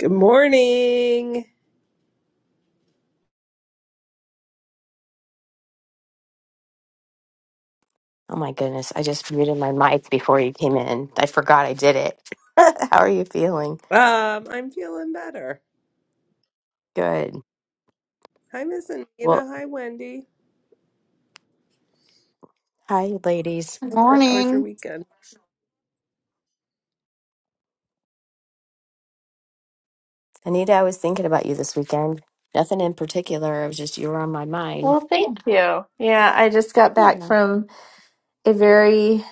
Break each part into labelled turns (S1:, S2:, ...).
S1: Good morning.
S2: Oh my goodness, I just muted my mic before you came in. I forgot I did it. How are you feeling?
S1: Um, I'm feeling better.
S2: Good.
S1: Hi, Miss Anita.
S2: Well,
S1: Hi, Wendy.
S2: hi, ladies.
S3: Good
S4: Well,
S1: How was
S3: Morning.
S1: your weekend?
S2: Anita, I was thinking about you this weekend. Nothing in particular. It was just you were on my mind.
S4: thank you. Yeah, I just got back
S2: Yeah,
S4: from a very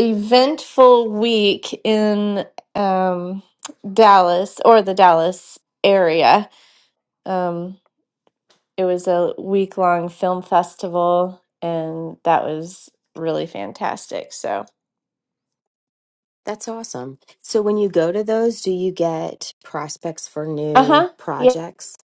S4: eventful week in um, Dallas or the Dallas area. Um, it was a week long film festival, and that was really fantastic. So,
S2: that's awesome. So, when you go to those, do you get prospects for
S4: uh huh.
S2: new
S4: Yeah.
S2: projects?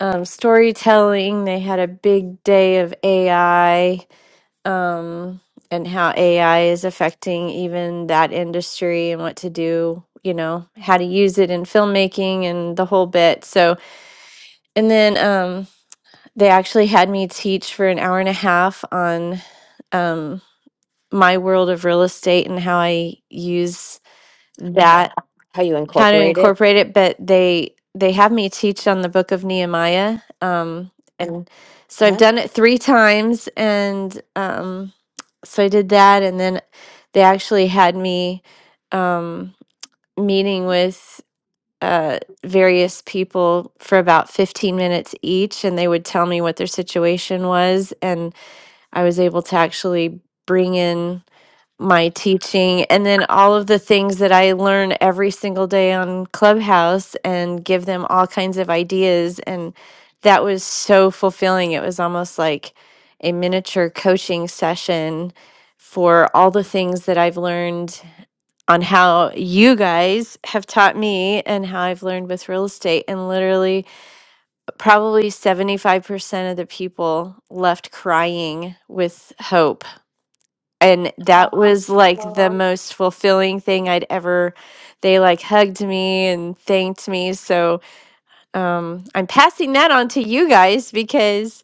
S4: Um, storytelling. They had a big day of AI um, and how AI is affecting even that industry and what to do, you know, how to use it in filmmaking and the whole bit. So, and then um, they actually had me teach for an hour and a half on um, my world of real estate and how I use Mhm. that,
S2: How you
S4: how to
S2: incorporate it?
S4: incorporate it. But they they have me teach on the Book of Nehemiah, um, and so I've
S2: Huh?
S4: done it three times, and um, so I did that, and then they actually had me um, meeting with uh, various people for about 15 minutes each, and they would tell me what their situation was, and I was able to actually bring in my teaching and then all of the things that I learn every single day on Clubhouse and give them all kinds of ideas. And that was so fulfilling. It was almost like a miniature coaching session for all the things that I've learned on how you guys have taught me and how I've learned with real estate. And literally, probably 75% of the people left crying with hope and that was like the
S2: Well,
S4: most fulfilling thing I'd ever they like hugged me and thanked me so um I'm passing that on to you guys because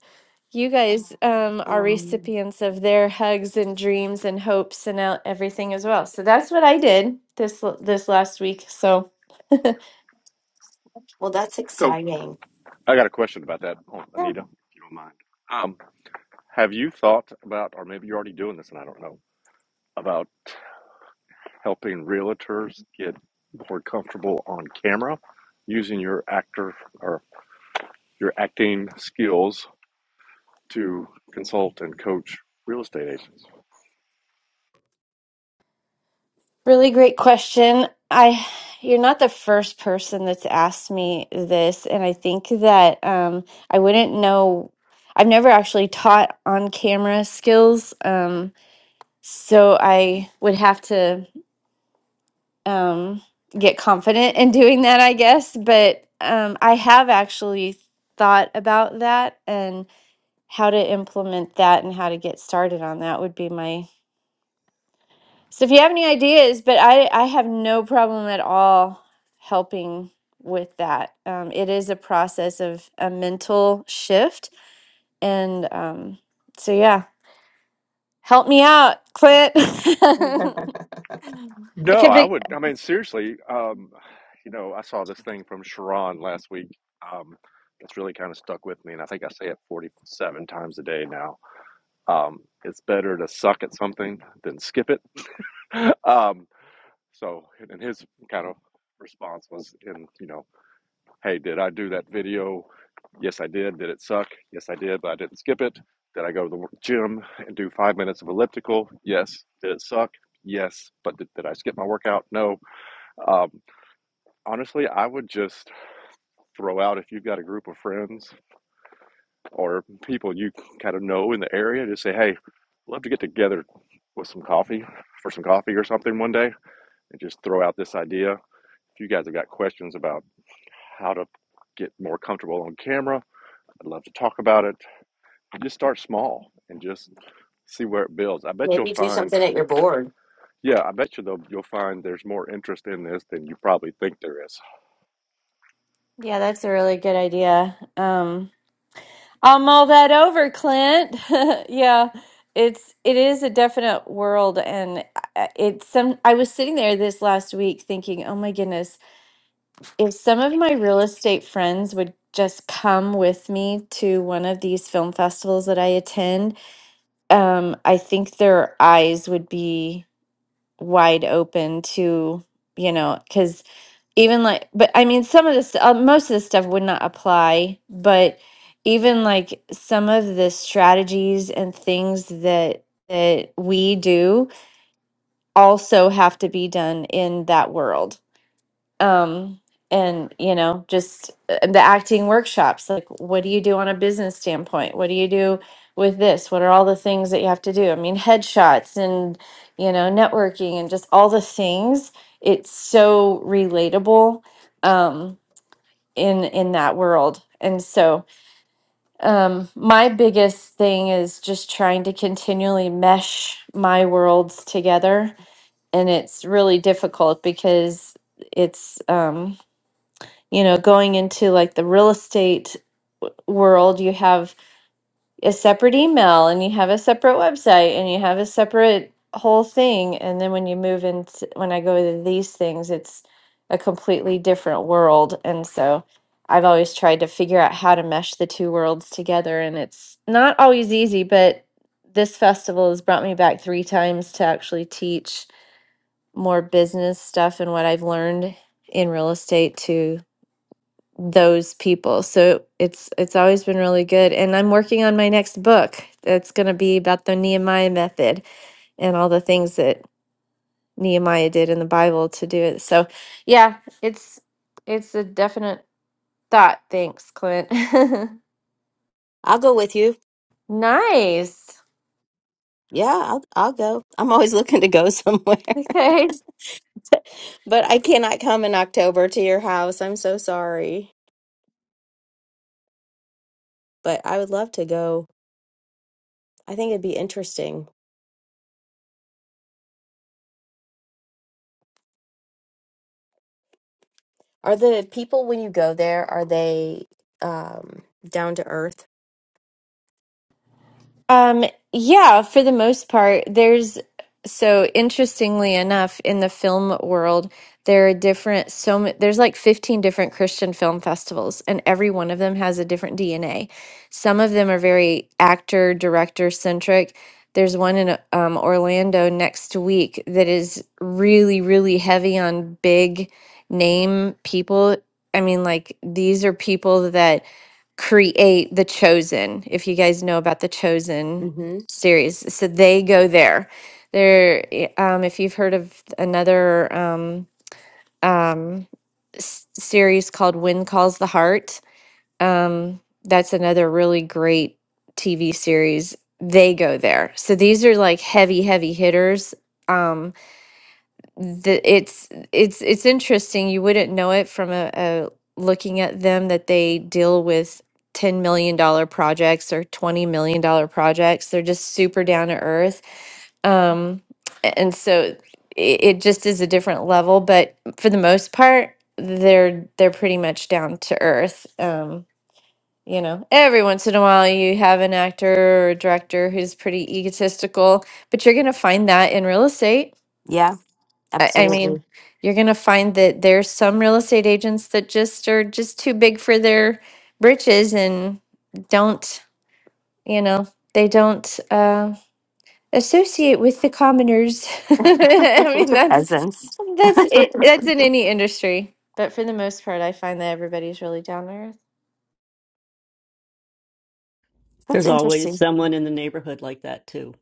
S4: you guys um are
S2: um,
S4: recipients of their hugs and dreams and hopes and el- everything as well so that's what I did this l- this last week so yeah
S2: well, that's
S5: So
S2: exciting.
S5: I got a question about that, oh, Anita, if you don't mind. Um, have you thought about, or maybe you're already doing this, and I don't know, about helping realtors get more comfortable on camera using your actor or your acting skills to consult and coach real estate agents?
S4: Really great question. I you're not the first person that's asked me this, and I think that um, I wouldn't know. I've never actually taught on camera skills, um, so I would have to um, get confident in doing that, I guess. But um, I have actually thought about that and how to implement that and how to get started on that would be my So if you have any ideas, but I I have no problem at all helping with that. Um, it is a process of a mental shift, and um, so yeah, help me out, Clint. I
S5: No,
S4: could
S5: I
S4: be.
S5: would. I mean, seriously, um, you know, I saw this thing from Sharon last week um, that's really kind of stuck with me, and I think I say it 47 times a day now Um, it's better to suck at something than skip it. Um, so, and his kind of response was, in you know, hey, did I do that video? Yes, I did. Did it suck? Yes, I did, but I didn't skip it. Did I go to the gym and do five minutes of elliptical? Yes. Did it suck? Yes, but did, did I skip my workout? No. Um, honestly, I would just throw out if you've got a group of friends or people you kind of know in the area, just say, hey, love to get together with some coffee for some coffee or something one day and just throw out this idea. If you guys have got questions about how to get more comfortable on camera, I'd love to talk about it. Just start small and just see where it builds. I bet you'll
S2: Maybe do
S5: find,
S2: something at your board.
S5: yeah, I bet you though you'll find there's more interest in this than you probably think there is.
S4: Yeah, that's a really good idea. Um, I'll mull that over, Clint. yeah, it's it is a definite world, and I- I- it's some. I was sitting there this last week thinking, oh my goodness if some of my real estate friends would just come with me to one of these film festivals that I attend, um, I think their eyes would be wide open to, you know, because even like, but I mean, some of this, uh, most of this stuff would not apply, but even like some of the strategies and things that that we do also have to be done in that world um and you know just uh, the acting workshops like what do you do on a business standpoint what do you do with this what are all the things that you have to do i mean headshots and you know networking and just all the things it's so relatable um in in that world and so um my biggest thing is just trying to continually mesh my worlds together and it's really difficult because it's um you know, going into like the real estate world, you have a separate email and you have a separate website and you have a separate whole thing. And then when you move into, when I go to these things, it's a completely different world. And so I've always tried to figure out how to mesh the two worlds together. And it's not always easy, but this festival has brought me back three times to actually teach more business stuff and what I've learned in real estate to those people. So it's it's always been really good. And I'm working on my next book that's going to be about the Nehemiah method and all the things that Nehemiah did in the Bible to do it. So yeah, it's it's a definite thought. Thanks, Clint.
S2: I'll go with you.
S4: nice.
S2: Yeah, I'll I'll go. I'm always looking to go somewhere.
S4: Okay,
S2: But I cannot come in October to your house. I'm so sorry. But I would love to go. I think it'd be interesting. Are the people when you go there, are they um down to earth?
S4: Um, yeah, for the most part, there's so interestingly enough, in the film world, there are different so ma- there's like 15 different Christian film festivals, and every one of them has a different DNA. Some of them are very actor director centric. There's one in um, Orlando next week that is really, really heavy on big name people. I mean, like these are people that create The Chosen, if you guys know about The Chosen
S2: Mm-hmm.
S4: series. So they go there. There, um, if you've heard of another um, um, s- series called When Calls the Heart, um, that's another really great TV series. They go there. So these are like heavy, heavy hitters. Um, the, it's it's it's interesting. You wouldn't know it from a, a looking at them that they deal with ten million dollar projects or twenty million dollar projects. They're just super down to earth, um, a- and so it, it just is a different level. But for the most part, they're they're pretty much down to earth. Um, you know, every once in a while you have an actor or a director who's pretty egotistical, but you're going to find that in real estate
S2: Yeah,
S4: I, I mean,
S2: absolutely.
S4: you're gonna find that there's some real estate agents that just are just too big for their britches and don't, you know, they don't uh, associate with the commoners. I mean, that's
S2: Peasants.
S4: that's it. That's in any industry, but for the most part, I find that everybody's really down to earth.
S2: That's
S6: There's always
S2: interesting.
S6: someone in the neighborhood like that too,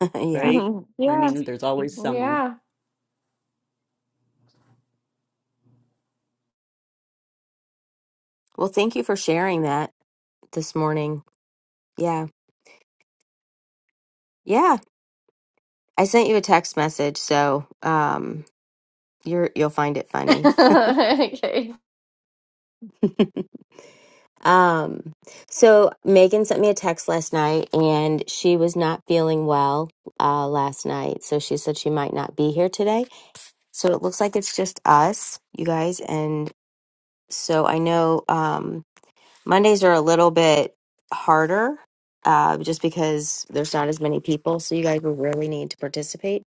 S2: Yeah.
S6: right?
S4: Mhm.
S6: I
S4: Yeah,
S6: mean, there's always someone.
S4: yeah.
S2: Well, thank you for sharing that this morning. Yeah. Yeah. I sent you a text message, so um you're you'll find it funny.
S4: okay.
S2: Um, so Megan sent me a text last night and she was not feeling well uh last night, so she said she might not be here today. So it looks like it's just us, you guys. And so I know um, Mondays are a little bit harder uh, just because there's not as many people. So you guys will really need to participate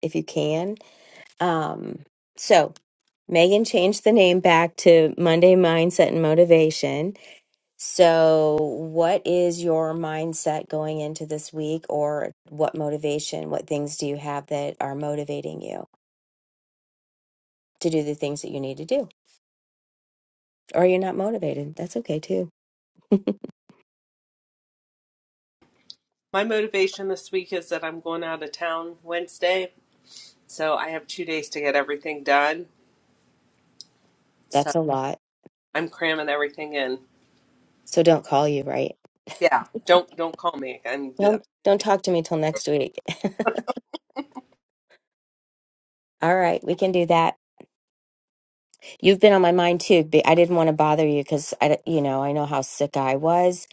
S2: if you can. Um, so Megan changed the name back to Monday Mindset and Motivation. So, what is your mindset going into this week, or what motivation, what things do you have that are motivating you to do the things that you need to do? or you're not motivated. That's okay too.
S1: My motivation this week is that I'm going out of town Wednesday, so I have two days to get everything done. So
S2: That's a lot.
S1: I'm cramming everything in.
S2: So don't call you, right?
S1: Yeah, don't don't call me. I'm busy.
S2: Don't don't talk to me till next week. All right, we can do that. You've been on my mind too. but I didn't want to bother you because I, d- you know, I know how sick I was,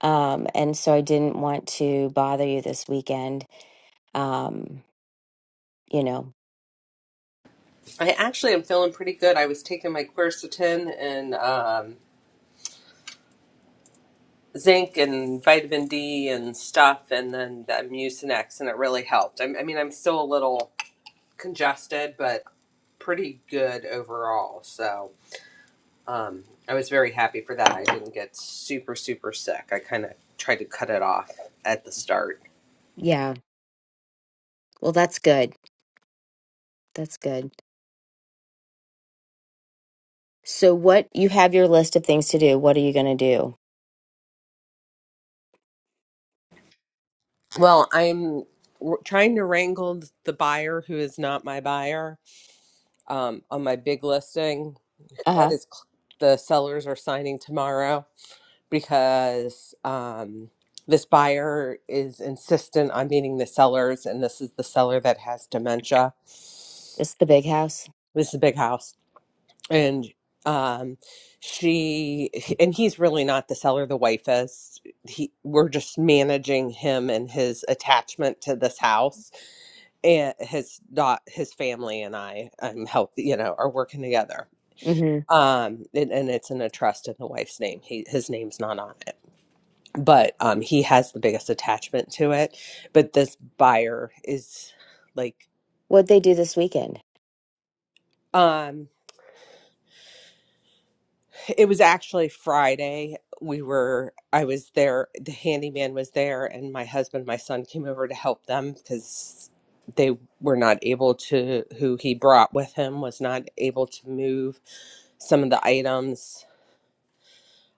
S2: um, and so I didn't want to bother you this weekend. Um, you know,
S1: I actually am feeling pretty good. I was taking my quercetin and um, zinc and vitamin D and stuff, and then the Mucinex, and it really helped. I, I mean, I'm still a little congested, but pretty good overall. So um, I was very happy for that. I didn't get super, super sick. I kind of tried to cut it off at the start.
S2: yeah. Well, that's good. That's good. So, what you have your list of things to do. What are you going to do?
S1: Well, I'm w- trying to wrangle the buyer who is not my buyer um, on my big listing.
S2: Uh
S1: That
S2: huh.
S1: is, cl- the sellers are signing tomorrow because um, this buyer is insistent on meeting the sellers, and this is the seller that has dementia. This
S2: It's the big house.
S1: is a big house and um she and he's really not the seller the wife is he we're just managing him and his attachment to this house and his dot his family and i i'm help you know are working together
S2: Mm-hmm.
S1: um and, and it's in a trust in the wife's name he his name's not on it but um he has the biggest attachment to it but this buyer is like
S2: What'd they do this weekend?
S1: um It was actually Friday. We were, I was there, the handyman was there, and my husband, my son came over to help them because they were not able to, who he brought with him was not able to move some of the items.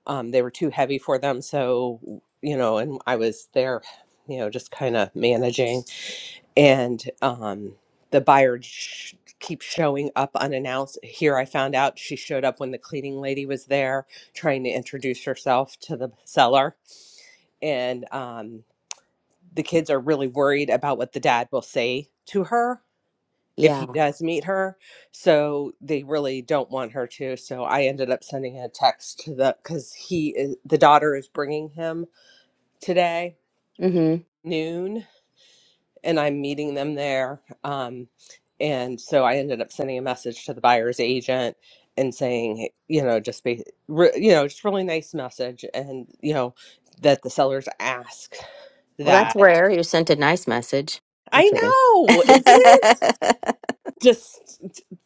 S1: Um, they were too heavy for them. So, you know, and I was there, you know, just kind of managing and um, the buyer sh- keeps showing up unannounced. Here, I found out she showed up when the cleaning lady was there trying to introduce herself to the seller, and um, the kids are really worried about what the dad will say to her if he
S2: Yeah.
S1: does meet her. So they really don't want her to. So I ended up sending a text to the because he is the daughter is bringing him today
S2: mm-hmm.
S1: noon and I'm meeting them there. Um, and so I ended up sending a message to the buyer's agent and saying, you know, just be, re, you know, just really nice message, and you know, that the sellers ask
S2: Well, that's
S1: that.
S2: rare. You sent a nice message. I'm
S1: I
S2: kidding.
S1: know,
S2: this
S1: isn't it? Just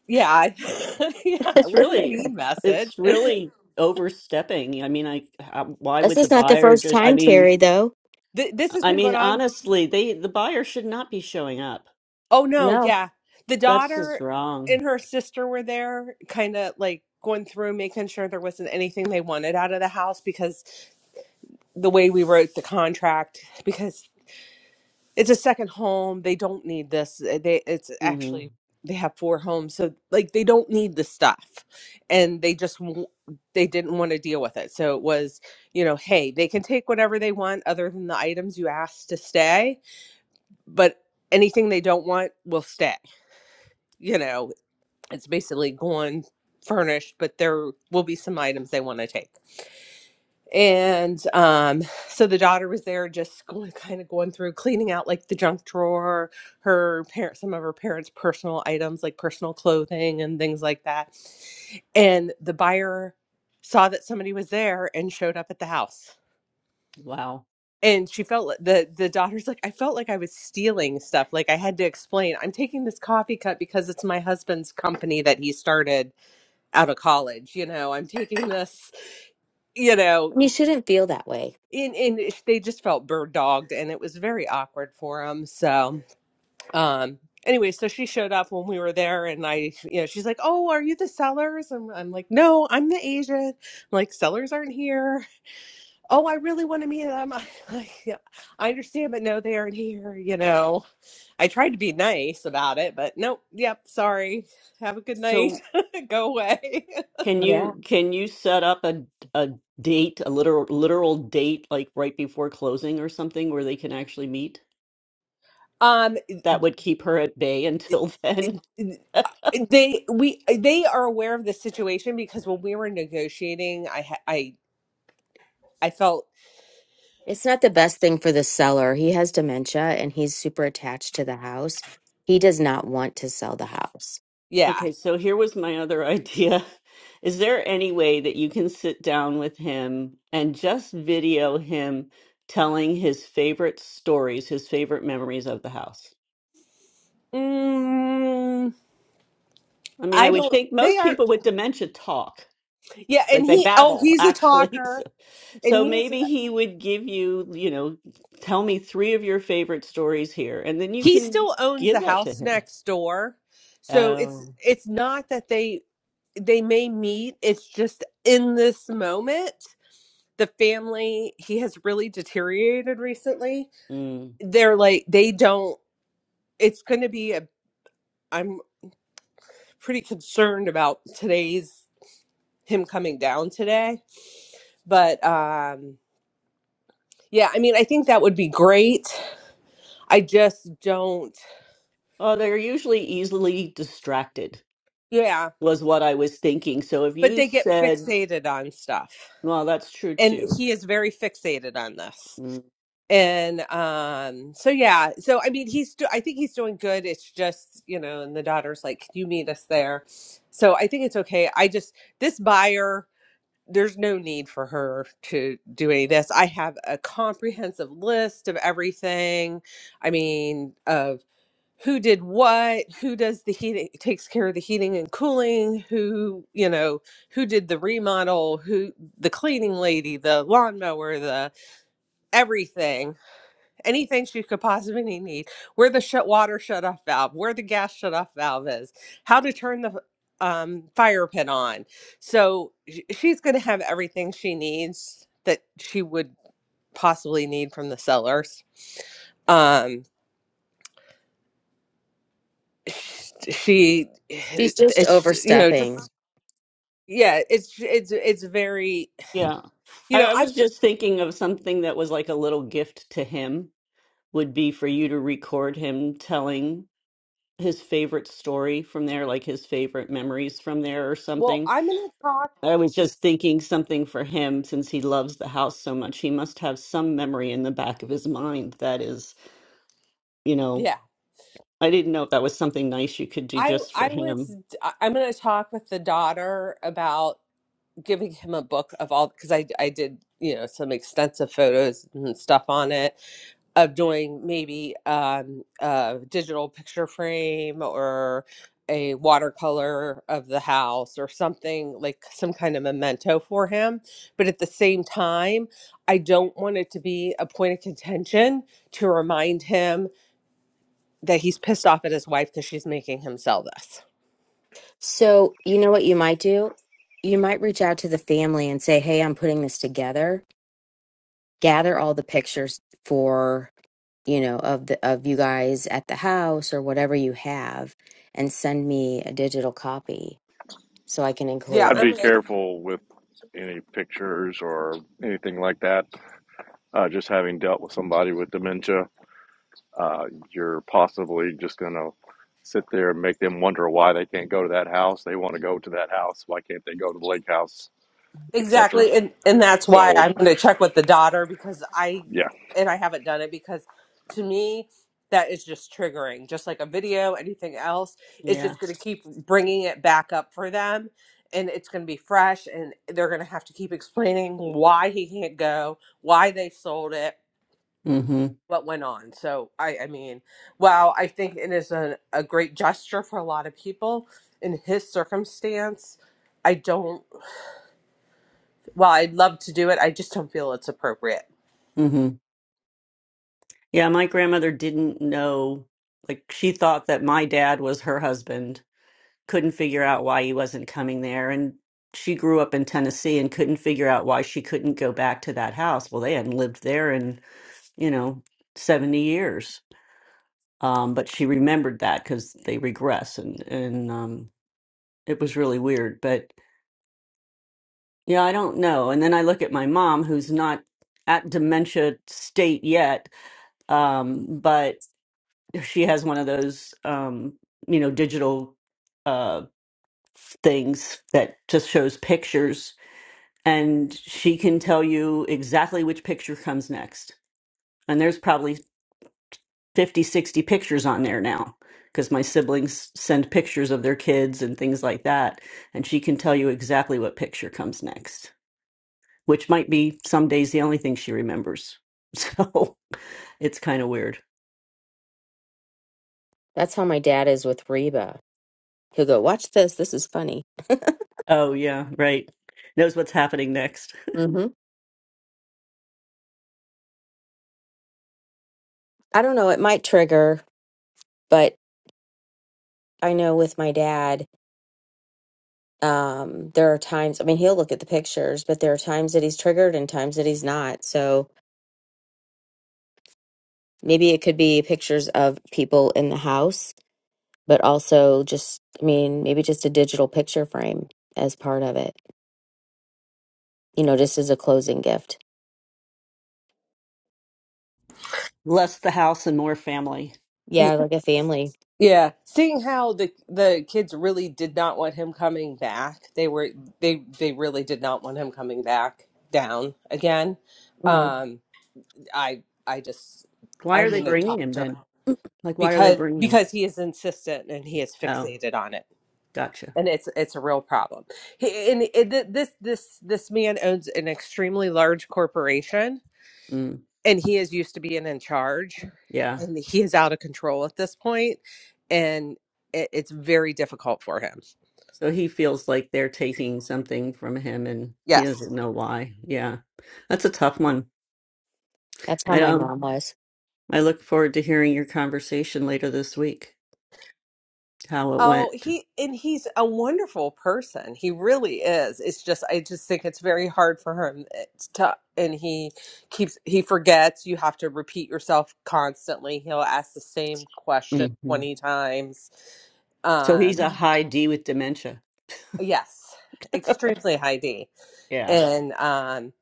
S1: yeah, I- yeah. It
S6: It's
S1: wasn't a
S6: really,
S1: mean message.
S6: it's really overstepping. I mean, I, how- why would the
S2: is not the
S6: buyer
S2: first
S6: just, I
S2: time,
S6: mean,
S2: Terry, though.
S1: Th- This has
S6: I
S1: been
S6: mean,
S1: going on
S6: honestly, they, the buyer should not be showing up.
S1: Oh no,
S2: No,
S1: yeah. The
S6: That's just
S1: daughter and
S6: wrong.
S1: her sister were there, kind of like going through making sure there wasn't anything they wanted out of the house because the way we wrote the contract because it's a second home, they don't need this. eh, They it's
S6: hmm
S1: actually they have four homes, so like they don't need the stuff. And they just w- they didn't want to deal with it. So it was, you know, hey, they can take whatever they want other than the items you asked to stay, but anything they don't want will stay you know it's basically going furnished, but there will be some items they want to take. And um, so the daughter was there just going, kind of going through cleaning out like the junk drawer, her parents, some of her parents' personal items like personal clothing and things like that. And the buyer saw that somebody was there and showed up at the house.
S6: Wow.
S1: And she felt li- the the daughter's like I felt like I was stealing stuff. Like I had to explain I'm taking this coffee cup because it's my husband's company that he started out of college you know i'm taking this you know
S2: you shouldn't feel that way.
S1: in in they just felt bird dogged and it was very awkward for them so um anyway so she showed up when we were there and i you know she's like oh are you the sellers and i'm like no i'm the agent I'm like sellers aren't here oh i really want to meet them i like yeah, i understand but no they aren't here you know i tried to be nice about it but nope yep sorry have a good night
S6: So
S1: go away
S6: can
S2: Yeah.
S6: you, can you set up a, a date, a literal, literal date, like right before closing or something where they can actually meet? That would keep her at bay until then.
S1: um they we they are aware of the situation because when we were negotiating i ha- i i felt
S2: It's not the best thing for the seller. He has dementia and he's super attached to the house. He does not want to sell the house.
S1: yeah
S6: Okay, so here was my other idea. Is there any way that you can sit down with him and just video him telling his favorite stories, his favorite memories of the house?
S1: mm,
S6: I mean, I
S1: i
S6: would
S1: don't
S6: think
S1: they
S6: most
S1: are
S6: people with dementia talk,
S1: yeah and
S6: like they
S1: he oh
S6: babble,
S1: he's a
S6: actually. So,
S1: talker and
S6: so
S1: he has
S6: maybe he would give you, you know, tell me three of your favorite stories here, and then you
S1: he
S6: can
S1: still owns
S6: give
S1: the
S6: that to
S1: house
S6: him.
S1: next door so it's
S6: Oh,
S1: it's not that they they may meet it's just in this moment the family he has really deteriorated recently
S6: mm.
S1: they're like they don't it's going to be a I'm pretty concerned about today's him coming down today. But um yeah, I mean I think that would be great. I just don't
S6: Oh, they're usually easily distracted.
S1: yeah,
S6: was what I was thinking. So if
S1: but
S6: you
S1: they get
S6: said,
S1: fixated on stuff.
S6: well, that's true
S1: And
S6: too.
S1: he is very fixated on this.
S6: Mm.
S1: And um so yeah, so I mean he's do- I think he's doing good. It's just, you know, and the daughter's like, "Can you meet us there?" So I think it's okay. I just this buyer there's no need for her to do any of this. I have a comprehensive list of everything. I mean, of who did what, who does the heating, takes care of the heating and cooling, who, you know, who did the remodel, who, the cleaning lady, the lawnmower, the everything anything she could possibly need, where the shut water shut off valve, where the gas shut off valve is, how to turn the um, fire pit on. So sh- she's going to have everything she needs that she would possibly need from the sellers. Um, sh- she,
S2: She's just
S1: it's you know just
S2: overstepping.
S1: yeah, it's it's it's very
S6: Yeah.
S1: you
S6: I,
S1: know
S6: I
S1: I
S6: was just thinking of something that was like a little gift to him would be for you to record him telling his favorite story from there, like his favorite memories from there or
S1: well
S6: something.
S1: I'm going to talk
S6: I was just thinking something for him since he loves the house so much. He must have some memory in the back of his mind that is, you know,
S1: yeah.
S6: I didn't know if that was something nice you could do
S1: I
S6: just
S1: I
S6: for him.
S1: was I- I'm going to talk with the daughter about giving him a book of all because I I did you know some extensive photos and stuff on it of doing maybe um, a digital picture frame or a watercolor of the house or something like some kind of memento for him but at the same time I don't want it to be a point of contention to remind him that he's pissed off at his wife because she's making him sell this.
S2: So, you know what you might do? You might reach out to the family and say, Hey, I'm putting this together. Gather all the pictures for you know, of the of you guys at the house or whatever you have and send me a digital copy so I can
S1: Yeah,
S2: include
S5: I'd
S2: it.
S1: I'm
S5: be
S1: gonna
S5: careful with any pictures or anything like that. Uh, just having dealt with somebody with dementia uh, you're possibly just going to sit there and make them wonder why they can't go to that house. They want to go to that house. Why can't they go to the lake house,
S1: Exactly,
S5: etc.
S1: and and that's why
S5: So
S1: I'm going to check with the daughter because I
S5: yeah,
S1: and I haven't done it because to me that is just triggering. Just like a video, anything else, it's
S6: Yeah.
S1: just going to keep bringing it back up for them, and it's going to be fresh, and they're going to have to keep explaining why he can't go, why they sold it,
S6: Mhm.
S1: what went on. So I, I mean, wow, I think it is a, a great gesture for a lot of people in his circumstance. I don't. Well, I'd love to do it. I just don't feel it's appropriate.
S6: Mhm. Yeah, my grandmother didn't know like she thought that my dad was her husband. Couldn't figure out why he wasn't coming there and she grew up in Tennessee and couldn't figure out why she couldn't go back to that house. Well, they hadn't lived there in, you know, 70 years. Um, but she remembered that cuz they regress and and um it was really weird, but Yeah, I don't know. And then I look at my mom, who's not at dementia state yet, um, but she has one of those, um, you know, digital uh, things that just shows pictures, and she can tell you exactly which picture comes next. And there's probably 50, 60 pictures on there now because my siblings send pictures of their kids and things like that, and she can tell you exactly what picture comes next. which might be some days the only thing she remembers. So it's kind of weird.
S2: That's how my dad is with Reba. He'll go, "Watch this. This is funny."
S6: Oh, yeah, right. Knows what's happening next.
S2: hmm I don't know. It might trigger, but I know with my dad, um, there are times. I mean, he'll look at the pictures, but there are times that he's triggered and times that he's not. So Maybe it could be pictures of people in the house, but also just, I mean, maybe just a digital picture frame as part of it, you know, just as a closing gift.
S6: Less the house and more family.
S1: Y-
S2: Yeah, like a family.
S1: Yeah, seeing how the the kids really did not want him coming back. They were they they really did not want him coming back down again.
S2: hmm
S1: Um I I just
S6: Why
S1: I'm
S6: are they
S1: going to
S6: bringing him
S1: talk to her
S6: then? Like, why are they
S1: because
S6: bringing him?
S1: because he is insistent and he is
S6: Oh,
S1: fixated on it.
S6: gotcha.
S1: And it's it's a real problem. He, and it, this this this man owns an extremely large corporation
S6: Mm,
S1: and he is used to being in charge
S6: yeah.
S1: and he is out of control at this point and it, it's very difficult for him
S6: So he feels like they're taking something from him and he
S1: yes
S6: doesn't know why. Yeah. That's a tough one.
S2: That's how
S6: I
S2: my
S6: don't,
S2: mom was.
S6: I look forward to hearing your conversation later this week, how it
S1: oh
S6: went.
S1: he and he's a wonderful person he really is it's just i just think it's very hard for him it's tough and he keeps he forgets you have to repeat yourself constantly he'll ask the same question
S6: hmm
S1: 20 times
S6: So he's
S1: um
S6: a
S2: Mhm.
S6: high D with dementia.
S1: yes extremely high d
S6: Yeah.
S1: and um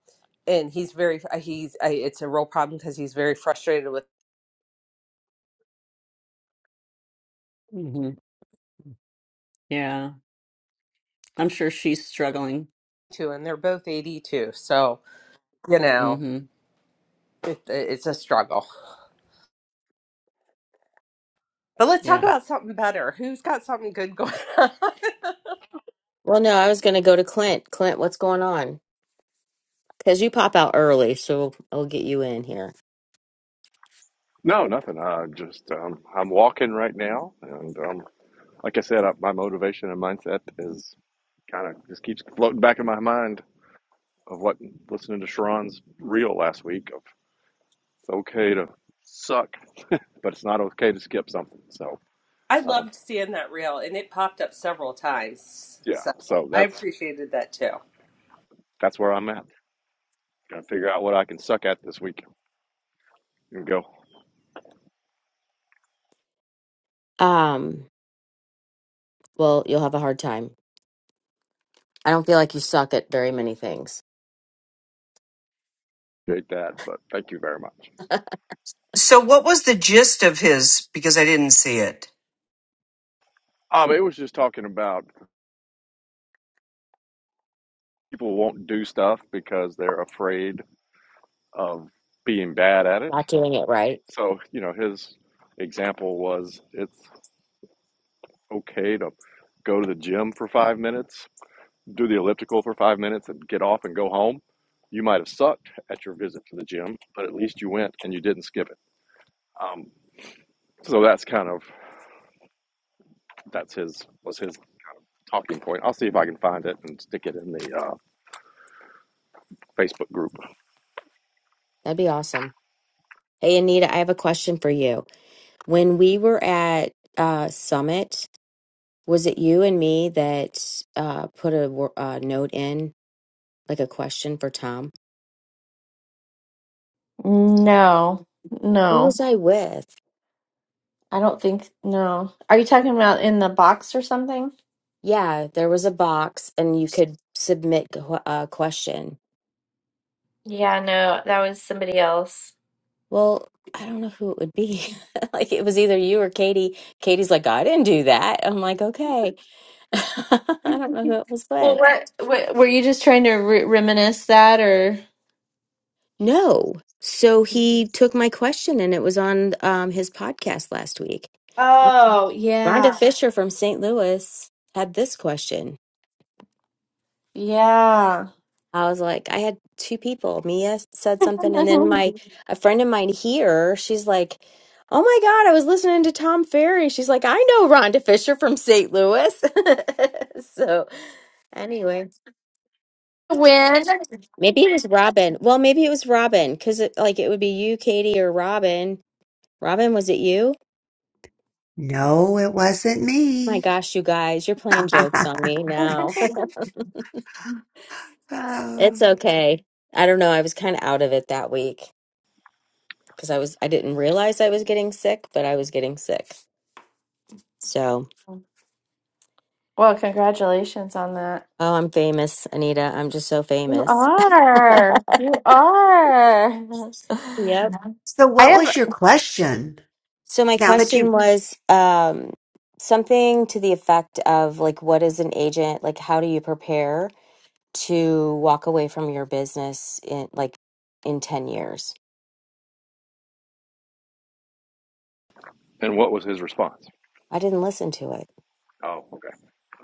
S1: and he's very uh, he's I, it's a real problem because he's very frustrated with
S6: hmm Yeah. I'm sure she's struggling.
S1: two and they're both 82 so you know
S6: hmm
S1: it, it's a struggle but let's talk
S6: Yeah.
S1: about something better who's got something good going on
S2: Well, no, I was going to go to Clint. Clint, what's going on? Because you pop out early, so I'll get you in here.
S5: no, nothing. I just um, I'm walking right now, and um, like I said, I, my motivation and mindset is kind of just keeps floating back in my mind of what listening to Sharon's reel last week of it's okay to suck, but it's not okay to skip something. So
S1: i
S5: um,
S1: loved seeing that reel and it popped up several times
S5: yeah,
S1: so
S5: so
S1: i
S5: that's
S1: appreciated that too
S5: that's where I'm at. Gotta figure out what I can suck at this week and go
S2: Um, well, you'll have a hard time. I don't feel like you suck at very many things.
S5: create that. But thank you very much.
S7: So, what was the gist of his? Because I didn't see it.
S5: Um, it was just talking about people won't do stuff because they're afraid of being bad at it.
S2: Not doing it right.
S5: So you know, his example was it's okay to go to the gym for five minutes, do the elliptical for five minutes, and get off and go home. You might have sucked at your visit to the gym, but at least you went and you didn't skip it. Um, so that's kind of that's his was his talking point. I'll see if I can find it and stick it in the uh, Facebook group.
S2: That'd be awesome. Hey, Anita, I have a question for you. When we were at uh, Summit, was it you and me that uh, put a wor- uh, note in, like a question for Tom?
S4: No,
S2: Who
S4: no,
S2: was I with?
S4: I don't think no. Are you talking about in the box or something?
S2: Yeah, there was a box and you could submit qu- a question.
S4: Yeah, no, that was somebody else.
S2: Well, I don't know who it would be. like it was either you or Katie. Katie's like, I didn't do that. I'm like, okay. I don't know who it was
S4: Well,
S2: with.
S4: what, what were you just trying to re reminisce that or?
S2: No. So he took my question and it was on um, his podcast last week.
S4: Oh,
S2: Rhonda
S4: yeah.
S2: Fisher from St. Louis had this question.
S4: Yeah.
S2: I was like, I had two people. Mia said something, and then my
S4: Mhm.
S2: a friend of mine here, she's like, Oh my God, I was listening to Tom Ferry. She's like, I know Rhonda Fisher from St. Louis. so anyway,
S4: Win.
S2: maybe it was Robin. Well, maybe it was Robin because it, like it would be you, Katie, or Robin. Robin, was it you?
S8: No, it wasn't
S2: My
S8: me.
S2: gosh, you guys, you're playing jokes on me now. it's
S8: Oh.
S2: okay. I don't know. I was kind of out of it that week. because I was I didn't realize I was getting sick, but I was getting sick. So,
S4: Well, congratulations on that.
S2: oh, I'm famous, Anita. I'm just so
S4: You
S2: famous.
S4: are. You are.
S2: Yep.
S8: so,
S4: I
S8: what
S4: have, well,
S8: was your question?
S2: So my
S8: Now that you,
S2: question was um something to the effect of like what is an agent? Like how do you prepare to walk away from your business in like in 10 years?
S5: And what was his response?
S2: I didn't listen to it.
S5: Oh, okay.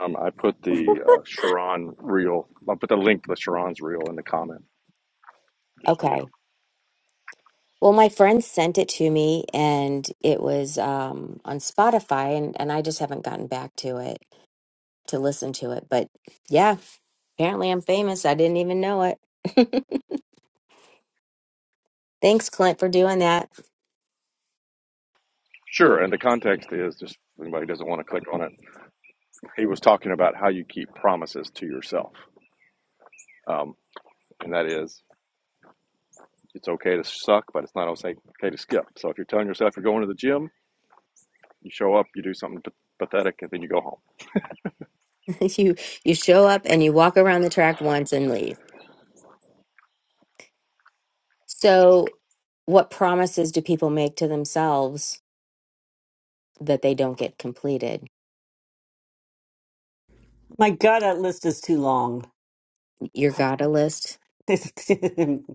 S5: Um, I put the uh, Sharon reel. I put the link to the Sharon's reel in the comment, just so you know.
S2: Okay. Well, my friend sent it to me and it was um on Spotify and and I just haven't gotten back to it to listen to it, but yeah, Apparently, I'm famous. I didn't even know it. Thanks, Clint, for doing that.
S5: Sure. And the context is just if anybody who doesn't want to click on it. He was talking about how you keep promises to yourself, um, and that is it's okay to suck, but it's not okay okay to skip. So if you're telling yourself you're going to the gym, you show up, you do something pathetic, and then you go home.
S2: you you show up and you walk around the track once and leave. So, what promises do people make to themselves that they don't get completed?
S6: My God, that list is too long.
S2: Your gotta list,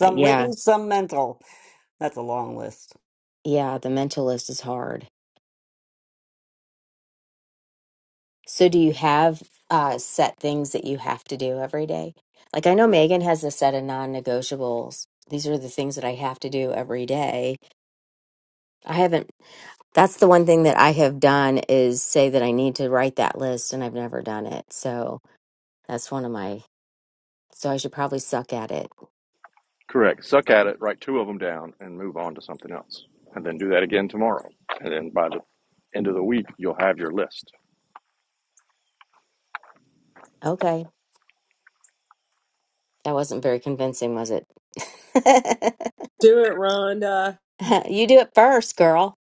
S2: Uh, yeah,
S6: written, some mental. That's a long list.
S2: yeah. The mental list is hard. So, do you have uh, set things that you have to do every day? Like I know Megan has a set of non-negotiables. These are the things that I have to do every day I haven't. That's the one thing that I have done is say that I need to write that list, and I've never done it. So that's one of my. So I should probably suck at it.
S5: Correct. Suck at it, write two of them down, and move on to something else. And then do that again tomorrow. And then by the end of the week, you'll have your list.
S2: Okay, that wasn't very convincing, was it?
S1: do it rhonda
S2: you do it first, girl.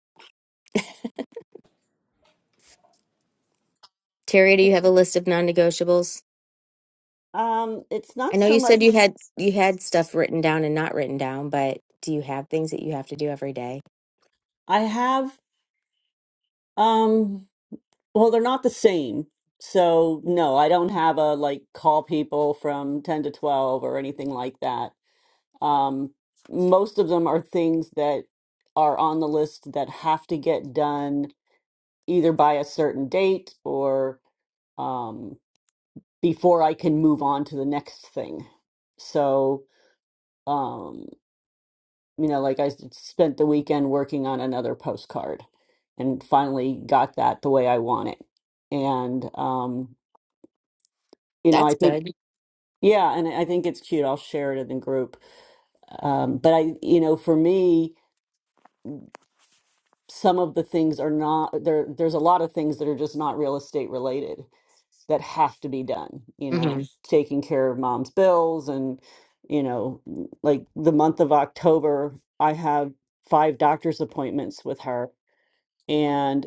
S2: Terry, do you have a list of non-negotiables?
S6: Um, it's
S2: I
S6: not
S2: know
S6: so
S2: you said you
S6: much.
S2: had you had stuff written down and not written down, but do you have things that you have to do every day?
S6: I have. Um, well, they're not the same. So no, I don't have a like call people from ten to twelve or anything like that. Um, most of them are things that are on the list that have to get done either by a certain date or um, before I can move on to the next thing. So, um, you know, like I s- spent the weekend working on another postcard and finally got that the way I want it. And, um, you know, I
S2: That's
S6: think,
S2: good.
S6: yeah, and I think it's cute. I'll share it in the group. Um, but I, you know, for me, some of the things are not there there's a lot of things that are just not real estate related that have to be done you know
S2: Mm-hmm.
S6: taking care of mom's bills and you know like the month of october i have five doctor's appointments with her and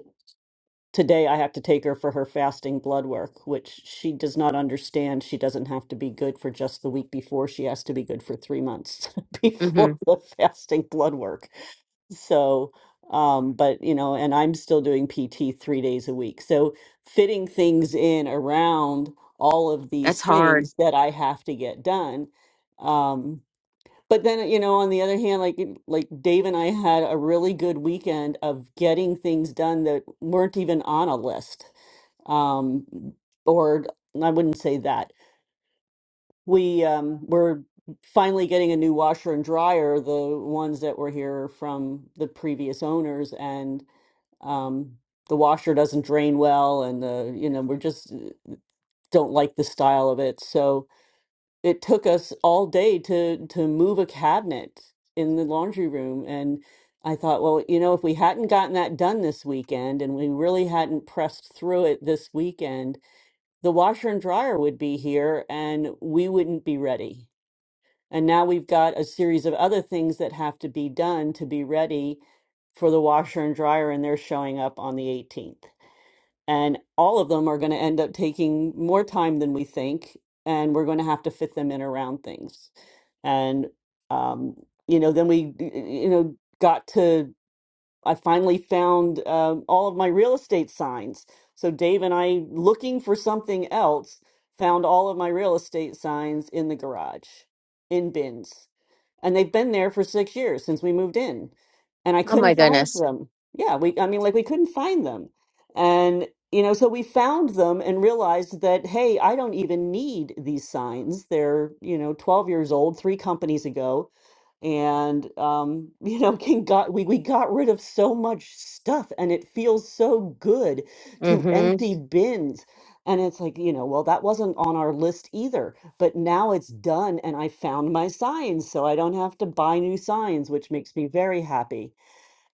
S6: today I have to take her for her fasting blood work, which she does not understand. She doesn't have to be good for just the week before. She has to be good for three months
S2: Mm-hmm.
S6: before the fasting blood work. So, um, but you know, and I'm still doing PT three days a week. So fitting things in around all of these
S2: That's hard.
S6: things that I have to get done. Um, but then, uh, you know, on the other hand, like like Dave and I had a really good weekend of getting things done that weren't even on a list. Um, or I wouldn't say that. We um were finally getting a new washer and dryer, the ones that were here from the previous owners, and um the washer doesn't drain well, and the, you know, we're just uh, don't like the style of it. So it took us all day to to move a cabinet in the laundry room and I thought, well, you know, if we hadn't gotten that done this weekend and we really hadn't pressed through it this weekend, the washer and dryer would be here and we wouldn't be ready. And now we've got a series of other things that have to be done to be ready for the washer and dryer, and they're showing up on the 18th and all of them are going to end up taking more time than we think and we're going to have to fit them in around things and um, you know then we you know got to I finally found um, all of my real estate signs. So Dave and I, looking for something else, found all of my real estate signs in the garage, in bins, and they've been there for six years since we moved in, and I
S2: Oh
S6: couldn't
S2: my
S6: find
S2: goodness.
S6: them. Yeah, we, I mean, like we couldn't find them, and you know, so we found them and realized that hey, I don't even need these signs. They're you know, twelve years old, three companies ago and um, you know can got we, we got rid of so much stuff and it feels so good to
S2: Mm-hmm.
S6: empty bins and it's like you know well that wasn't on our list either but now it's done and i found my signs so i don't have to buy new signs which makes me very happy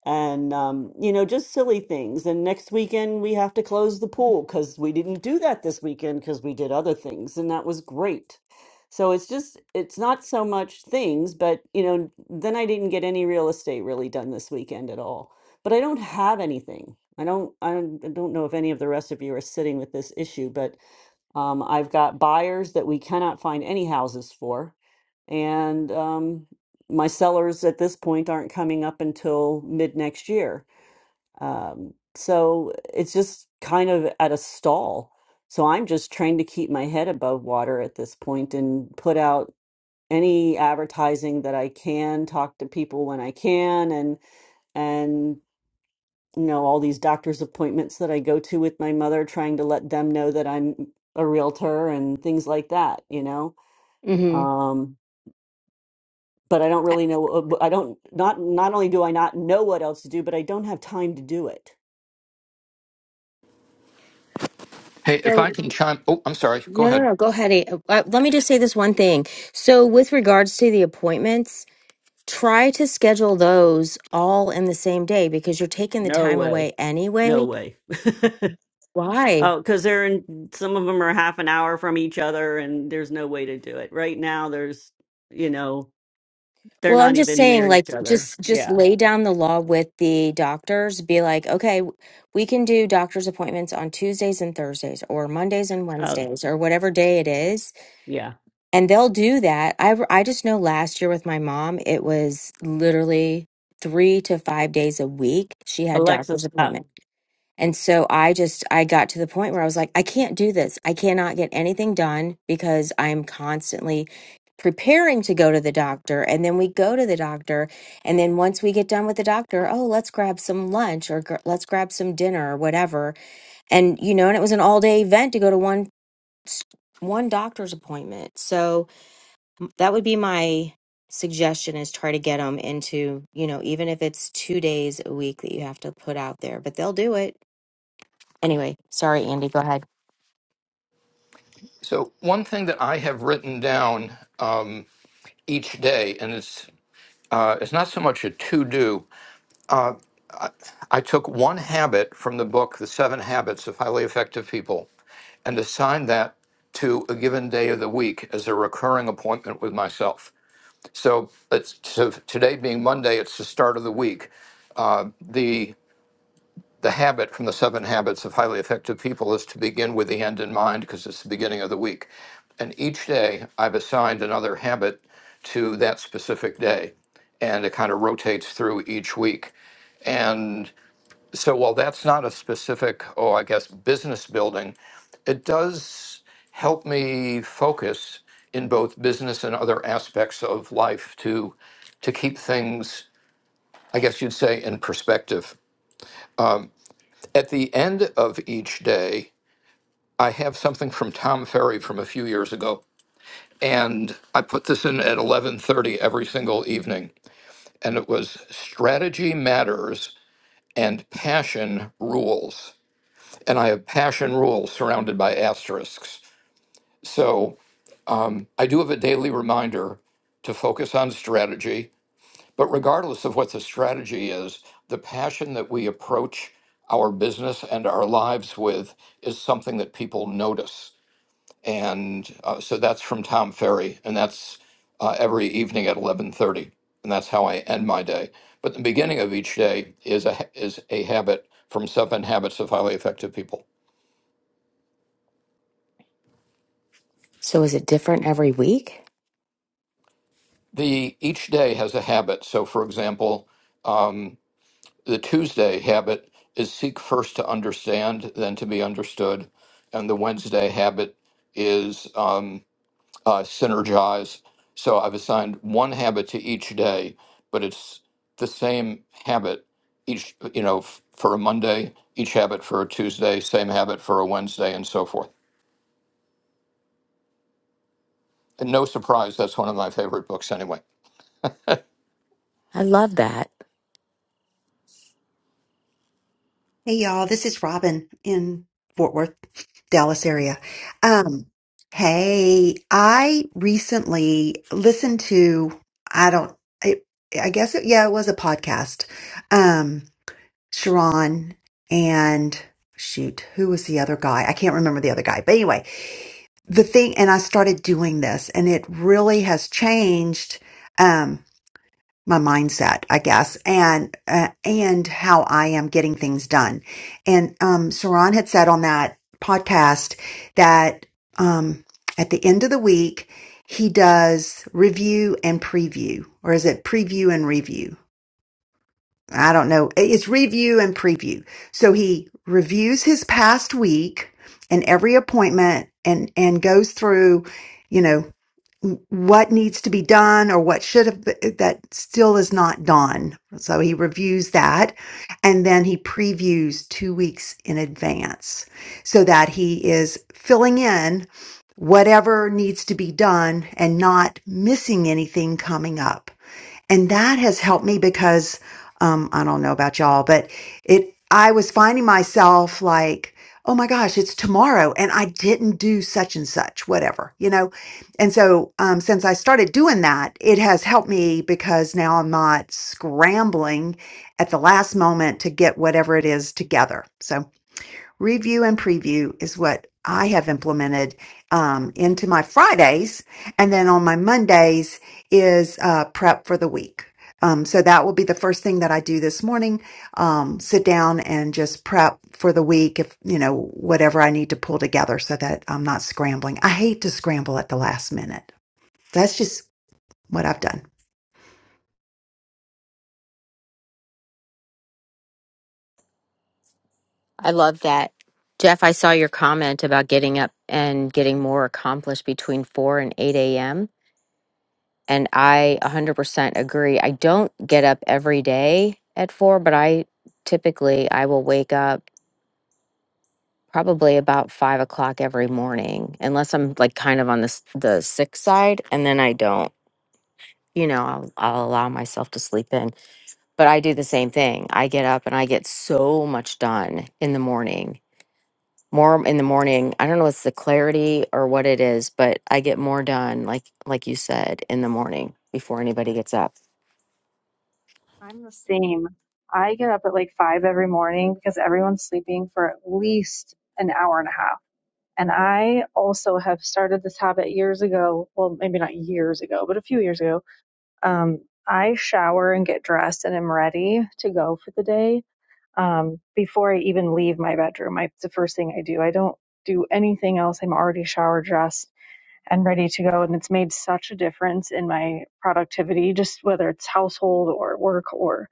S6: and um, you know just silly things and next weekend we have to close the pool because we didn't do that this weekend because we did other things and that was great so it's just it's not so much things but you know then i didn't get any real estate really done this weekend at all but i don't have anything i don't i don't, I don't know if any of the rest of you are sitting with this issue but um, I've got buyers that we cannot find any houses for. And um, my sellers at this point aren't coming up until mid next year. Um, so it's just kind of at a stall. So I'm just trying to keep my head above water at this point and put out any advertising that I can, talk to people when I can, and and you know, all these doctor's appointments that I go to with my mother, trying to let them know that I'm a realtor and things like that, you know.
S2: Mm-hmm.
S6: Um, but I don't really know. I don't not not only do I not know what else to do, but I don't have time to do it.
S9: Hey, if I
S2: So
S9: can chime, oh, I'm sorry. Go
S2: No, no,
S9: ahead.
S2: no. Go ahead. A- Uh, uh, let me just say this one thing. So, with regards to the appointments, try to schedule those all in the same day because you're taking the
S6: No
S2: time
S6: way.
S2: away
S6: No
S2: anyway.
S6: way.
S2: Why?
S6: Oh, because they're in, some of them are half an hour from each other, and there's no way to do it. Right now, there's, you know, they're
S2: Well, I'm
S6: not
S2: just
S6: even near
S2: saying, like,
S6: each other.
S2: just just
S6: Yeah.
S2: lay down the law with the doctors. Be like, okay, w- we can do doctor's appointments on Tuesdays and Thursdays, or Mondays and
S6: Oh,
S2: Wednesdays, or whatever day it is
S6: yeah.
S2: and they'll do that. I I just know last year with my mom, it was literally three to five days a week. She had
S6: Alexa,
S2: doctor's
S6: stop.
S2: appointment, and so I just I got to the point where I was like, I can't do this. I cannot get anything done because I'm constantly preparing to go to the doctor and then we go to the doctor and then once we get done with the doctor oh let's grab some lunch or gr- let's grab some dinner or whatever and you know and it was an all day event to go to one s- one doctor's appointment so that would be my suggestion is try to get them into you know even if it's two days a week that you have to put out there but they'll do it anyway sorry andy go ahead
S9: So one thing that I have written down um, each day, and it's uh, it's not so much a to do. I took one habit from the book, The Seven Habits of Highly Effective People, and assigned that to a given day of the week as a recurring appointment with myself. So it's so today being Monday, it's the start of the week. the habit from the seven habits of highly effective people is to begin with the end in mind because it's the beginning of the week. And each day I've assigned another habit to that specific day. And it kind of rotates through each week. And so while that's not a specific, oh, I guess, business building, it does help me focus in both business and other aspects of life to to keep things, I guess you'd say, in perspective. At the end of each day, I have something from Tom Ferry from a few years ago, and I put this in at 11:30 every single evening, and it was strategy matters and passion rules. And I have passion rules surrounded by asterisks. So um, I do have a daily reminder to focus on strategy. But regardless of what the strategy is, the passion that we approach our business and our lives with is something that people notice. and uh, so that's from Tom Ferry, and that's uh, every evening at eleven thirty, and that's how I end my day. But the beginning of each day is a ha- is a habit from Seven Habits of Highly Effective People.
S2: So is it different every week?
S9: The each day has a habit. So, for example, um, the Tuesday habit is seek first to understand, then to be understood, and the Wednesday habit is. Um, uh, synergize. So I've assigned one habit to each day, but it's the same habit each, you know, f- for a Monday, each habit for a Tuesday, same habit for a Wednesday, and so forth. And no surprise, that's one of my favorite books anyway.
S2: I love that.
S8: hey y'all, this is Robin in Fort Worth, Dallas area. Um, hey, I recently listened to, I don't, I, I guess, it, yeah, it was a podcast. Um, Sharon and shoot, who was the other guy? I can't remember the other guy, but anyway, the thing and i started doing this and it really has changed um my mindset i guess and uh, and how i am getting things done and um saran had said on that podcast that um at the end of the week he does review and preview or is it preview and review I don't know. It's review and preview. So he reviews his past week and every appointment and, and goes through, you know, what needs to be done or what should have been, that still is not done. So he reviews that and then he previews two weeks in advance so that he is filling in whatever needs to be done and not missing anything coming up and that has helped me because um i don't know about y'all but it i was finding myself like oh my gosh it's tomorrow and i didn't do such and such whatever you know and so um since i started doing that it has helped me because now i'm not scrambling at the last moment to get whatever it is together So. Review and preview is what I have implemented um, into my Fridays. And then on my Mondays is uh, prep for the week. Um, so that will be the first thing that I do this morning. Um, sit down and just prep for the week if, you know, whatever I need to pull together so that I'm not scrambling. I hate to scramble at the last minute. That's just what I've done.
S2: I love that. Jeff, I saw your comment about getting up and getting more accomplished between 4 and 8 a.m. And I 100% agree. I don't get up every day at 4, but I typically I will wake up probably about five o'clock every morning, unless I'm like kind of on the s- the sick side, and then I don't. You know, I'll I'll allow myself to sleep in, but I do the same thing. I get up and I get so much done in the morning. More in the morning. I don't know it's the clarity or what it is, but I get more done, like like you said, in the morning before anybody gets up.
S10: I'm the same. I get up at like five every morning because everyone's sleeping for at least an hour and a half. And I also have started this habit years ago. Well, maybe not years ago, but a few years ago. Um, I shower and get dressed and am ready to go for the day um, before I even leave my bedroom. I, it's the first thing I do. I don't do anything else. I'm already showered, dressed, and ready to go. And it's made such a difference in my productivity, just whether it's household or work or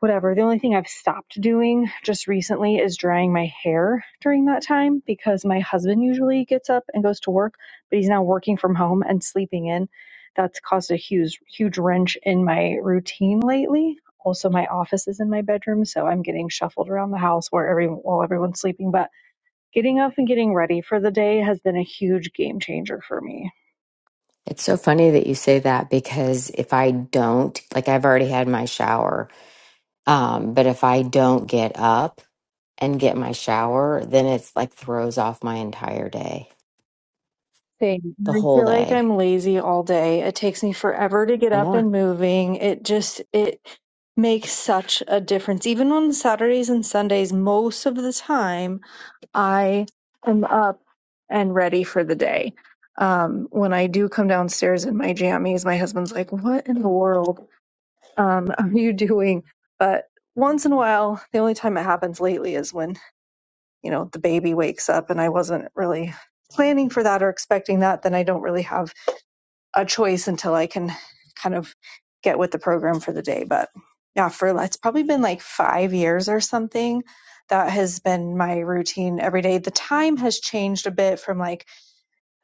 S10: whatever. The only thing I've stopped doing just recently is drying my hair during that time because my husband usually gets up and goes to work, but he's now working from home and sleeping in. That's caused a huge, huge wrench in my routine lately. Also, my office is in my bedroom, so I'm getting shuffled around the house where every while everyone's sleeping. But getting up and getting ready for the day has been a huge game changer for me.
S2: It's so funny that you say that because if I don't, like I've already had my shower, um, but if I don't get up and get my shower, then it's like throws off my entire day,
S10: thing.
S2: the
S10: I
S2: whole
S10: feel like
S2: day.
S10: I'm lazy all day. It takes me forever to get
S2: I
S10: up
S2: know.
S10: and moving. It just it makes such a difference. Even on Saturdays and Sundays, most of the time I am up and ready for the day. Um, when I do come downstairs in my jammies, my husband's like, "What in the world um, are you doing?" But once in a while, the only time it happens lately is when you know the baby wakes up, and I wasn't really planning for that or expecting that, then I don't really have a choice until I can kind of get with the program for the day. But yeah, for it's probably been like five years or something. That has been my routine every day. The time has changed a bit from like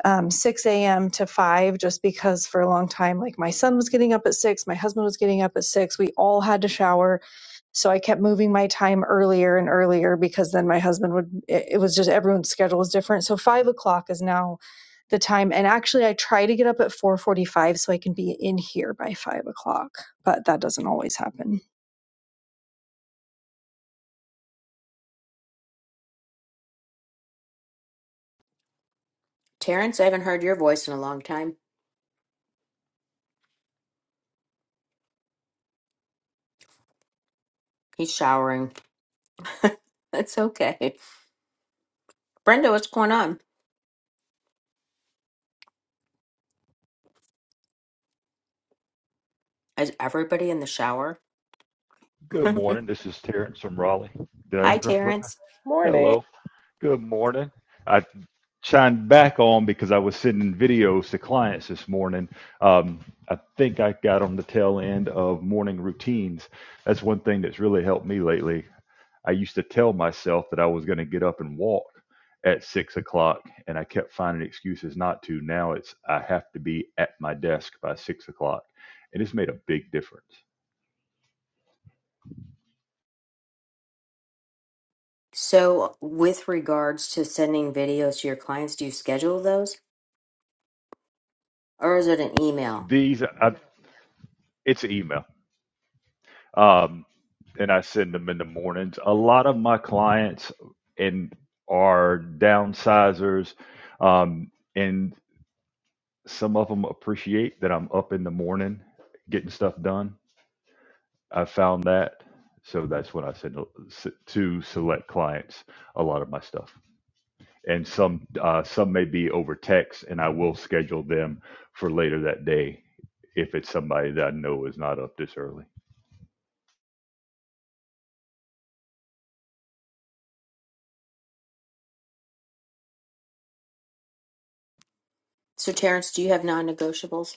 S10: um, 6 a.m. to 5 just because for a long time, like my son was getting up at 6, my husband was getting up at 6. We all had to shower. So I kept moving my time earlier and earlier because then my husband would, it, it was just everyone's schedule was different. So 5 o'clock is now the time and actually i try to get up at 4.45 so i can be in here by 5 o'clock but that doesn't always happen
S2: Terrence, I haven't heard your voice in a long time. He's showering. That's okay. Brenda, what's going on? Is everybody in the shower?
S11: Good morning. This is Terrence from Raleigh. Did I
S2: Hi,
S11: interrupt? Brother?
S2: Terrence.
S1: morning
S11: Hello. Good morning. I chimed back on because I was sending videos to clients this morning. Um, I think I got on the tail end of morning routines. That's one thing that's really helped me lately. I used to tell myself that I was going to get up and walk at six o'clock, and I kept finding excuses not to. Now it's I have to be at my desk by six o'clock, and it's made a big difference.
S2: So, with regards to sending videos to your clients, do you schedule those or is it an email?
S11: These, I, it's an email. um, and I send them in the mornings. A lot of my clients and are downsizers, um, and some of them appreciate that I'm up in the morning getting stuff done. I found that, so that's when I send to s- to select clients a lot of my stuff. And some uh, some may be over text, and I will schedule them for later that day if it's somebody that I know is not up this early.
S2: So, Terrence, do you have non-negotiables?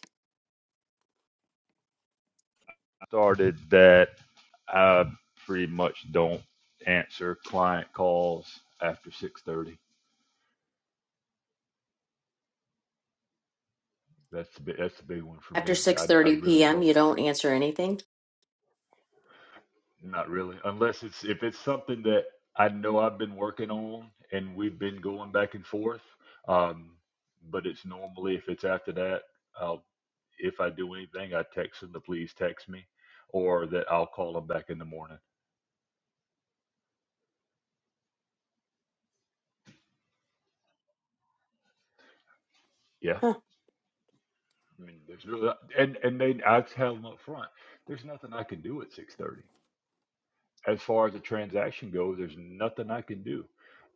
S11: Started that I pretty much don't answer client calls after six thirty. That's the big, that's the big one for
S2: After
S11: me. I I
S2: 6:30
S11: really
S2: p.m.,
S11: don't,
S2: you don't answer anything?
S11: not really, unless it's if it's something that I know I've been working on and we've been going back and forth. Um, but it's normally if it's after that, I'll if I do anything, I text them to please text me, or that I'll call them back in the morning. Yeah,
S2: Huh.
S11: I mean, there's really and and they I tell them up front, there's nothing I can do at six thirty. as far as the transaction goes, there's nothing I can do.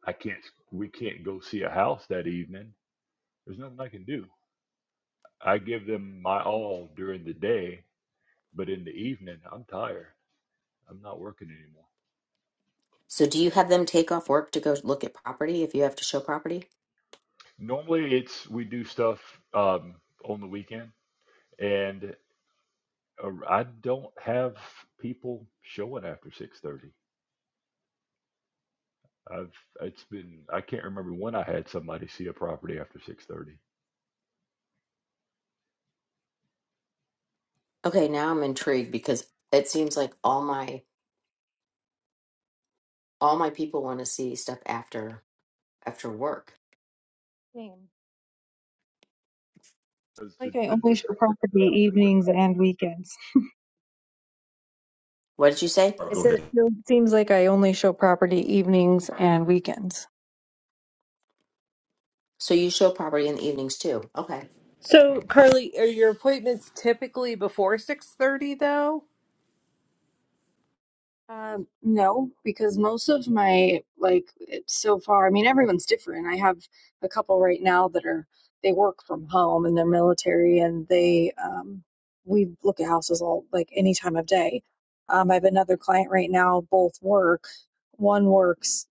S11: I can't. We can't go see a house that evening. There's nothing I can do. I give them my all during the day, but in the evening, I'm tired. I'm not working anymore.
S2: So do you have them take off work to go look at property if you have to show property?
S11: Normally, it's we do stuff um, on the weekend, and uh, I don't have people showing after six thirty. I've it's been I can't remember when I had somebody see a property after six thirty.
S2: Okay, now I'm intrigued because it seems like all my all my people want to see stuff after after work.
S10: Same.
S11: Because the,
S10: like i
S11: the
S10: only show
S11: different group
S10: property
S11: that I work with.
S10: evenings and weekends
S2: What did you say?
S11: All right,
S10: i
S11: go
S10: said it
S11: ahead.
S10: feels- seems like i only show property evenings and weekends
S2: So you show property in the evenings too. Okay.
S1: so carly are your appointments typically before 6.30 though
S10: Um, no, because most of my like it's so far, I mean, everyone's different. I have a couple right now that are they work from home and they're military and they um we look at houses all like any time of day. Um, I have another client right now, both work. One works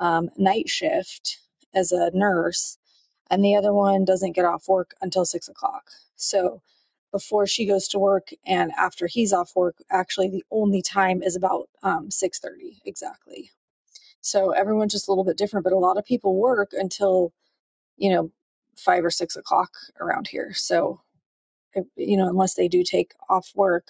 S10: um night shift as a nurse and the other one doesn't get off work until six o'clock. So before she goes to work and after he's off work, actually the only time is about um, six thirty exactly. So everyone's just a little bit different, but a lot of people work until you know five or six o'clock around here. So you know unless they do take off work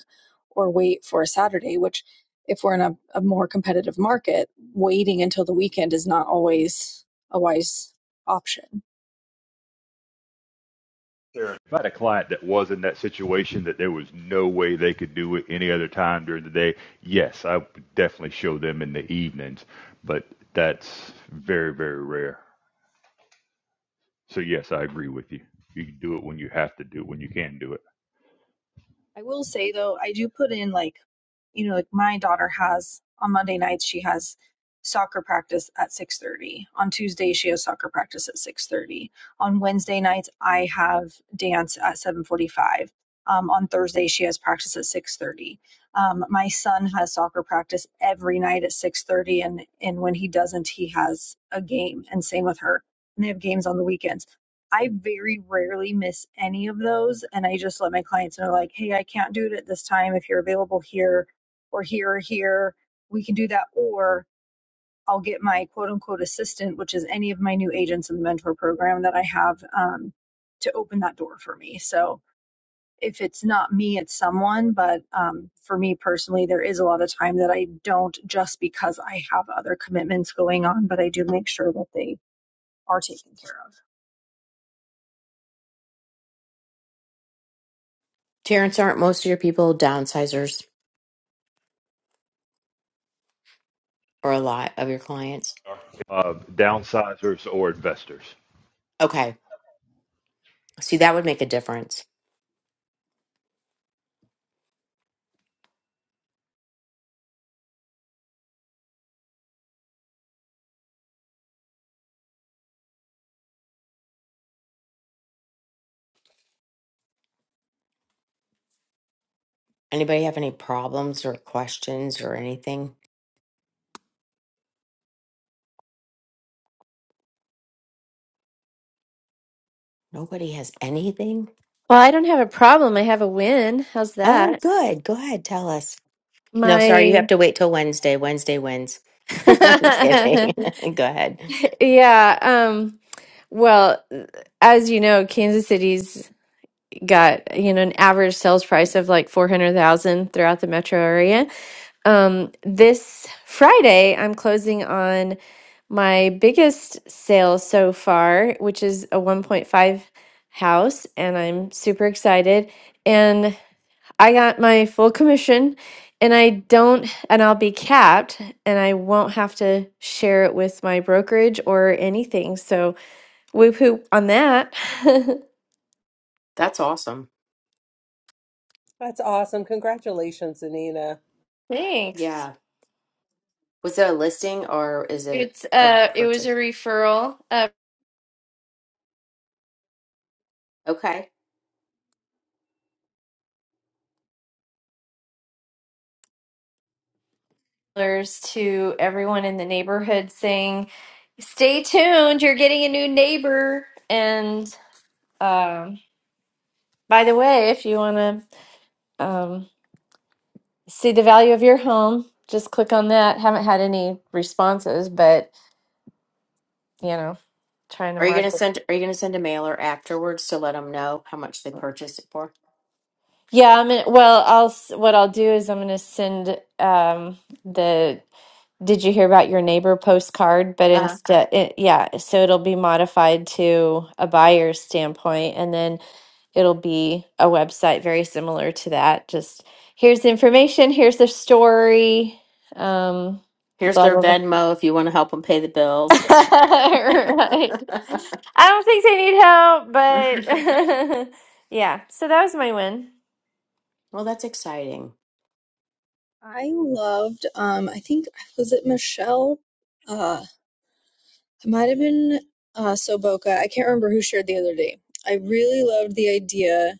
S10: or wait for a Saturday, which if we're in a, a more competitive market, waiting until the weekend is not always a wise option
S11: Sure. If I had a client that was in that situation that there was no way they could do it any other time during the day, yes, I would definitely show them in the evenings, but that's very, very rare. So, yes, I agree with you. You can do it when you have to do it, when you can do it.
S10: I will say though, I do put in like, you know, like my daughter has on Monday nights she has soccer practice at 6:30. On Tuesday she has soccer practice at 6:30. On Wednesday nights I have dance at 7:45. Um, on Thursday she has practice at 6:30. Um, my son has soccer practice every night at 6:30, and and when he doesn't, he has a game. And same with her. And they have games on the weekends. I very rarely miss any of those. And I just let my clients know, like, hey, I can't do it at this time. If you're available here or here or here, we can do that. Or I'll get my quote unquote assistant, which is any of my new agents in the mentor program that I have um, to open that door for me. So if it's not me, it's someone. But um, for me personally, there is a lot of time that I don't just because I have other commitments going on, but I do make sure that they are taken care of.
S2: Terrence, aren't most of your people downsizers or a lot of your clients?
S11: Uh, downsizers or investors?
S2: Okay. See, that would make a difference. Anybody have any problems or questions or anything? Nobody has anything?
S4: I don't have a problem. I have a win. How's
S2: Oh,
S4: that?
S2: good. Go ahead, tell us. No, sorry, you
S4: My,
S2: have to wait till Wednesday. Wednesday wins. I'm kidding. Go ahead.
S4: yeah, um, well, as you know, Kansas City's got you know an average sales price of like 400,000 throughout the metro area. Um this Friday I'm closing on my biggest sale so far, which is a 1.5 house and I'm super excited and I got my full commission and I don't and I'll be capped and I won't have to share it with my brokerage or anything. So whoop whoop on that.
S2: That's awesome.
S1: that's awesome congratulations anina
S4: Thanks.
S2: Yeah. Was it a listing or is it
S4: It's
S2: a
S4: uh it was a
S2: purchase?
S4: referral of
S2: Okay.
S4: others to everyone in the neighborhood saying, "Stay tuned, you're getting a new neighbor." And um by the way, if you want to um see the value of your home, just click on that. Haven't had any responses, but you know, trying to
S2: Are you gonna
S4: market.
S2: send are you gonna send a mailer afterwards to let them know how much they purchased it for?
S4: Yeah, I'm gonna, well, I'll s- what I'll do is I'm going to send um the Did you hear about your neighbor postcard? But
S2: Uh-huh.
S4: instead, it, yeah, so it'll be modified to a buyer's standpoint, and then it'll be a website very similar to that. Just here's the information, here's the story. Um,
S2: Here's
S4: blah
S2: their
S4: blah blah.
S2: Venmo if you want to help them pay the bills.
S4: right. I don't think they need help, but yeah. So that was my win.
S2: Well, that's exciting.
S10: I loved, um, I think, was it Michelle? Uh, it might have been uh, Soboka. I can't remember who shared the other day. I really loved the idea,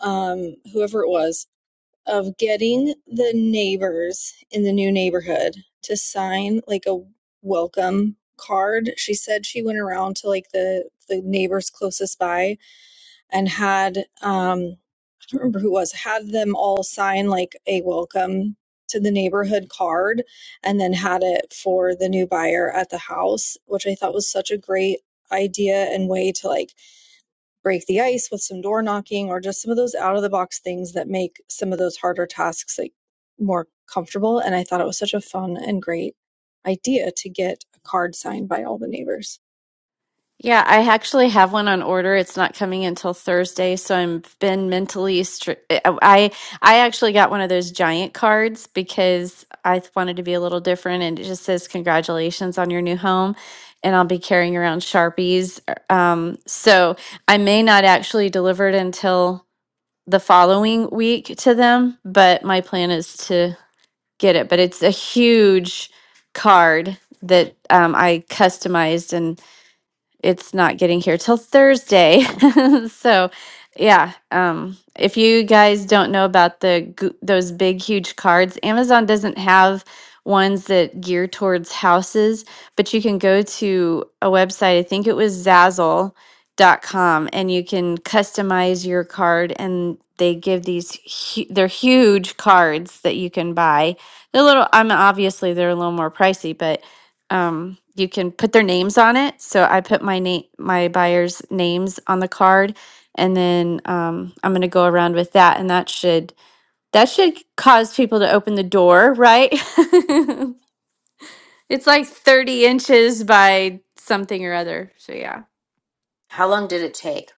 S10: um, whoever it was, of getting the neighbors in the new neighborhood to sign like a welcome card. She said she went around to like the the neighbors closest by and had um don't remember who it was, had them all sign like a welcome to the neighborhood card and then had it for the new buyer at the house, which I thought was such a great idea and way to like break the ice with some door knocking or just some of those out of the box things that make some of those harder tasks like more comfortable. And I thought it was such a fun and great idea to get a card signed by all the neighbors.
S4: Yeah, I actually have one on order. It's not coming until Thursday, so i am been mentally str- I I actually got one of those giant cards because I th- wanted to be a little different and it just says congratulations on your new home and I'll be carrying around Sharpies. Um so I may not actually deliver it until the following week to them, but my plan is to get it, but it's a huge card that um, I customized it's not getting here till Thursday. so, yeah, um, if you guys don't know about the gu- those big huge cards, Amazon doesn't have ones that gear towards houses, but you can go to a website. I think it was Zazzle. dot com, and you can customize your card, and they give these hu- they're huge cards that you can buy. They're a little. I mean, obviously they're a little more pricey, but um, you can put their names on it. So I put my name, my buyers' names on the card, and then um, I'm going to go around with that, and that should that should cause people to open the door, right? it's like 30 inches by something or other. So yeah,
S2: How long did it take?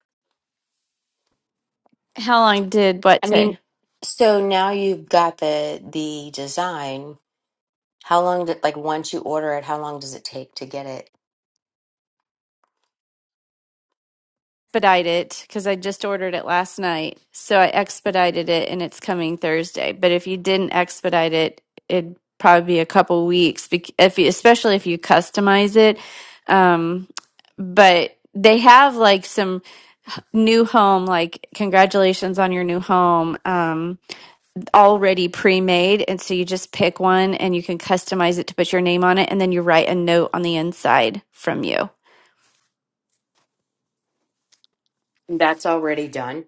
S4: how long did
S2: I
S4: what say?
S2: mean, so now you've got the the design. How long did like once you order it, how long does it take to get it?
S4: expedite it because I just ordered it last night. So I expedited it and it's coming Thursday. But if you didn't expedite it, it'd probably be a couple weeks, bec- if you, especially if you customize it. Um, but they have like some new home, like congratulations on your new home, um, already pre made. And so you just pick one and you can customize it to put your name on it. And then you write a note on the inside from you.
S2: That's already done.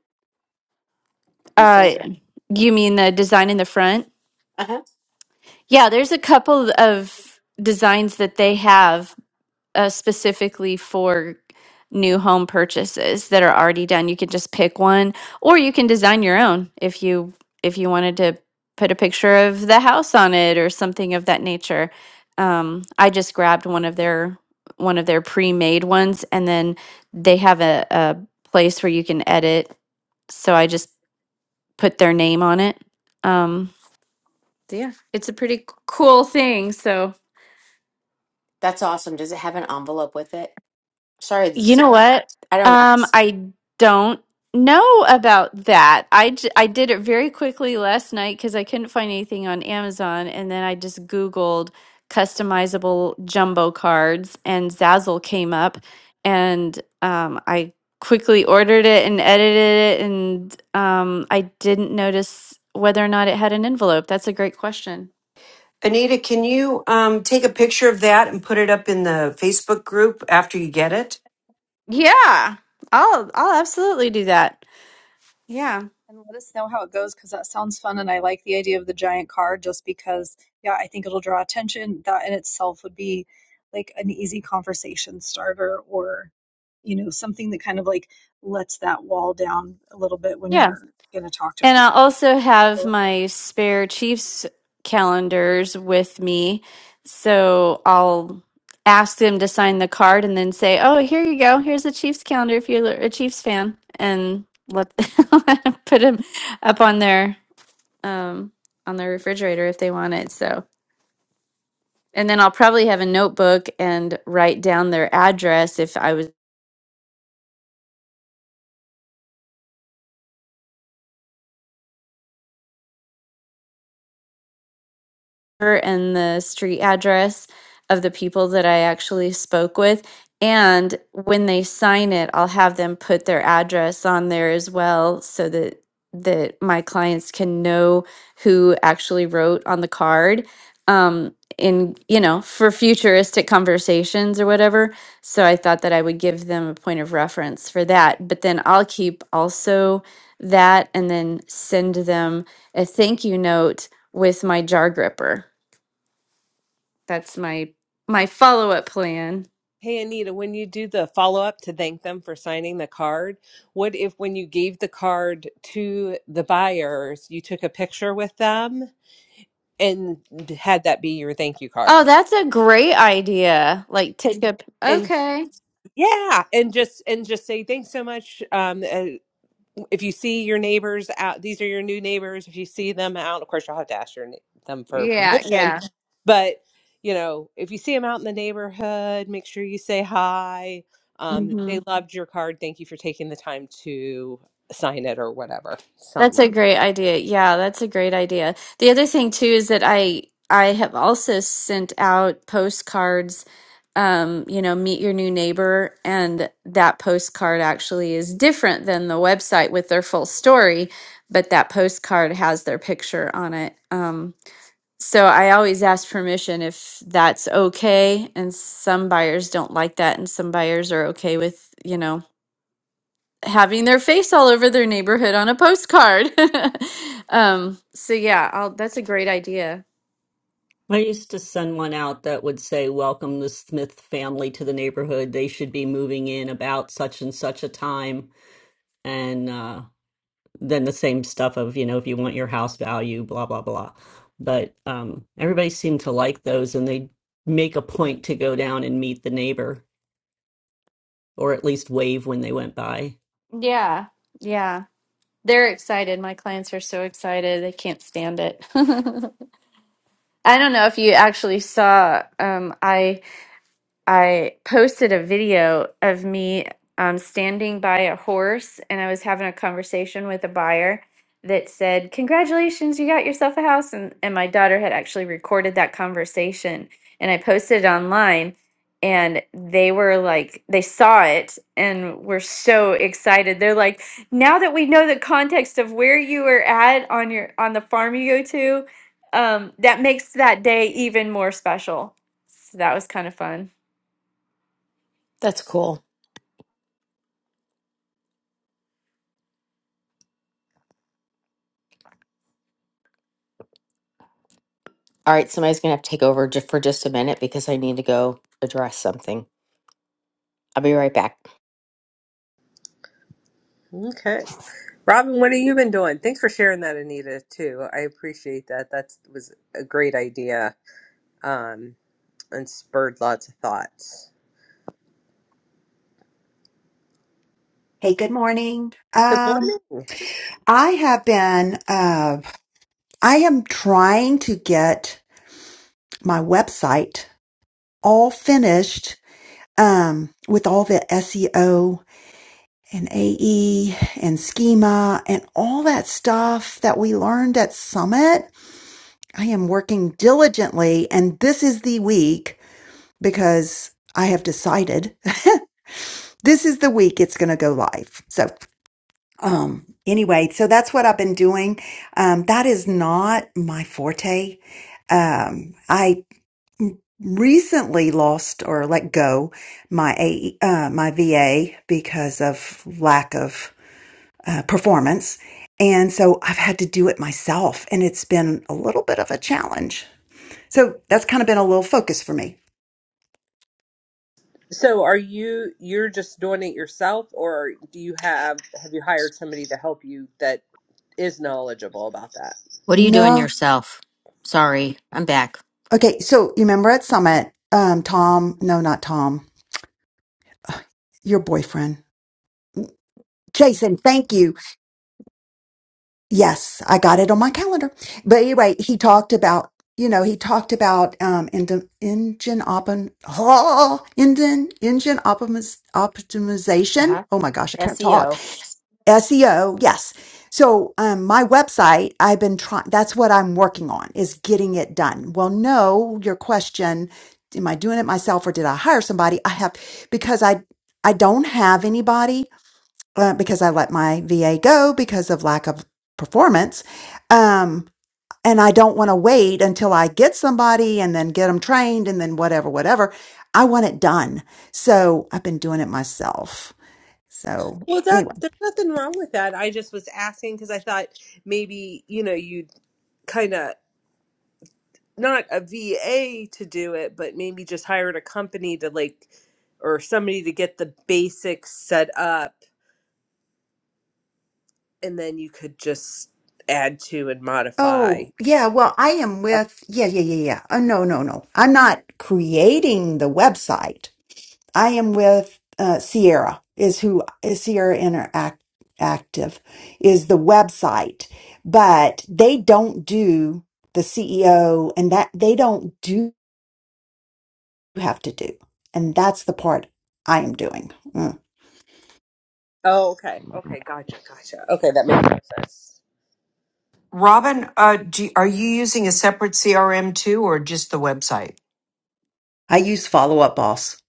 S2: You
S4: Uh,
S2: said.
S4: you mean the design in the front?
S2: Uh-huh.
S4: Yeah, there's a couple of designs that they have uh, specifically for new home purchases that are already done. You can just pick one, or you can design your own if you if you wanted to put a picture of the house on it or something of that nature. Um, I just grabbed one of their one of their pre-made ones, and then they have a, a place where you can edit. So I just put their name on it. Um, yeah, it's a pretty c- cool thing. So.
S2: That's awesome. Does it have an envelope with it? Sorry,
S4: You
S2: it's-
S4: know what?
S2: I don't
S4: Um,
S2: ask.
S4: I don't know about that. I, j- I did it very quickly last night because I couldn't find anything on Amazon, and then I just Googled customizable jumbo cards, and Zazzle came up, and um, I quickly ordered it and edited it, and um, I didn't notice whether or not it had an envelope. That's a great question.
S7: Anita, can you um, take a picture of that and put it up in the Facebook group after you get it?
S4: Yeah, I'll I'll absolutely do that. Yeah.
S10: And let us know how it goes because that sounds fun. And I like the idea of the giant car just because, yeah, I think it'll draw attention. That in itself would be like an easy conversation starter or, you know, something that kind of like lets that wall down a little bit when
S4: Yeah.
S10: you're going to talk to
S4: And
S10: people.
S4: I also
S10: I
S4: have
S10: love it.
S4: my spare Chiefs calendars with me. So I'll ask them to sign the card and then say, oh, here you go. Here's a Chiefs calendar if you're a Chiefs fan. And let put them up on their um, on their refrigerator if they want it. So, and then I'll probably have a notebook and write down their address if I was. and the street address of the people that I actually spoke with. And when they sign it, I'll have them put their address on there as well so that that my clients can know who actually wrote on the card um in you know for futuristic conversations or whatever so i thought that i would give them a point of reference for that but then i'll keep also that and then send them a thank you note with my jar gripper that's my my follow-up plan.
S1: Hey Anita, when you do the follow up to thank them for signing the card, what if when you gave the card to the buyers, you took a picture with them and had that be your thank you
S4: Oh,
S1: card?
S4: that's a great idea. Like take a
S1: And
S4: Okay.
S1: yeah, and just and just say thanks so much. Um, uh, if you see your neighbors out, these are your new neighbors. If you see them out, of course, you'll have to ask your, ne- them for
S4: Yeah,
S1: permission.
S4: yeah.
S1: But, you know, if you see them out in the neighborhood, make sure you say hi. Um,
S4: hmm
S1: they loved your card. Thank you for taking the time to sign it or whatever. Something.
S4: That's a great idea. Yeah, that's a great idea. The other thing too is that I I have also sent out postcards, um, you know, meet your new neighbor, and that postcard actually is different than the website with their full story, but that postcard has their picture on it. Um, So I always ask permission if that's okay. And some buyers don't like that. And some buyers are okay with, you know, having their face all over their neighborhood on a postcard. um, so yeah, I'll, that's a great idea.
S6: I used to send one out that would say, Welcome the Smith family to the neighborhood. They should be moving in about such and such a time. And uh, then the same stuff of, you know, if you want your house value, blah, blah, blah. But um, everybody seemed to like those, and they make a point to go down and meet the neighbor or at least wave when they went by.
S4: Yeah. Yeah. They're excited. My clients are so excited. They can't stand it. I don't know if you actually saw, um, I. I posted a video of me um, standing by a horse, and I was having a conversation with a buyer that said, "Congratulations, you got yourself a house." And and my daughter had actually recorded that conversation, and I posted it online. And they were like, they saw it and were so excited. They're like, now that we know the context of where you were at on your on the farm you go to, um, that makes that day even more special. So that was kind of fun.
S2: That's cool. All right, somebody's gonna have to take over just for just a minute because I need to go address something. I'll be right back.
S1: Okay. Robin, what have you been doing? Thanks for sharing that, Anita, too. I appreciate that. That was a great idea um, and spurred lots of thoughts.
S8: Hey, good morning.
S1: Good
S8: Um,
S1: morning.
S8: I have been, uh, I am trying to get my website all finished um, with all the SEO and AE and schema and all that stuff that we learned at Summit. I am working diligently, and this is the week because I have decided this is the week it's going to go live. So Um, anyway, so that's what I've been doing. Um, that is not my forte. Um, I recently lost or let go my A, uh, my VA because of lack of uh, performance. And so I've had to do it myself and it's been a little bit of a challenge. So that's kind of been a little focus for me.
S1: So are you you're just doing it yourself or do you have have you hired somebody to help you that is knowledgeable about that?
S2: What are you doing
S8: No.
S2: yourself? Sorry, I'm back.
S8: Okay. So you remember at Summit, um, Tom, no, not Tom, your boyfriend, Jason, thank you Yes, I got it on my calendar. But anyway, he talked about, you know, he talked about um engine engine optim oh, engine engine optimiz-
S2: Uh
S8: optimization.
S2: huh.
S8: Oh my gosh, I can't
S2: SEO.
S8: talk. SEO, yes. So um my website, I've been trying that's what I'm working on is getting it done. Well, no, your question, am I doing it myself or did I hire somebody? I have because I I don't have anybody uh, because I let my VA go because of lack of performance. Um, and I don't want to wait until I get somebody and then get them trained and then whatever, whatever. I want it done. So I've been doing it myself. So
S1: Well, that
S8: anyway,
S1: there's nothing wrong with that. I just was asking because I thought maybe, you know, you'd kind of not a VA to do it, but maybe just hired a company to like or somebody to get the basics set up and then you could just add to and modify.
S8: Oh, yeah. Well, I am with, yeah, yeah, yeah, yeah. Oh, no, no, no. I'm not creating the website. I am with uh, Sierra is who is Sierra Interact Active is the website, but they don't do the CEO and that they don't do have to do, and that's the part I am doing. Mm.
S1: Oh, okay. Okay, gotcha, gotcha. Okay, that makes more sense.
S7: Robin, uh, do, are you using a separate CRM too, or just the website?
S8: I use Follow Up Boss,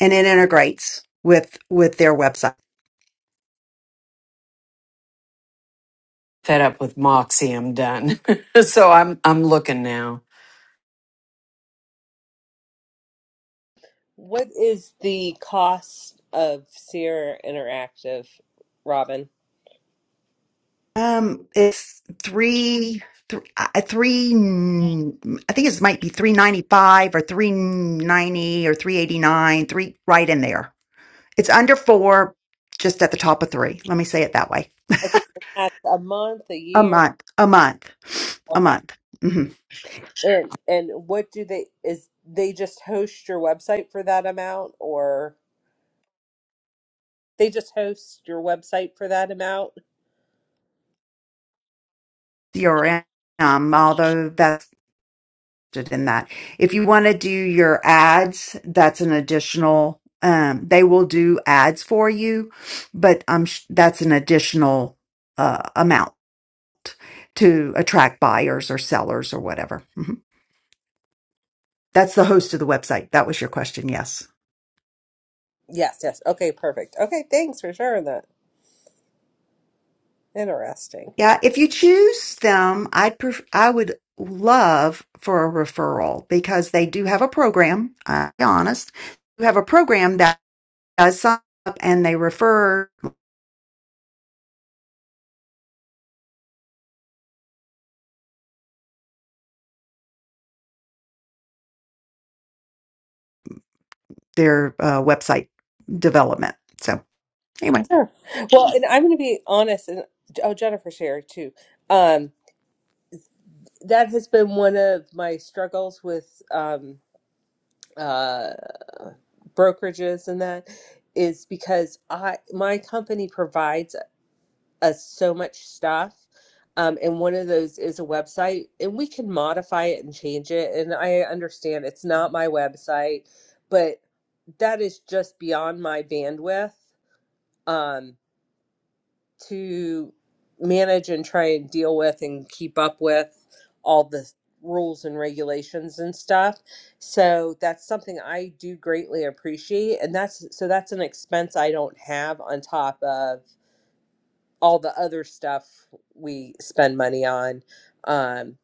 S8: and it integrates with with their website.
S7: Fed up with Moxie, I'm done. so I'm I'm looking now.
S1: What is the cost of Sierra Interactive, Robin?
S8: Um, it's three, th- uh, three. mm, I think it might be three ninety five or three ninety or three eighty nine. Three right in there. It's under four, just at the top of three. Let me say it that way.
S1: Okay, that's a month, a
S8: A
S1: year.
S8: month, a month, a
S1: Okay.
S8: month. hmm
S1: And and what do they is they just host your website for that amount or they just host your website for that amount?
S8: CRM, although that's listed in that. If you want to do your ads, that's an additional. Um, they will do ads for you, but um, sh- that's an additional uh, amount to attract buyers or sellers or whatever. Mhm. That's the host of the website. That was your question. Yes.
S1: Yes, yes. Okay, perfect. Okay, thanks for sharing that. Interesting.
S8: Yeah. If you choose them, I'd pref- I would love for a referral because they do have a program. I'll be honest, you have a program that uh, sign up and they refer their uh, website development. So anyway.
S1: Sure. Well, and I'm going to be honest and oh, Jennifer shared too. Um that has been one of my struggles with um uh. brokerages and that is because I my company provides us so much stuff. Um, and one of those is a website, and we can modify it and change it. And I understand it's not my website, but that is just beyond my bandwidth. Um, to manage and try and deal with and keep up with all the rules and regulations and stuff. So that's something I do greatly appreciate and that's so that's an expense I don't have on top of all the other stuff we spend money on. Um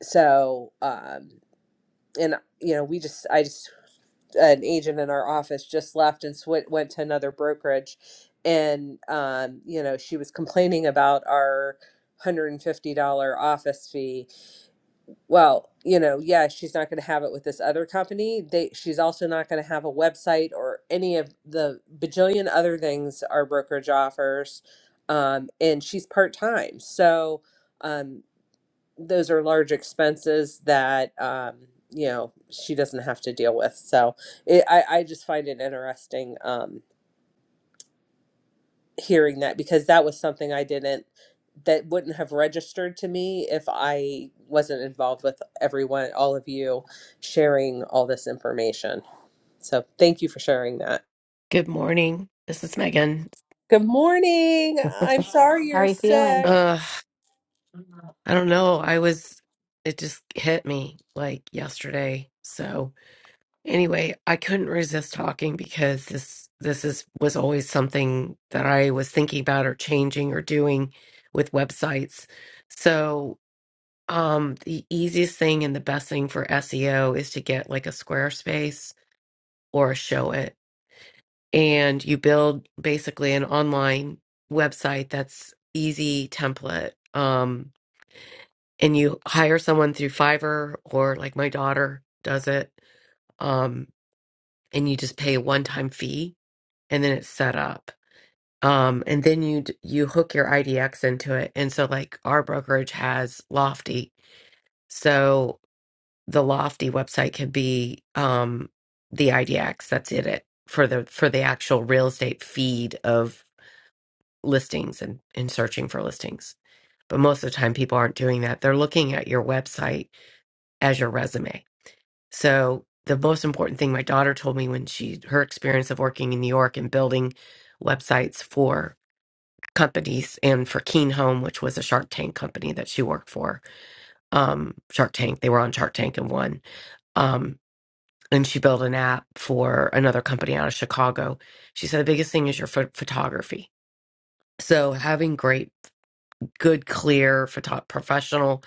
S1: so um and you know we just i just an agent in our office just left and sw- went to another brokerage and um, you know she was complaining about our $150 office fee well you know yeah she's not going to have it with this other company they she's also not going to have a website or any of the bajillion other things our brokerage offers um, and she's part-time so um, those are large expenses that um, you know she doesn't have to deal with. So it, I I just find it interesting um, hearing that because that was something I didn't that wouldn't have registered to me if I wasn't involved with everyone, all of you sharing all this information. So thank you for sharing that.
S12: Good morning. This is Megan.
S1: Good morning. I'm sorry
S2: How
S1: you're
S2: are you feeling?
S1: sick.
S12: Uh, I don't know. I was, it just hit me like yesterday. So anyway, I couldn't resist talking because this this is was always something that I was thinking about or changing or doing with websites. So um the easiest thing and the best thing for SEO is to get like a Squarespace or a Showit and you build basically an online website that's easy template um and you hire someone through Fiverr or like my daughter does it um and you just pay a one-time fee and then it's set up um and then you d- you hook your IDX into it and so like our brokerage has Lofty so the Lofty website can be um the IDX that's in it for the for the actual real estate feed of. listings and, and searching for listings. But most of the time, people aren't doing that. They're looking at your website as your resume. So, the most important thing my daughter told me when she, her experience of working in New York and building websites for companies and for Keen Home, which was a Shark Tank company that she worked for, um, Shark Tank, they were on Shark Tank and won. Um, and she built an app for another company out of Chicago. She said the biggest thing is your pho- photography. So, having great good, clear, photo- professional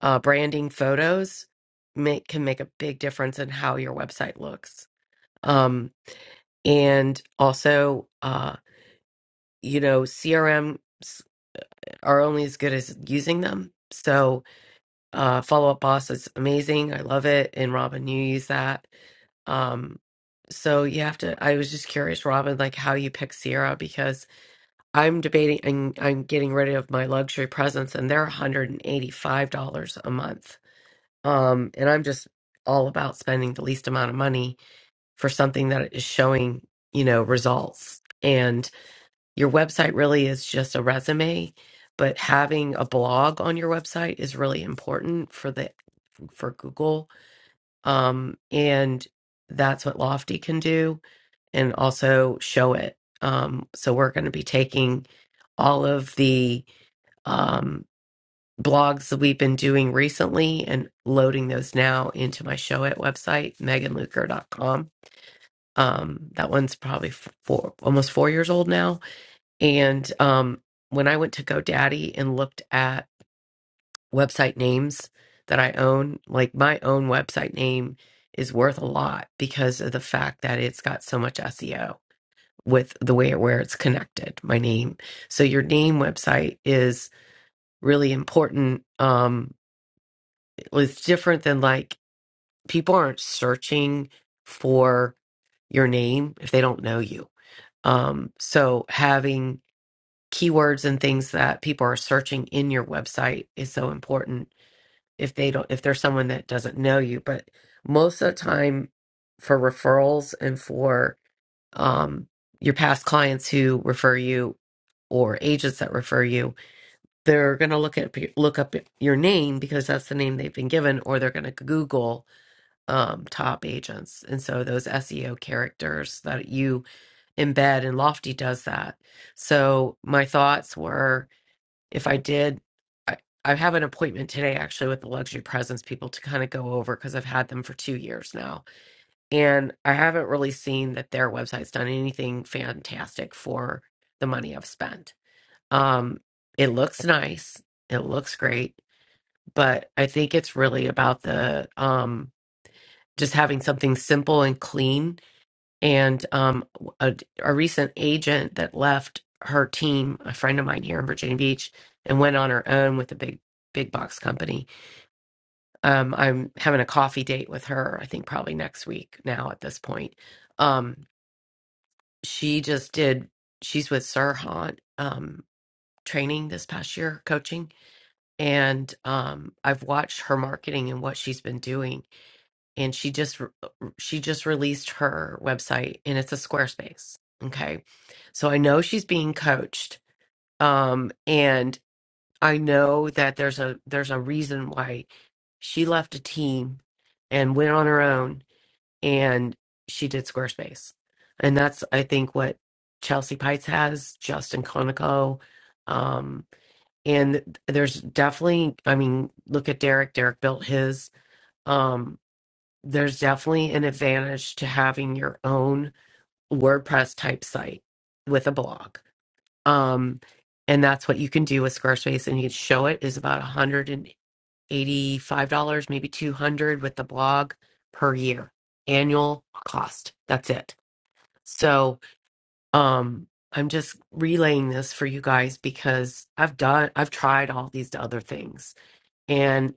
S12: uh, branding photos make, can make a big difference in how your website looks. Um, and also, uh, you know, CRMs are only as good as using them. So, uh, Follow Up Boss is amazing. I love it. And Robin, you use that. Um, so you have to. I was just curious, Robin, like how you pick Sierra because I'm debating and I'm getting rid of my luxury presents, and they're $185 a month Um, and I'm just all about spending the least amount of money for something that is showing, you know, results. And your website really is just a resume, but having a blog on your website is really important for the for Google. Um, and that's what Lofty can do and also show it. Um, so we're going to be taking all of the um, blogs that we've been doing recently and loading those now into my show at website, megan luker dot com. Um, that one's probably f- four, almost four years old now. And um, when I went to GoDaddy and looked at website names that I own, like my own website name is worth a lot because of the fact that it's got so much SEO with the way where it's connected, my name. So your name website is really important. Um, was different than like people aren't searching for your name if they don't know you. Um, so having keywords and things that people are searching in your website is so important if they don't if there's someone that doesn't know you. But most of the time for referrals and for um your past clients who refer you or agents that refer you, they're going to look at look up your name because that's the name they've been given, or they're going to Google um, top agents. And so those SEO characters that you embed and Lofty does that. So my thoughts were if I did, I, I have an appointment today actually with the luxury presence people to kind of go over because I've had them for two years now. And I haven't really seen that their website's done anything fantastic for the money I've spent. Um, it looks nice, it looks great, but I think it's really about the, um, just having something simple and clean. And um, a, a recent agent that left her team, a friend of mine here in Virginia Beach, and went on her own with a big big box company. Um, I'm having a coffee date with her. I think probably next week now. At this point, um, she just did. She's with Sirhan um, training this past year, coaching, and um, I've watched her marketing and what she's been doing and she just re- she just released her website and it's a Squarespace. Okay. So I know she's being coached um and I know that there's a there's a reason why she left a team and went on her own and she did Squarespace. And that's I think what Chelsea Pites has, Justin Conico um and there's definitely I mean look at Derek Derek built his um, there's definitely an advantage to having your own WordPress type site with a blog. Um, and that's what you can do with Squarespace. And you can show it is about $185, maybe 200 with the blog per year, annual cost. That's it. So um, I'm just relaying this for you guys because I've done, I've tried all these other things and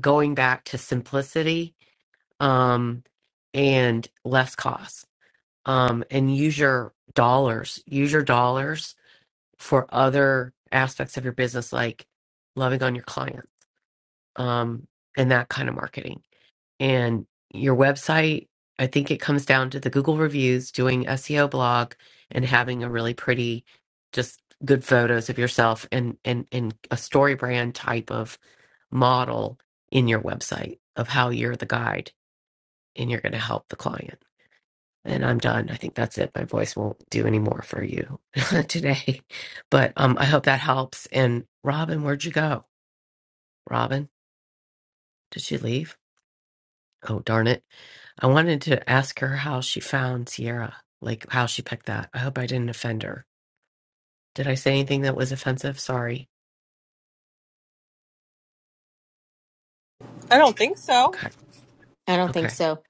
S12: going back to simplicity um, and less cost um, and use your dollars. Use your dollars for other aspects of your business, like loving on your client um, and that kind of marketing. And your website, I think it comes down to the Google reviews, doing SEO blog, and having a really pretty, just good photos of yourself and and and a story brand type of model in your website of how you're the guide and you're going to help the client and I'm done. I think that's it. My voice won't do any more for you today. But um, I hope that helps. And Robin, where'd you go? Robin, did she leave? Oh, darn it. I wanted to ask her how she found Sierra, like how she picked that. I hope I didn't offend her. Did I say anything that was offensive? Sorry.
S1: I don't think so.
S12: Okay.
S2: I don't think
S12: Okay.
S2: so.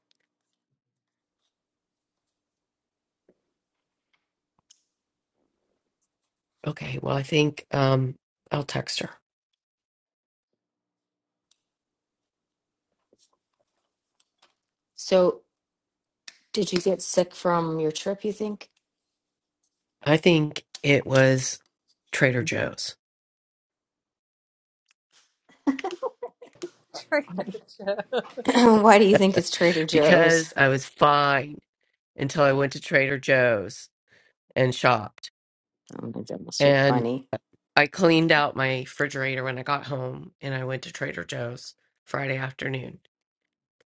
S12: Okay. Well, I think um, I'll text her.
S2: So, did you get sick from your trip, you think?
S12: I think it was Trader Joe's
S2: Why do you think it's Trader
S12: because
S2: Joe's?
S12: I was fine until I went to Trader Joe's. and shopped.
S2: Oh my god, that's shit
S12: And
S2: funny.
S12: I cleaned out my refrigerator when I got home and I went to Trader Joe's Friday afternoon.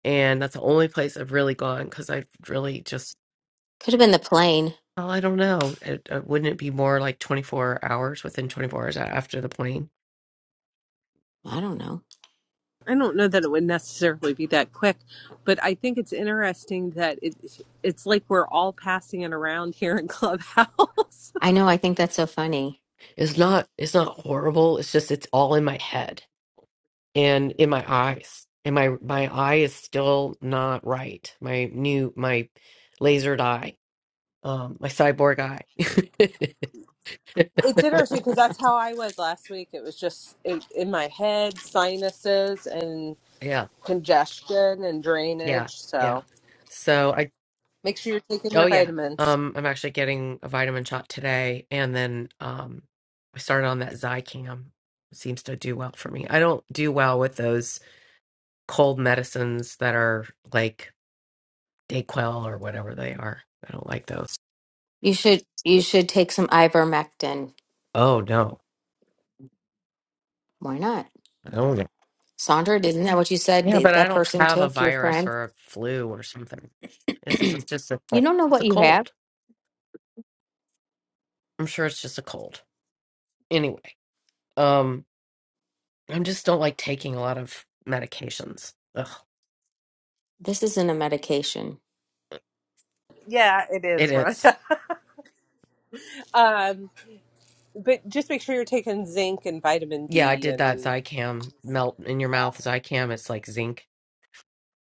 S12: And that's the only place I've really gone because I've really just,
S2: Could have been the plane.
S12: well, I don't know. It, uh, wouldn't it be more like 24 hours within 24 hours a- after the plane?
S2: I don't know.
S1: I don't know that it would necessarily be that quick, but I think it's interesting that it it's like we're all passing it around here in Clubhouse.
S2: I know, I think that's so funny.
S12: It's not it's not horrible. It's just it's all in my head and in my eyes. And my my eye is still not right. My new my lasered eye. Um my cyborg eye.
S1: it's interesting because that's how I was last week. It was just in, in my head, sinuses and
S12: Yeah.
S1: congestion and
S12: Yeah.
S1: drainage.
S12: Yeah.
S1: So
S12: So I
S1: make sure you're taking
S12: oh
S1: your
S12: yeah.
S1: vitamins.
S12: Um I'm actually getting a vitamin shot today and then um I started on that Zicam. It Seems to do well for me. I don't do well with those cold medicines that are like Dayquil or whatever they are. I don't like those.
S2: You should you should take some ivermectin.
S12: Oh no.
S2: Why not?
S12: Oh yeah.
S2: Sandra, isn't that what you said
S12: Yeah, but
S2: that,
S12: I
S2: that
S12: don't
S2: person
S12: have a
S2: took, your
S12: virus
S2: friend?
S12: or a flu or something. This is
S2: you
S12: just a
S2: don't know
S12: it's
S2: what
S12: a
S2: you have.
S12: cold. I'm sure it's just a cold. Anyway, um, I just don't like taking a lot of medications. Ugh,
S2: This isn't a medication.
S1: Yeah, it
S12: it
S1: is,
S12: is.
S1: Rhonda. um, but just make sure you're taking zinc and vitamin
S12: Yeah, I
S1: D,
S12: did that
S1: and
S12: Zicam melt in your mouth Zicam. It's like zinc,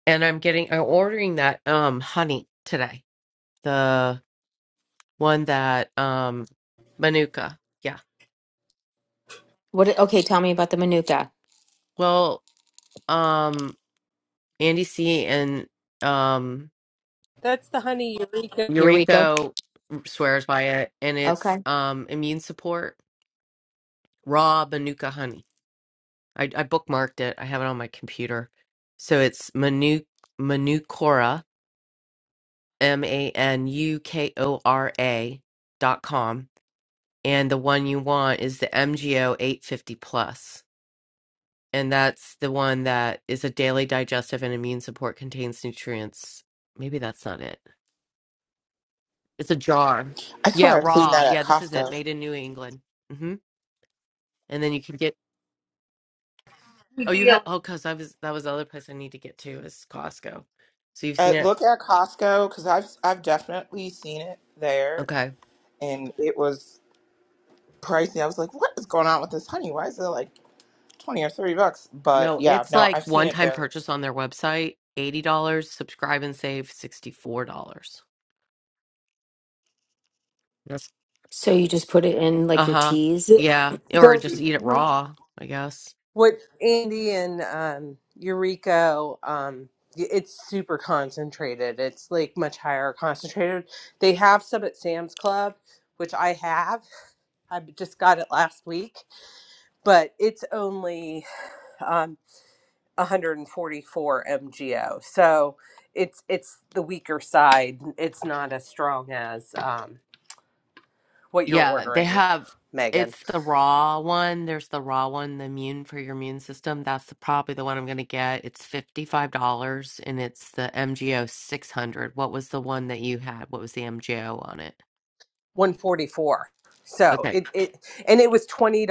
S12: and I'm getting I'm ordering that um honey today. The one that um Manuka. Yeah.
S2: What okay, tell me about the manuka.
S12: Well, um Andy C and um
S1: that's the honey eureka.
S2: Eureka.
S12: Yuriko swears by it and it's
S2: Okay.
S12: um immune support raw manuka honey. I, I bookmarked it. I have it on my computer. So it's manu Manukora m a n u k o r a dot com and the one you want is the MGO 850 plus and that's the one that is a daily digestive and immune support contains nutrients. Maybe that's not it. It's a jar.
S13: I swear
S12: Yeah,
S13: I've seen
S12: raw.
S13: that at
S12: Yeah, this is it.
S13: Costco.
S12: Made in New England. hmm And then you can get. Oh, you have.
S1: deal.
S12: Oh, cause I was. That was the other place I need to get to is Costco. So you've
S13: Uh,
S12: seen it.
S13: look at Costco because I've I've definitely seen it there,
S12: Okay.
S13: and it was pricey. I was like, "What is going on with this honey? Why is it like twenty or thirty bucks?" But
S12: No,
S13: yeah,
S12: it's
S13: no,
S12: like
S13: I've seen
S12: one
S13: it
S12: time
S13: there.
S12: purchase on their website, eighty dollars. Subscribe and save sixty four dollars. Yes.
S2: So you just put it in like
S12: Uh
S2: your
S12: huh.
S2: teas
S1: The,
S12: Yeah. Or just eat it
S1: the-
S12: raw. I guess.
S1: What Andy and um, Eureka, um, y- it's super concentrated. It's like much higher concentrated. They have some at Sam's Club, which I have. I just got it last week, but it's only um, 144 mgo. So it's it's the weaker side. It's not as strong as um, what you're
S12: Yeah, they
S1: ordering,
S12: have
S1: Megan.
S12: it's the raw one. There's the raw one, the immune for your immune system. That's the, probably the one I'm going to get. It's $55 and it's the MGO 600. What was the one that you had? What was the MGO on it?
S1: 144 so
S12: Okay.
S1: it, it and it was $20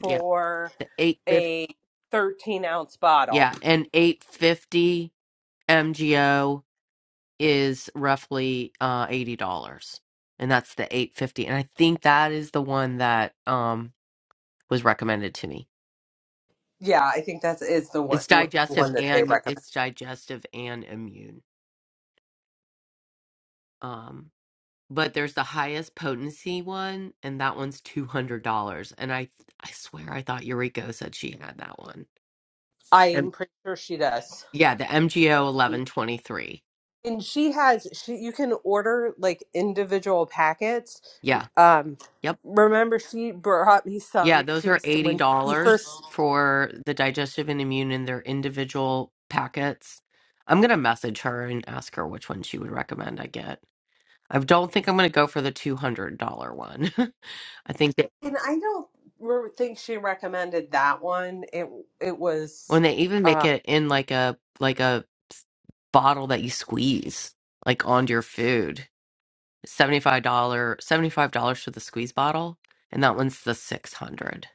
S12: Yeah. The 850.
S1: a 13 ounce bottle
S12: Yeah, and 850 MGO is roughly uh $80. And that's the 850. And I think that is the one that um was recommended to me.
S1: yeah i think that is the one
S12: It's
S1: wh- one
S12: digestive
S1: that they
S12: and
S1: recommend
S12: it's digestive and immune. Um, but there's the highest potency one, and that one's two hundred dollars. And I, I swear, I thought Eureka said she had that one.
S1: i'm
S12: And
S1: pretty sure she does
S12: yeah, the MGO eleven twenty three.
S1: and she has she you can order like individual packets
S12: Yeah,
S1: um
S12: yep,
S1: remember she brought me
S12: yeah.
S1: some
S12: Those
S1: she
S12: are
S1: was
S12: eighty
S1: when she first
S12: dollars for the digestive and immune in their individual packets. I'm gonna message her and ask her which one she would recommend I get. I don't think I'm gonna go for the two hundred dollar one. I think. that.
S1: And I don't re- think she recommended that one. It it
S12: When
S1: was
S12: they even make
S1: uh
S12: it in like a like a bottle that you squeeze like onto your food. $75 dollars $75 for the squeeze bottle and that one's the 600.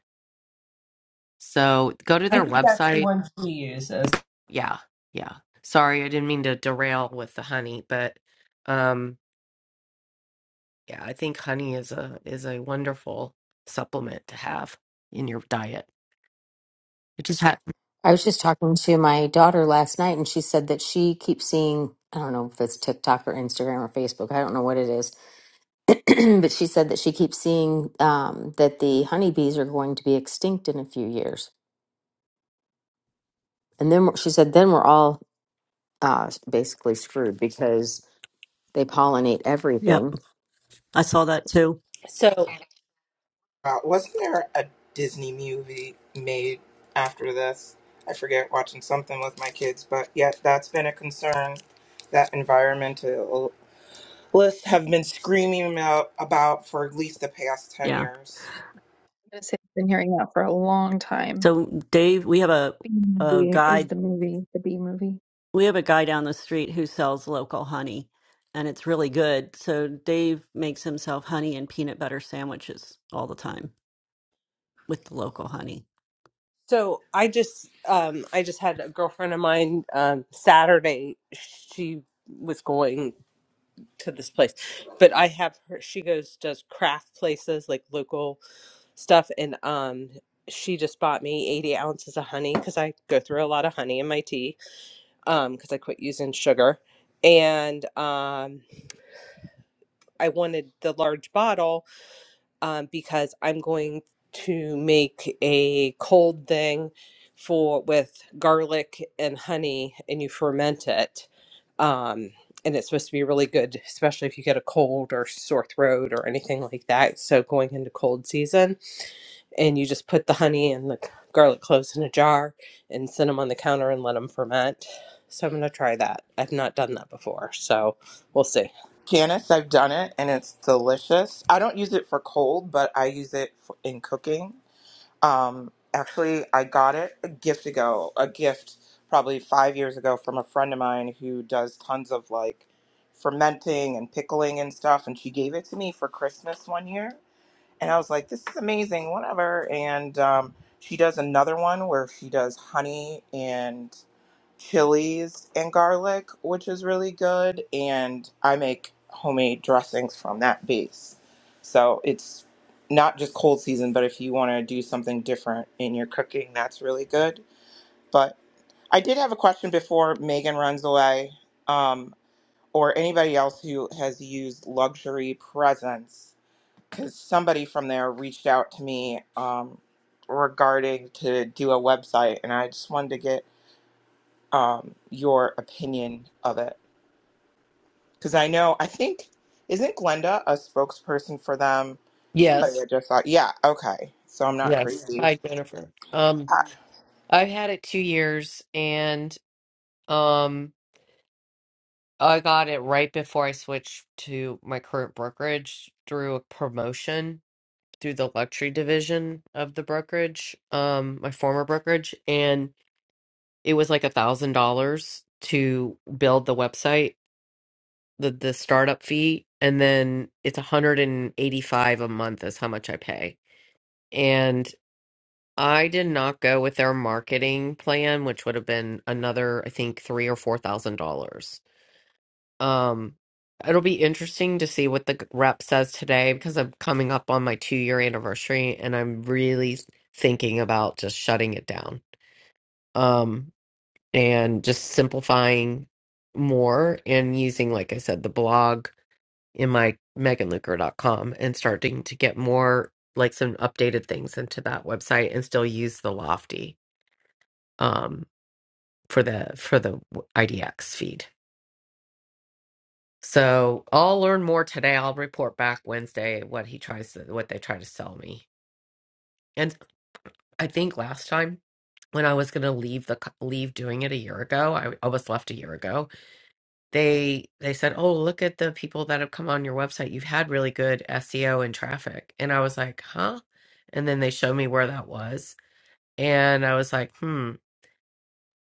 S12: So go to
S1: I
S12: their
S1: think that's the
S12: website.
S1: one she uses.
S12: Yeah. Yeah. Sorry, I didn't mean to derail with the honey, but um yeah, I think honey is a is a wonderful supplement to have in your diet. It just ha-
S2: I was just talking to my daughter last night, and she said that she keeps seeing, I don't know if it's TikTok or Instagram or Facebook, I don't know what it is, but she said that she keeps seeing um, that the honeybees are going to be extinct in a few years. And then we're- she said, then we're all uh, basically screwed because they pollinate
S6: Yep,
S2: everything.
S6: I saw that too.
S1: So
S13: Uh, wasn't there a Disney movie made after this? I forget watching something with my kids, but yeah, that's been a concern that environmentalists have been screaming about, about for at least the past ten
S6: Yeah.
S13: years.
S10: I'm gonna say I've been hearing that for a long time.
S6: So Dave, we have a
S10: B
S6: a
S10: movie is
S6: guy
S10: the movie, the B movie.
S6: we have a guy down the street who sells local honey and it's really good. So Dave makes himself honey and peanut butter sandwiches all the time with the local honey.
S1: so I just um I just had a girlfriend of mine um Saturday she was going to this place. But I have her she goes does craft places like local stuff and um she just bought me 80 ounces of honey because I go through a lot of honey in my tea um because I quit using sugar and um I wanted the large bottle um, because I'm going to make a cold thing for with garlic and honey, and you ferment it. Um, and it's supposed to be really good, especially if you get a cold or sore throat or anything like that. So going into cold season, and you just put the honey and the garlic cloves in a jar and set them on the counter and let them ferment. So I'm gonna try that. I've not done that before, so we'll see.
S13: Janice, I've done it and it's delicious. I don't use it for cold, but I use it for, in cooking. Um, actually, I got it a gift ago, a gift probably five years ago from a friend of mine who does tons of like fermenting and pickling and stuff. And she gave it to me for Christmas one year. And I was like, this is amazing, whatever. And um, she does another one where she does honey and chilies and garlic, which is really good. And I make homemade dressings from that base. So it's not just cold season, but if you want to do something different in your cooking, that's really good. But I did have a question before Megan runs away, um, or anybody else who has used luxury presents, because somebody from there reached out to me um, regarding to do a website, and I just wanted to get um, your opinion of it. Because I know, I think, isn't Glenda a spokesperson for them? Somebody I
S12: Yes.
S13: just thought, yeah, okay. So I'm not
S12: Yes.
S13: crazy.
S12: Hi, Jennifer. Um
S13: Uh,
S12: I've had it 2 years and Um, I got it right before I switched to my current brokerage through a promotion through the luxury division of the brokerage, um, my former brokerage, and it was like a thousand dollars to build the website, the the startup fee, and then it's a hundred and eighty five a month is how much I pay. And I did not go with their marketing plan, which would have been another, I think, three or four thousand dollars Um, it'll be interesting to see what the g- rep says today because I'm coming up on my two year anniversary and I'm really thinking about just shutting it down. Um, and just simplifying more and using, like I said, the blog in my dot com and starting to get more like some updated things into that website and still use the lofty um for the for the w- IDX feed. So I'll learn more today. I'll report back Wednesday what he tries to, what they try to sell me. And I think last time when I was going to leave the co- leave doing it a year ago, I, I was left a year ago. They they said, "Oh, look at the people that have come on your website. You've had really good SEO and traffic." And I was like, "Huh?" And then they showed me where that was, and I was like, "Hmm."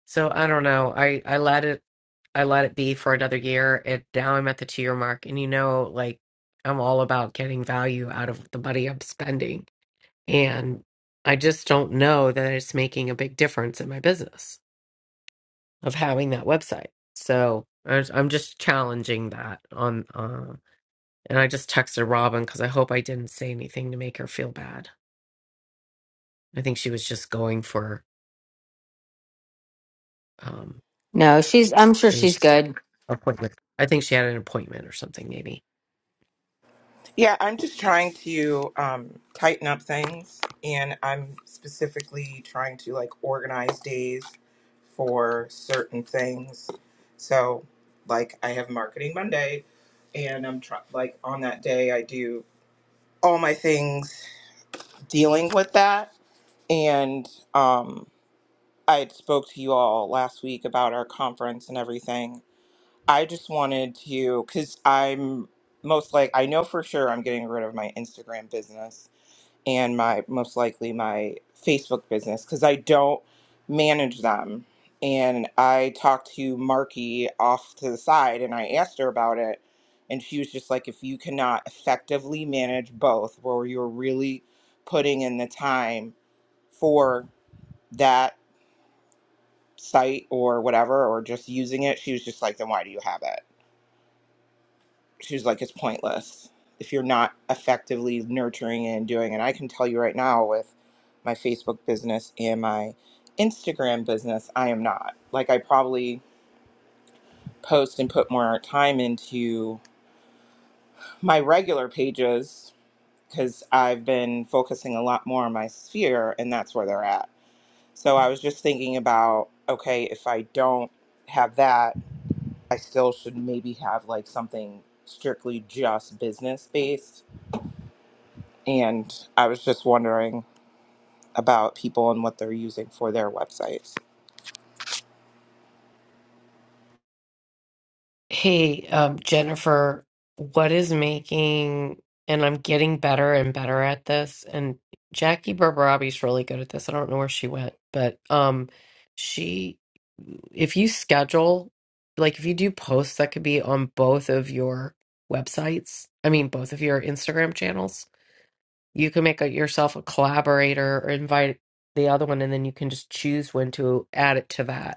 S12: So I don't know. I I let it I let it be for another year. And now I'm at the two year mark, and you know, like I'm all about getting value out of the money I'm spending, and I just don't know that it's making a big difference in my business of having that website. So I was- I'm just challenging that on. Uh, and I just texted Robin because I hope I didn't say anything to make her feel bad. I think she was just going for um,
S2: No, she's I'm sure
S12: maybe
S2: she's
S12: she.
S2: good.
S12: appointment. I think she had an appointment or something, maybe.
S13: yeah, I'm just trying to um, tighten up things, and I'm specifically trying to like organize days for certain things. So, like, I have Marketing Monday, and I'm try- like on that day I do all my things dealing with that, and um, I had spoke to you all last week about our conference and everything. I just wanted to, because I'm most like I know for sure I'm getting rid of my Instagram business and my most likely my Facebook business because I don't manage them. And I talked to Marky off to the side and I asked her about it. And she was just like, if you cannot effectively manage both, where you're really putting in the time for that site or whatever, or just using it, she was just like, then why do you have it? She was like, it's pointless if you're not effectively nurturing it and doing. it. And I can tell you right now with my Facebook business and my Instagram business, I am not. Like, I probably post and put more time into my regular pages because I've been focusing a lot more on my sphere, and that's where they're at. So I was just thinking about, okay, if I don't have that, I still should maybe have like something strictly just business based. And I was just wondering about people and what they're using for their websites.
S12: Hey, um, Jennifer, what is making, and I'm getting better and better at this, and Jackie Barbarabi's really good at this. I don't know where she went, but um, she, if you schedule, like if you do posts that could be on both of your websites, I mean, both of your Instagram channels, you can make a, yourself a collaborator or invite the other one, and then you can just choose when to add it to that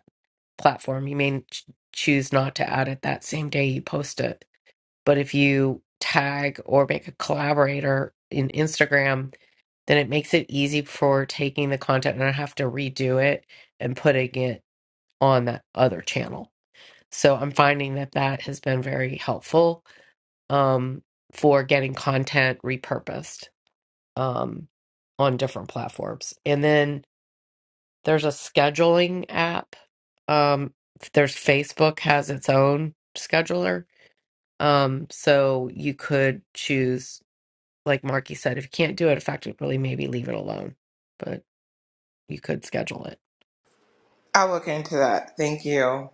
S12: platform. You may ch- choose not to add it that same day you post it. But if you tag or make a collaborator in Instagram, then it makes it easy for taking the content and I have to redo it and putting it on that other channel. So I'm finding that that has been very helpful um, for getting content repurposed um, on different platforms. And then there's a scheduling app Um, there's Facebook has its own scheduler. Um, so you could choose, like Marky said, if you can't do it effectively, maybe leave it alone, but you could schedule it.
S13: I'll look into that. Thank you.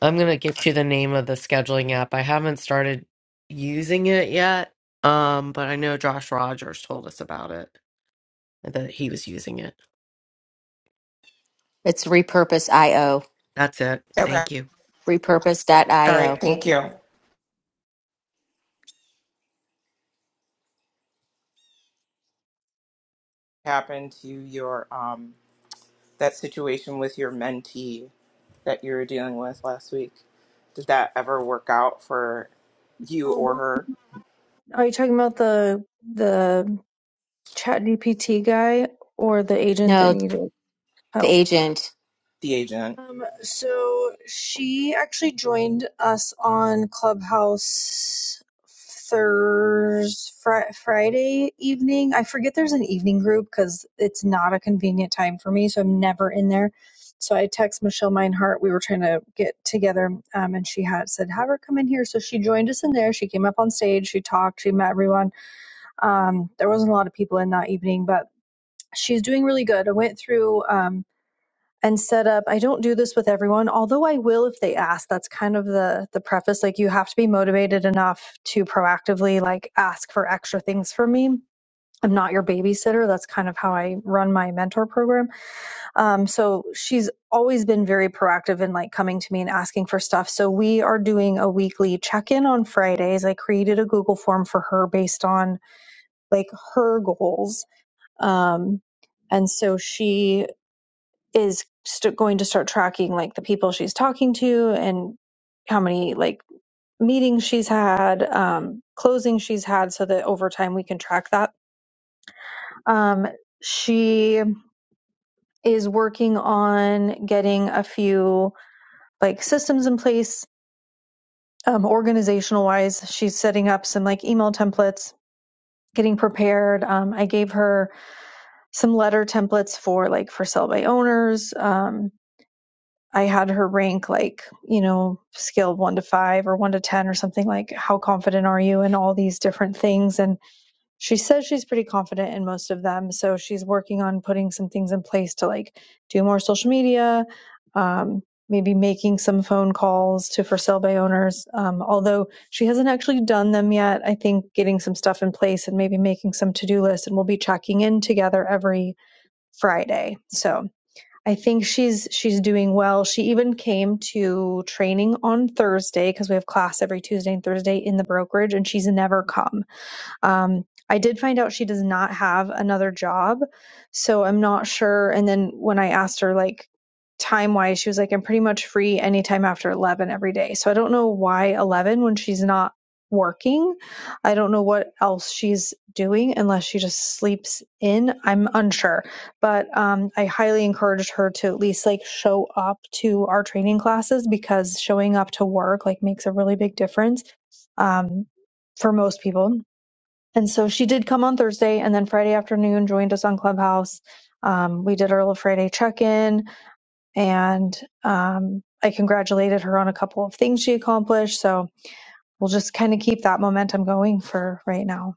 S12: I'm gonna get you the name of the scheduling app. I haven't started using it yet, um, but I know Josh Rogers told us about it that he was using it.
S2: It's repurpose.io.
S12: That's it.
S13: Okay.
S12: Thank you.
S13: All right.
S2: Repurpose.io.
S13: Thank you. What happened to your um that situation with your mentee that you were dealing with last week? Did that ever work out for you
S10: Oh,
S13: or her,
S10: are you talking about the the Chat GPT guy or the agent that
S2: No,
S10: needed
S2: the
S10: help?
S2: agent.
S13: the agent?
S10: Um, so she actually joined us on Clubhouse Thurs Fri- Friday evening. I forget there's an evening group because it's not a convenient time for me, so I'm never in there. So I text Michelle Meinhardt. We were trying to get together, um, and she had said, "Have her come in here." So she joined us in there. She came up on stage. She talked. She met everyone. Um, there wasn't a lot of people in that evening, but she's doing really good. I went through. Um, and set up i don't do this with everyone although i will if they ask that's kind of the the preface like you have to be motivated enough to proactively like ask for extra things from me i'm not your babysitter that's kind of how i run my mentor program um, so she's always been very proactive in like coming to me and asking for stuff so we are doing a weekly check-in on fridays i created a google form for her based on like her goals um, and so she is st- going to start tracking like the people she's talking to and how many like meetings she's had, um, closings she's had, so that over time we can track that. Um, she is working on getting a few like systems in place, um, organizational wise. She's setting up some like email templates, getting prepared. Um, I gave her some letter templates for like for sell by owners. Um, I had her rank like, you know, scale one to five or one to 10 or something like, how confident are you in all these different things? And she says she's pretty confident in most of them. So she's working on putting some things in place to like do more social media, um, maybe making some phone calls to for sale by owners. Um, although she hasn't actually done them yet, I think getting some stuff in place and maybe making some to do lists and we'll be checking in together every Friday. So, I think she's she's doing well. She even came to training on Thursday because we have class every Tuesday and Thursday in the brokerage and she's never come. Um, I did find out she does not have another job, so I'm not sure. And then when I asked her, like, time wise, she was like, I'm pretty much free anytime after 11 every day. So I don't know why 11 when she's not working. I don't know what else she's doing unless she just sleeps in. I'm unsure, but um, I highly encouraged her to at least like show up to our training classes because showing up to work like makes a really big difference um, for most people and so she did come on Thursday and then Friday afternoon joined us on Clubhouse. Um, we did our little Friday check in and um, I congratulated her on a couple of things she accomplished. So we'll just kind of keep that momentum going for right now.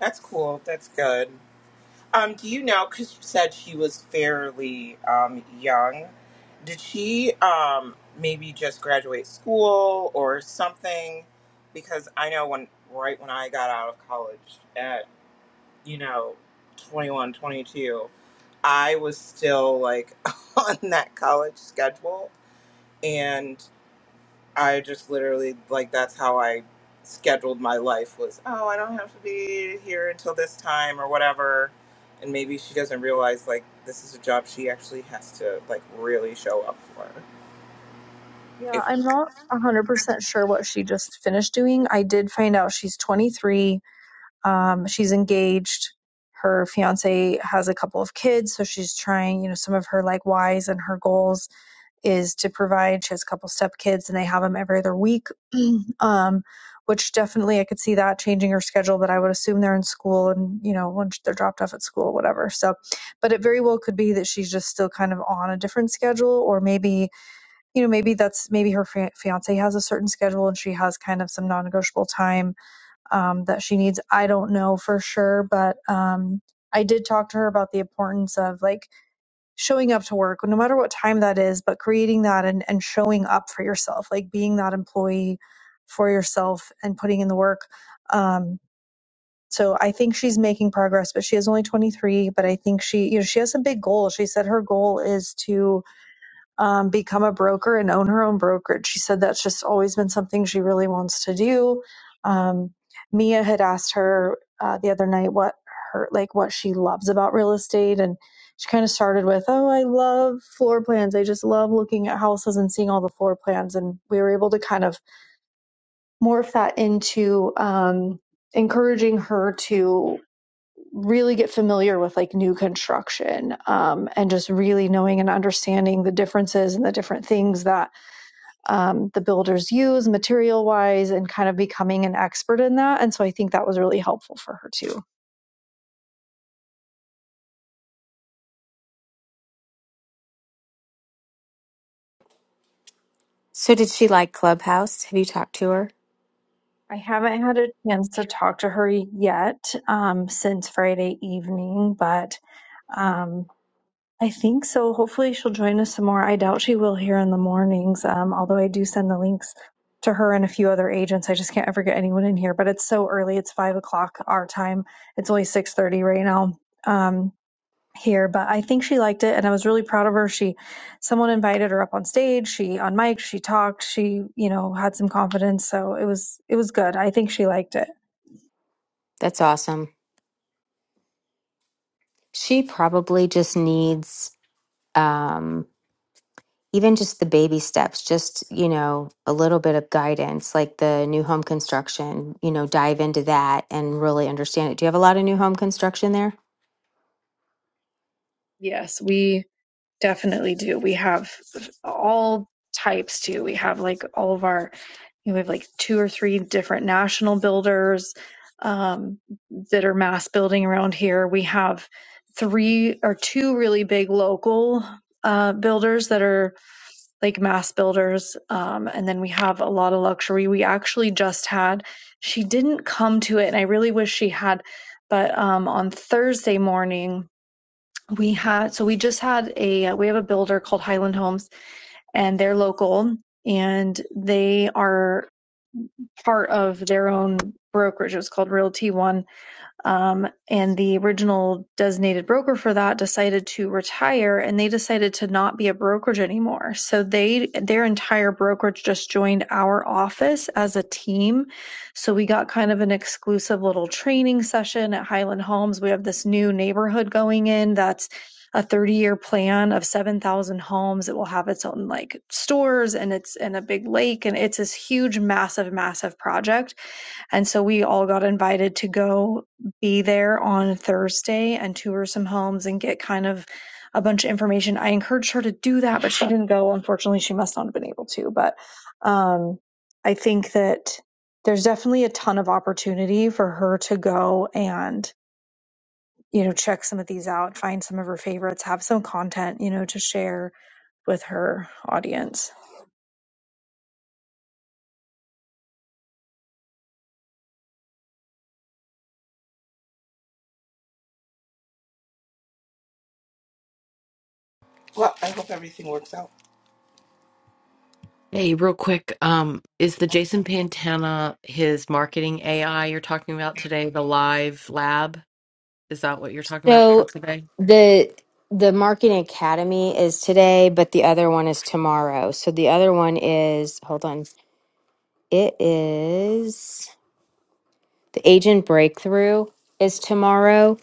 S13: That's cool. That's good. Um, do you know? Because you said she was fairly um, young. Did she um, maybe just graduate school or something? Because I know when right when I got out of college at you know 21, 22, I was still like on that college schedule, and. I just literally like that's how I scheduled my life was oh I don't have to be here until this time or whatever and maybe she doesn't realize like this is a job she actually has to like really show up for
S10: Yeah,
S13: if
S10: I'm not 100% sure what she just finished doing. I did find out she's 23, um, she's engaged. Her fiance has a couple of kids, so she's trying, you know, some of her like whys and her goals is to provide. She has a couple step kids and they have them every other week. um, which definitely I could see that changing her schedule, but I would assume they're in school and, you know, once they're dropped off at school, whatever. So, but it very well could be that she's just still kind of on a different schedule, or maybe, you know, maybe that's maybe her fiance has a certain schedule and she has kind of some non negotiable time um, that she needs. I don't know for sure, but um, I did talk to her about the importance of like showing up to work, no matter what time that is, but creating that and, and showing up for yourself, like being that employee for yourself and putting in the work. Um, so I think she's making progress, but she is only 23. But I think she, you know, she has some big goals. She said her goal is to um, become a broker and own her own brokerage. She said that's just always been something she really wants to do. Um, Mia had asked her uh, the other night what her like what she loves about real estate, and she kind of started with, "Oh, I love floor plans. I just love looking at houses and seeing all the floor plans." And we were able to kind of morph that into um, encouraging her to really get familiar with like new construction um, and just really knowing and understanding the differences and the different things that um, the builders use material wise and kind of becoming an expert in that and so i think that was really helpful for her too
S2: So did she like Clubhouse? Have you talked to her?
S10: i haven't had a chance to talk to her yet um, since friday evening but um, I think so. Hopefully, she'll join us some more. I doubt she will here in the mornings, um, although I do send the links to her and a few other agents. I just can't ever get anyone in here. But it's so early; it's five o'clock our time. It's only six thirty right now um, here. But I think she liked it, and I was really proud of her. She, someone invited her up on stage. She on mic. She talked. She, you know, had some confidence. So it was it was good. I think she liked it.
S2: That's awesome. She probably just needs um even just the baby steps, just, you know, a little bit of guidance, like the new home construction, you know, dive into that and really understand it. Do you have a lot of new home construction there?
S10: Yes, we definitely do. We have all types too. We have like all of our, you know, we have like two or three different national builders um, that are mass building around here. We have three or two really big local uh, builders that are like mass builders. Um, and then we have a lot of luxury. We actually just had, she didn't come to it, and I really wish she had, but um, on Thursday morning, we had so we just had a we have a builder called Highland Homes and they're local and they are part of their own brokerage. It's called Realty One um, and the original designated broker for that decided to retire and they decided to not be a brokerage anymore. So they, their entire brokerage just joined our office as a team. So we got kind of an exclusive little training session at Highland Homes. We have this new neighborhood going in that's a 30 year plan of 7,000 homes. It will have its own like stores and it's in a big lake and it's this huge, massive, massive project. And so we all got invited to go be there on Thursday and tour some homes and get kind of a bunch of information. I encouraged her to do that, but she didn't go. Unfortunately, she must not have been able to. But um, I think that there's definitely a ton of opportunity for her to go and you know check some of these out, find some of her favorites, have some content you know to share with her audience.
S13: well I hope everything works out
S12: Hey, real quick, um, is the Jason Pantana his marketing AI you're talking about today, the live lab? Is that what you're talking about for
S2: So
S12: today?
S2: the the marketing academy is today, but the other one is tomorrow. So the other one is hold on. It is the agent breakthrough is tomorrow.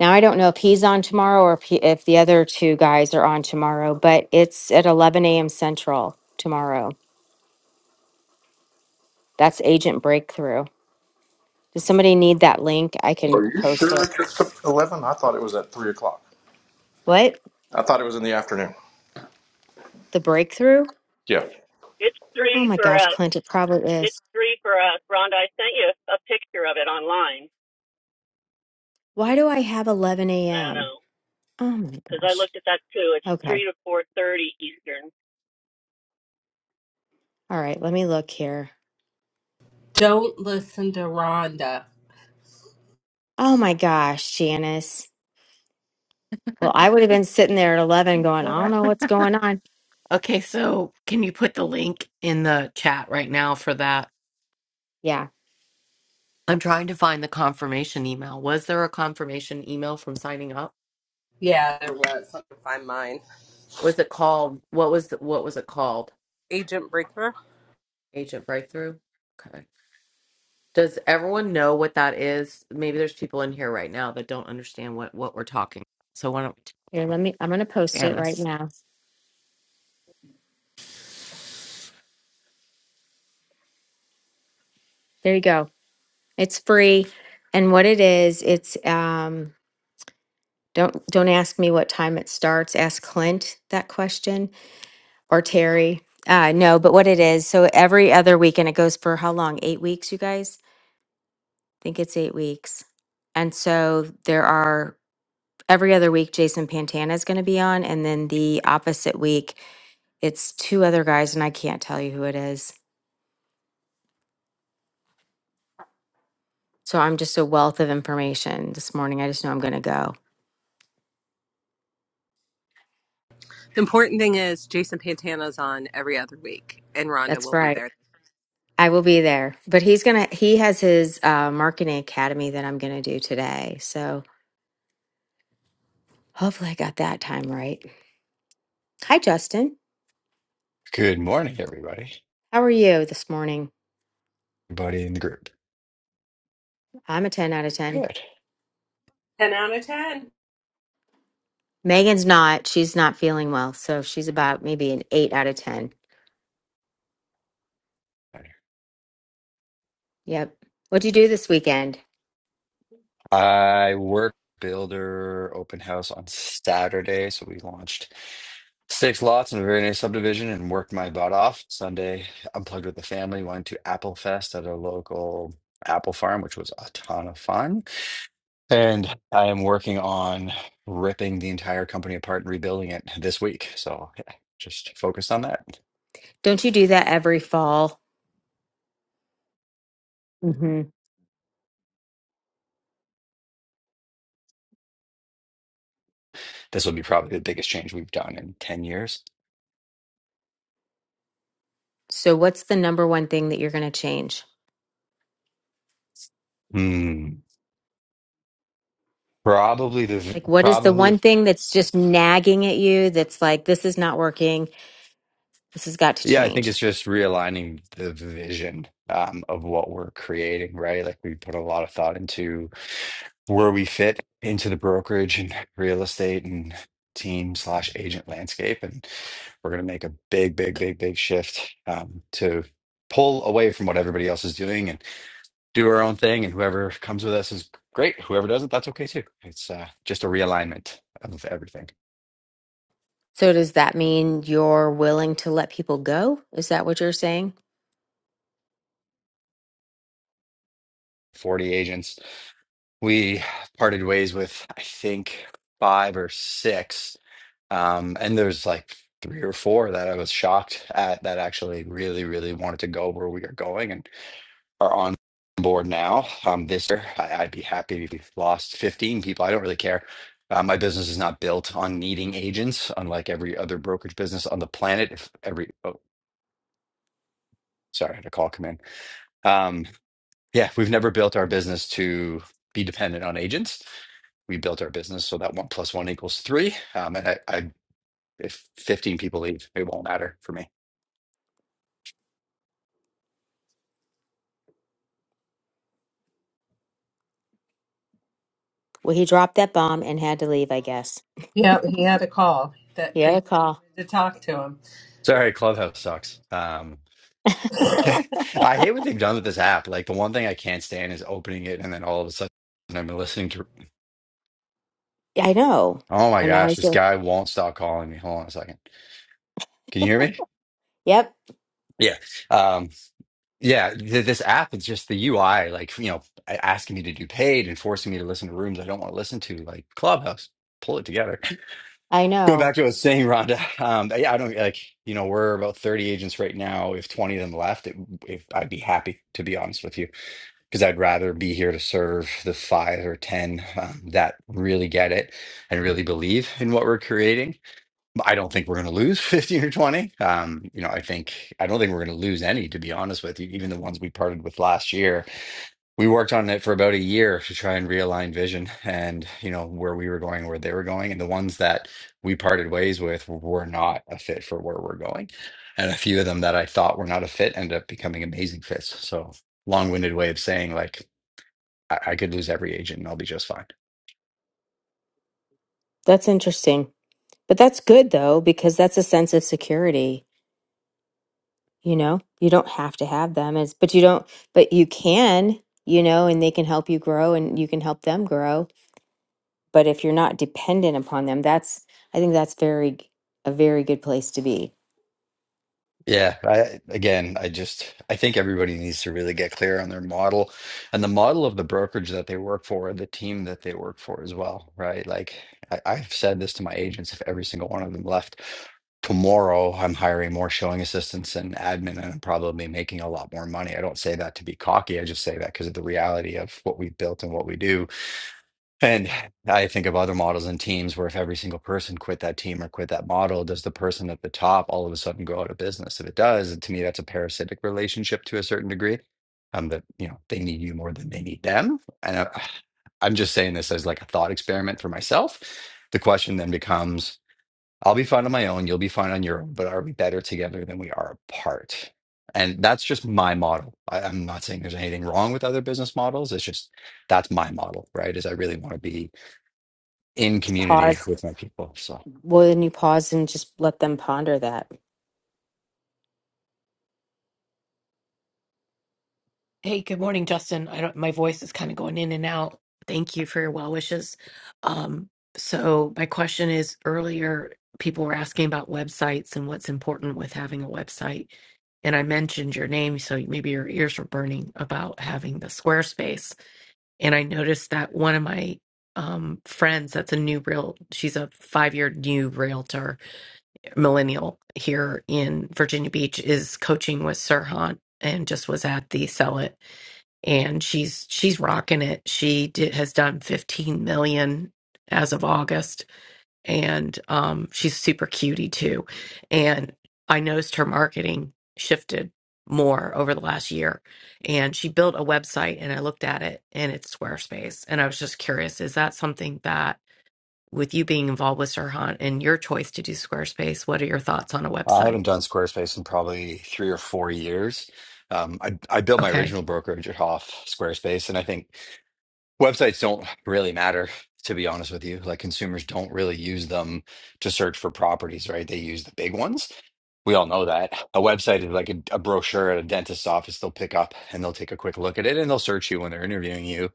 S2: Now I don't know if he's on tomorrow or if he, if the other two guys are on tomorrow, but it's at 11 a.m. Central tomorrow. That's agent breakthrough. Does somebody need that link? I can
S5: Are you
S2: post
S5: sure
S2: it.
S5: it's at eleven? I thought it was at three o'clock.
S2: What?
S5: I thought it was in the afternoon.
S2: The breakthrough?
S5: Yeah.
S6: It's
S2: Oh
S6: three
S2: my
S6: for
S2: gosh,
S6: us.
S2: Clint, it probably is.
S6: It's three for us. Rhonda, I sent you a picture of it online.
S2: Why do I have 11
S6: I don't
S2: a.m.?
S6: know
S2: Oh my
S6: because I
S2: gosh.
S6: looked at that too. It's
S2: Okay.
S6: three to four thirty Eastern.
S2: All right. Let me look here.
S1: Don't listen to Rhonda.
S2: Oh my gosh, Janice. Well, I would have been sitting there at 11 going, I don't know what's going on.
S12: Okay, so can you put the link in the chat right now for that?
S2: Yeah.
S12: I'm trying to find the confirmation email. Was there a confirmation email from signing up?
S1: Yeah, there was. Let me find mine.
S12: Was it called what was the, what was it called?
S1: Agent Brinkmer.
S12: Agent Breakthrough? Okay. Does everyone know what that is? Maybe there's people in here right now that don't understand what what we're talking. about. So why don't we
S2: Here,
S12: tell them?
S2: let me, I'm going to post it
S12: Janice.
S2: right now. There you go. It's free. And what it is, it's, um, don't, don't ask me what time it starts. Ask Clint that question or Terry. Uh, no, but what it is. So every other weekend, it goes for how long? Eight weeks, you guys? think it's eight weeks. And so there are every other week, Jason Pantana is going to be on. And then the opposite week, it's two other guys, and I can't tell you who it is. So I'm just a wealth of information this morning. I just know I'm going to go.
S1: The important thing is Jason Pantana's on every other week, and Rhonda
S2: That's
S1: will be
S2: right.
S1: there.
S2: I will be there. But he's going to, he has his uh, marketing academy that I'm going to do today. So hopefully I got that time right. Hi, Justin.
S14: Good morning, everybody.
S2: How are you this morning?
S14: Everybody in the group.
S2: I'm a 10 out of 10.
S14: Good.
S1: Ten out of ten.
S2: Megan's not. She's not feeling well. So she's about maybe an eight out of 10. Yep. What'd you do this weekend?
S14: I work builder open house on Saturday, so we launched six lots in a very nice subdivision and worked my butt off. Sunday, unplugged with the family, went to Apple Fest at a local apple farm, which was a ton of fun. And I am working on ripping the entire company apart and rebuilding it this week. So yeah, just focused on that.
S2: Don't you do that every fall? hmm
S14: This will be probably the biggest change we've done in 10 years.
S2: So, what's the number one thing that you're going to change?
S14: Hmm. Probably the v-
S2: Like, what is the
S14: probably
S2: one thing that's just nagging at you that's like, this is not working? This has got to
S14: yeah, I think
S2: change.
S14: it's just realigning the vision um, of what we're creating, right? Like we put a lot of thought into where we fit into the brokerage and real estate and team slash agent landscape, and we're gonna make a big, big, big, big shift um, to pull away from what everybody else is doing and do our own thing. And whoever comes with us is great. Whoever doesn't, that's okay too. It's uh, just a realignment of everything.
S2: So, does that mean you're willing to let people go? Is that what you're saying?
S14: 40 agents we parted ways with I think five or six. Um, and there's like three or four that I was shocked at that actually really, really wanted to go where we are going and are on board now. Um, this year, I, I'd be happy if we lost 15 people. I don't really care. Uh, my business is not built on needing agents, unlike every other brokerage business on the planet. If every, oh, sorry, I had a call come in. Um, Yeah, we've never built our business to be dependent on agents. We built our business so that one plus one equals three. Um, and I, I, if 15 people leave, it won't matter for me.
S2: Well, he dropped that bomb and had to leave, I guess.
S1: Yep, he had a call
S2: He
S1: that they
S2: had a
S1: really
S2: call.
S1: wanted to talk to him.
S14: Sorry, Clubhouse sucks. Um, I hate what they've done with this app. Like the one thing I can't stand is opening it and then all of a sudden I'm listening to.
S2: Yeah, I know.
S14: Oh my
S2: But now
S14: gosh,
S2: he's
S14: this
S2: doing.
S14: guy won't stop calling me. Hold on a second. Can you hear me?
S2: Yep,
S14: Yeah. Um, Yeah, th this app is just the UI, like, you know, a- asking me to do paid and forcing me to listen to rooms I don't want to listen to, like Clubhouse. Pull it together.
S2: I
S14: Going
S2: know.
S14: back to what I was saying, Rhonda, um, yeah, I don't like, you know, we're about 30 agents right now. If 20 of them left, it, if I'd be happy, to be honest with you, because I'd rather be here to serve the five or 10 um, that really get it and really believe in what we're creating I don't think we're going to lose 15 or 20. Um, you know, I think I don't think we're going to lose any, to be honest with you. Even the ones we parted with last year, we worked on it for about a year to try and realign vision and, you know, where we were going, where they were going. And the ones that we parted ways with were not a fit for where we're going. And a few of them that I thought were not a fit ended up becoming amazing fits. So long-winded way of saying like I, I could lose every agent and I'll be just fine.
S2: That's interesting. But that's good though, because that's a sense of security. You know, you don't have to have them. It's but you don't. But you can. You know, and they can help you grow, and you can help them grow. But if you're not dependent upon them, that's I think that's very a very good place to be.
S14: Yeah, I again, I just I think everybody needs to really get clear on their model and the model of the brokerage that they work for and the team that they work for as well, right? Like I, I've said this to my agents, if every single one of them left tomorrow, I'm hiring more showing assistants and admin and I'm probably making a lot more money. I don't say that to be cocky. I just say that because of the reality of what we've built and what we do. And I think of other models and teams where if every single person quit that team or quit that model, does the person at the top all of a sudden go out of business? If it does, to me, that's a parasitic relationship to a certain degree. Um, that you know they need you more than they need them. And I, I'm just saying this as like a thought experiment for myself. The question then becomes I'll be fine on my own. You'll be fine on your own, but are we better together than we are apart? And that's just my model. I, I'm not saying there's anything wrong with other business models. It's just that's my model, right? Is I really want to be in
S2: Just
S14: community
S2: pause.
S14: with my people. So
S2: Well, then you pause and just let them ponder that.
S12: Hey, good morning, Justin. I don't, my voice is kind of going in and out. Thank you for your well wishes. Um, so my question is earlier, people were asking about websites and what's important with having a website. And I mentioned your name, so maybe your ears were burning about having the Squarespace. And I noticed that one of my um, friends, that's a new real, she's a five year new realtor, millennial here in Virginia Beach, is coaching with Sirhan and just was at the Sell It and she's she's rocking it. She did, has done 15 million as of August, and um, she's super cutie too. And I noticed her marketing shifted more over the last year, and she built a website. And I looked at it, and it's Squarespace. And I was just curious: is that something that, with you being involved with Sirhan and your choice to do Squarespace, what are your thoughts on a
S14: I
S12: website?
S14: haven't done Squarespace in probably three or four years. Um, I, I built my
S12: Okay.
S14: original brokerage at Hoff Squarespace, and I think websites don't really matter, to be honest with you. Like consumers don't really use them to search for properties, right? They use the big ones We all know that. A website is like a, a brochure at a dentist's office. They'll pick up and they'll take a quick look at it and they'll search you when they're interviewing you.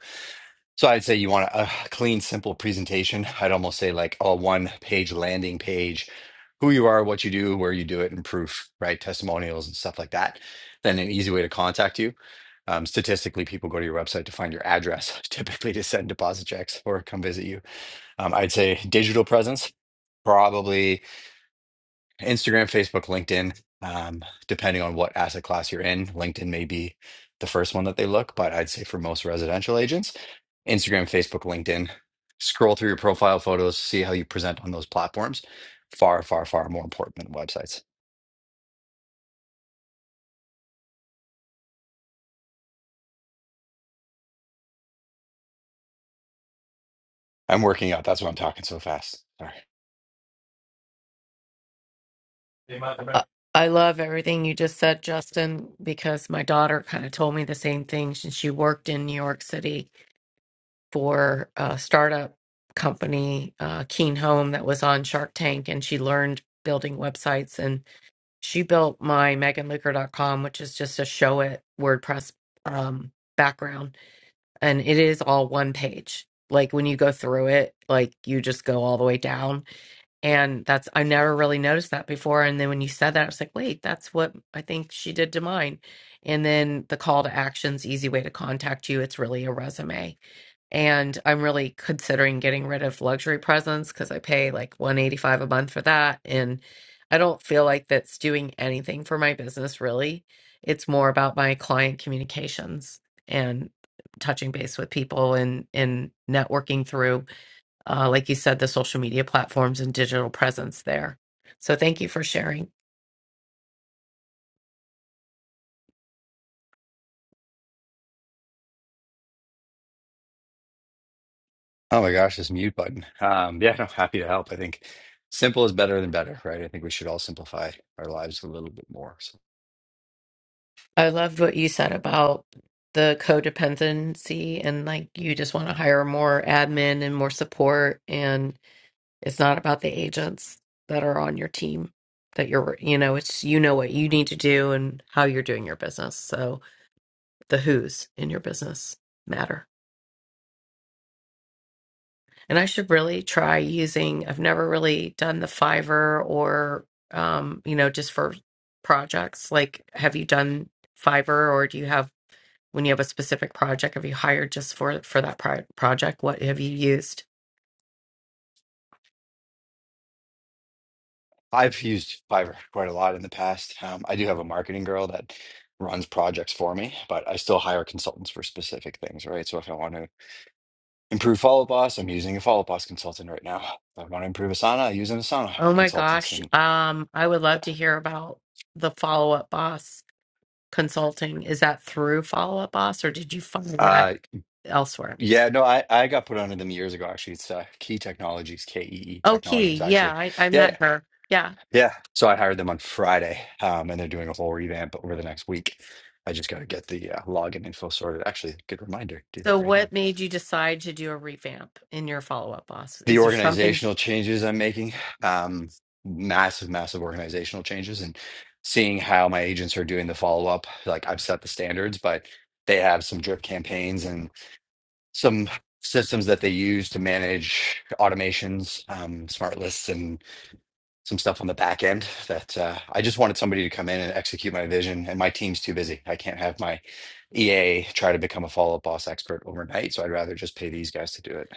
S14: So I'd say you want a, a clean, simple presentation. I'd almost say like a one page landing page, who you are, what you do, where you do it, and proof, right? Testimonials and stuff like that. Then an easy way to contact you. Um, statistically, people go to your website to find your address, typically to send deposit checks or come visit you. Um, I'd say digital presence, probably. Instagram, Facebook, LinkedIn, um, depending on what asset class you're in. LinkedIn may be the first one that they look, but I'd say for most residential agents, Instagram, Facebook, LinkedIn. Scroll through your profile photos, see how you present on those platforms. Far, far, far more important than websites. I'm working out. That's why I'm talking so fast. Sorry.
S12: Uh, I love everything you just said, Justin, because my daughter kind of told me the same thing. She she worked in New York City for a startup company, uh, Keen Home, that was on Shark Tank, and she learned building websites. And she built my megan licker dot com, which is just a show it WordPress um, background. And it is all one page. Like when you go through it, like you just go all the way down and that's, I never really noticed that before. And then when you said that, I was like, wait, that's what I think she did to mine. And then the call to actions, easy way to contact you. It's really a resume. And I'm really considering getting rid of luxury presents because I pay like 185 a month for that. And I don't feel like that's doing anything for my business really. It's more about my client communications and touching base with people and and networking through uh, like you said, the social media platforms and digital presence there. So thank you for sharing.
S14: Oh my gosh, this mute button. Um, yeah, no, happy to help. I think simple is better than better, right? I think we should all simplify our lives a little bit more. So
S12: I loved what you said about the codependency and like you just want to hire more admin and more support It's not about the agents that are on your team that you're, you know, it's you know what you need to do and how you're doing your business. So the who's in your business matter. And I should really try using, I've never really done the Fiverr or, um, you know, just for projects. Like, have you done Fiverr or do you have, when you have a specific project, have you hired just for for that pro- project? What have you used?
S14: I've used Fiverr quite a lot in the past. Um, I do have a marketing girl that runs projects for me, but I still hire consultants for specific things, right? So if I want to improve Follow Boss, I'm using a Follow Boss consultant right now. If I want to improve Asana, I use an Asana
S12: Oh my
S14: consultant.
S12: gosh.
S14: And
S12: Um, I would love to hear about the Follow Up Boss consulting. Is that through Follow Up Boss or did you find that
S14: uh,
S12: elsewhere?
S14: yeah, no, I, I got put onto them years ago, actually. It's uh, Key Technologies, K E E
S12: Oh, Key.
S14: Technologies,
S12: Yeah,
S14: actually.
S12: I, I
S14: Yeah,
S12: met
S14: yeah,
S12: her. Yeah.
S14: yeah. So I hired them on Friday, um, and they're doing a whole revamp over the next week. I just got to get the uh, login info sorted. Actually, good reminder, do that
S12: So
S14: right now.
S12: what made you decide to do a revamp in your Follow Up Boss?
S14: the
S12: Is there something?
S14: organizational changes I'm making, um, massive, massive organizational changes, and seeing how my agents are doing the follow up. Like I've set the standards, but they have some drip campaigns and some systems that they use to manage automations, um, smart lists, and some stuff on the back end. That uh, I just wanted somebody to come in and execute my vision, and my team's too busy. I can't have my EA try to become a follow up boss expert overnight, so I'd rather just pay these guys to do it.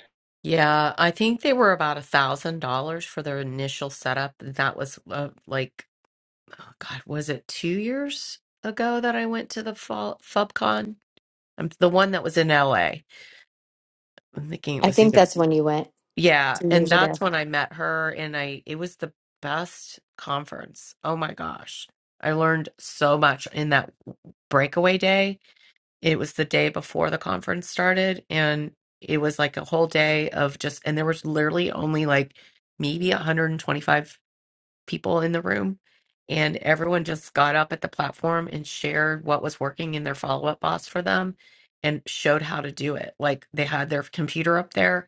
S12: Yeah, I think they were about a thousand dollars for their initial setup. And that was uh, like, oh God, was it two years ago that I went to the fall, FubCon? I'm the one that was in LA. I'm thinking it
S2: I
S12: was either.
S2: think that's when you went
S12: Yeah,
S2: two
S12: and
S2: years ago.
S12: that's when I met her and I it was the best conference. Oh my gosh. I learned so much in that breakaway day. It was the day before the conference started and it was like a whole day of just and there was literally only like maybe 125 people in the room and everyone just got up at the platform and shared what was working in their follow-up boss for them and showed how to do it like they had their computer up there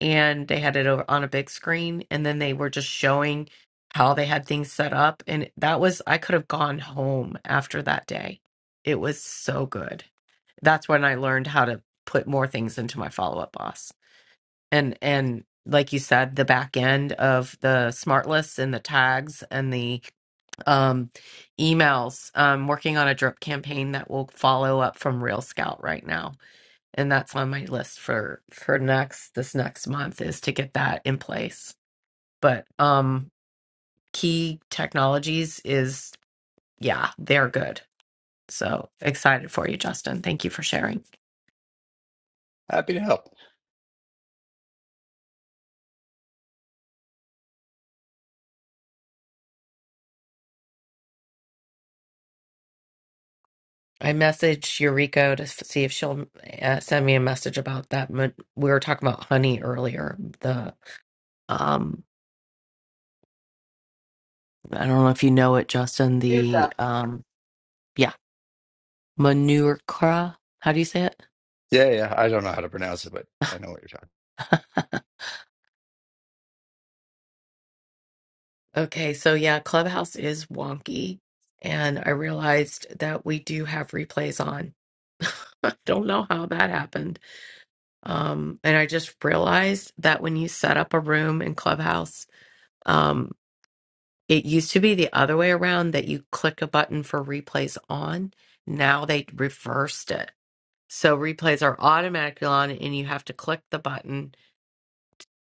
S12: and they had it over on a big screen and then they were just showing how they had things set up and that was i could have gone home after that day it was so good that's when i learned how to put more things into my follow-up boss and and like you said the back end of the smart lists and the tags and the um emails i'm working on a drip campaign that will follow up from real scout right now and that's on my list for for next this next month is to get that in place but um key technologies is yeah they're good so excited for you justin thank you for sharing
S14: Happy to help.
S12: I messaged Eureka to f- see if she'll uh, send me a message about that. mon- We were talking about honey earlier. The um, I don't know if you know it, Justin. The
S1: Duca.
S12: um, yeah, manuka. How do you say it?
S14: Yeah, yeah. I don't know how to pronounce it, but I know what you're talking.
S12: Okay, so yeah, Clubhouse is wonky, and I realized that we do have replays on. I don't know how that happened. Um, and I just realized that when you set up a room in Clubhouse, um, it used to be the other way around that you click a button for replays on. Now they reversed it. So replays are automatically on, and you have to click the button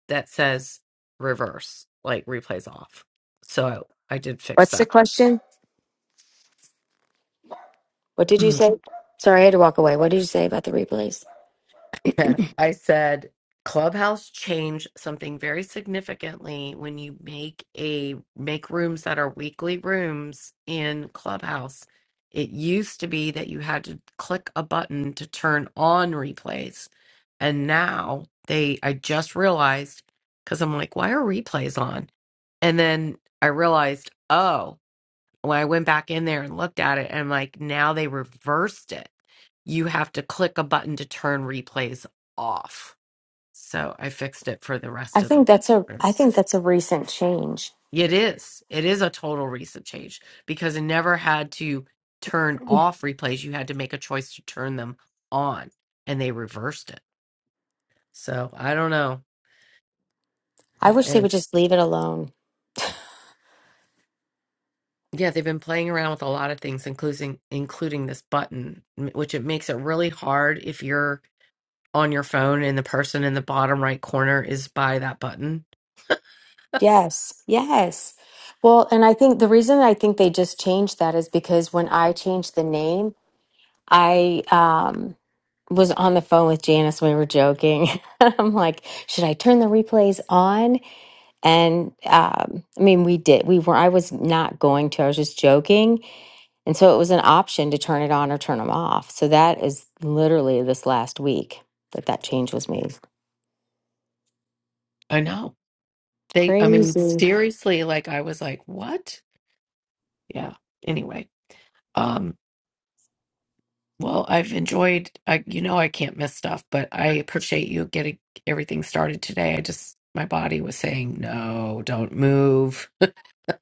S12: that says reverse, like replays off. So I did fix
S2: What's the
S12: that.
S2: question? What did you say? Sorry, I had to walk away. What did you say about the replays?
S12: I said Clubhouse changed something very significantly when you make a make rooms that are weekly rooms in Clubhouse. It used to be that you had to click a button to turn on replays. And now they I just realized because I'm like, why are replays on? And then I realized, oh, when I went back in there and looked at it, and like now they reversed it. You have to click a button to turn replays off. So I fixed it for the rest
S2: I
S12: of the
S2: think that's a I
S12: rooms.
S2: think that's a recent change.
S12: It is. It is a total recent change because it never had to turn off replays. You had to make a choice to turn them on, and they reversed it. So I don't know.
S2: I
S12: I-
S2: wish they would
S12: And
S2: just leave it alone.
S12: yeah, they've been playing around with a lot of things, including including this button, m- which it makes it really hard if you're on your phone and the person in the bottom right corner is by that button.
S2: Yes. Yes. Well, and I think the reason I think they just changed that is because when I changed the name, I um was on the phone with Janice when we were joking. I'm like, should I turn the replays on? And um, I mean, we did. We were. I was not going to. I was just joking. And so it was an option to turn it on or turn them off. So that is literally this last week that that change was made.
S12: I know. They I mean
S2: Crazy.
S12: seriously like I was like, "What?" Yeah. Anyway, um well, I've enjoyed I you know I can't miss stuff, but I appreciate you getting everything started today. I just my body was saying, "No, don't move."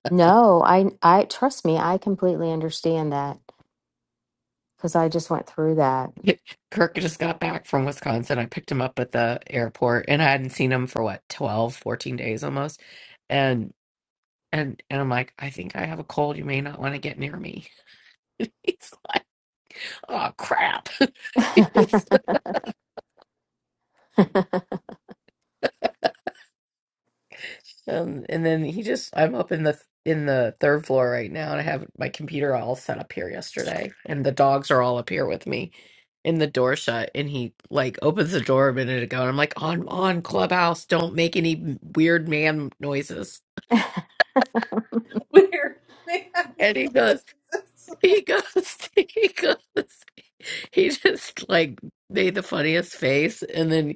S2: No, I I trust me, I completely understand that cuz I just went through that.
S12: Kirk just got back from Wisconsin. I picked him up at the airport and I hadn't seen him for what, 12, 14 days almost. and. And and I'm like, I think I have a cold. You may not want to get near me. He's like, oh crap. um, and then he just, I'm up in the in the third floor right now, and I have my computer all set up here yesterday, and the dogs are all up here with me. And the door shut, and he like opens the door a minute ago, and I'm like, on on Clubhouse, don't make any weird man noises.
S1: Weird. Man, this-
S12: And he goes, he goes, he goes, he just like made the funniest face, and then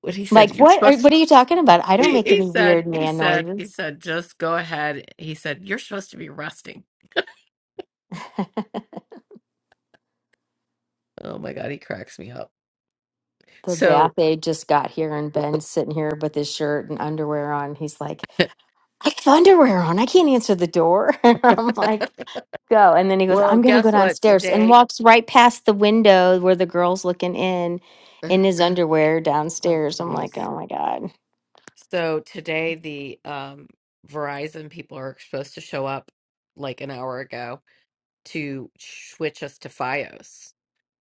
S12: what he said
S2: like
S12: you're
S2: what are,
S12: supposed
S2: what are you talking about? I don't
S12: he,
S2: make
S12: he
S2: any
S12: said
S2: weird
S12: he
S2: man
S12: said he
S2: noises.
S12: said just go ahead he said you're supposed to be resting oh my god he cracks me up
S2: the bath
S12: so
S2: aide just got here and Ben's sitting here with his shirt and underwear on. He's like, I have underwear on. I can't answer the door. I'm like, go. And then he goes,
S12: well
S2: I'm going to go
S12: guess what
S2: downstairs and
S12: today
S2: walks right past the window where the girl's looking in,
S12: Ugh,
S2: in his underwear
S12: oh
S2: downstairs. I'm
S12: jeez
S2: like, oh my God.
S12: so today the um verizon people are supposed to show up like an hour ago to switch us to fios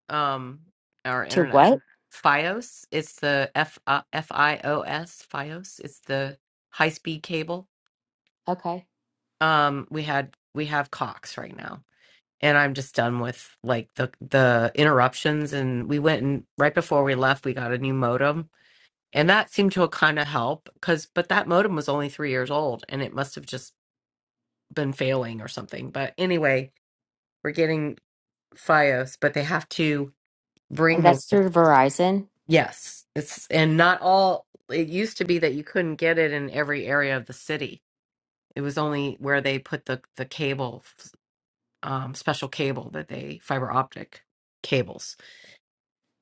S12: um our
S2: To
S12: internet
S2: what?
S12: fios it's the f uh, f i o s fios it's the high speed cable
S2: Okay.
S12: um we had we have Cox right now. And I'm just done with like the the interruptions and we went and right before we left we got a new modem and that seemed to kind of help cuz but that modem was only 3 years old and it must have just been failing or something. But anyway, we're getting Fios, but they have to
S2: And
S12: bring the
S2: that's through Verizon.
S12: yes. It's and not all it used to be that you couldn't get it in every area of the city. It was only where they put the the cable um, special cable that they fiber optic cables,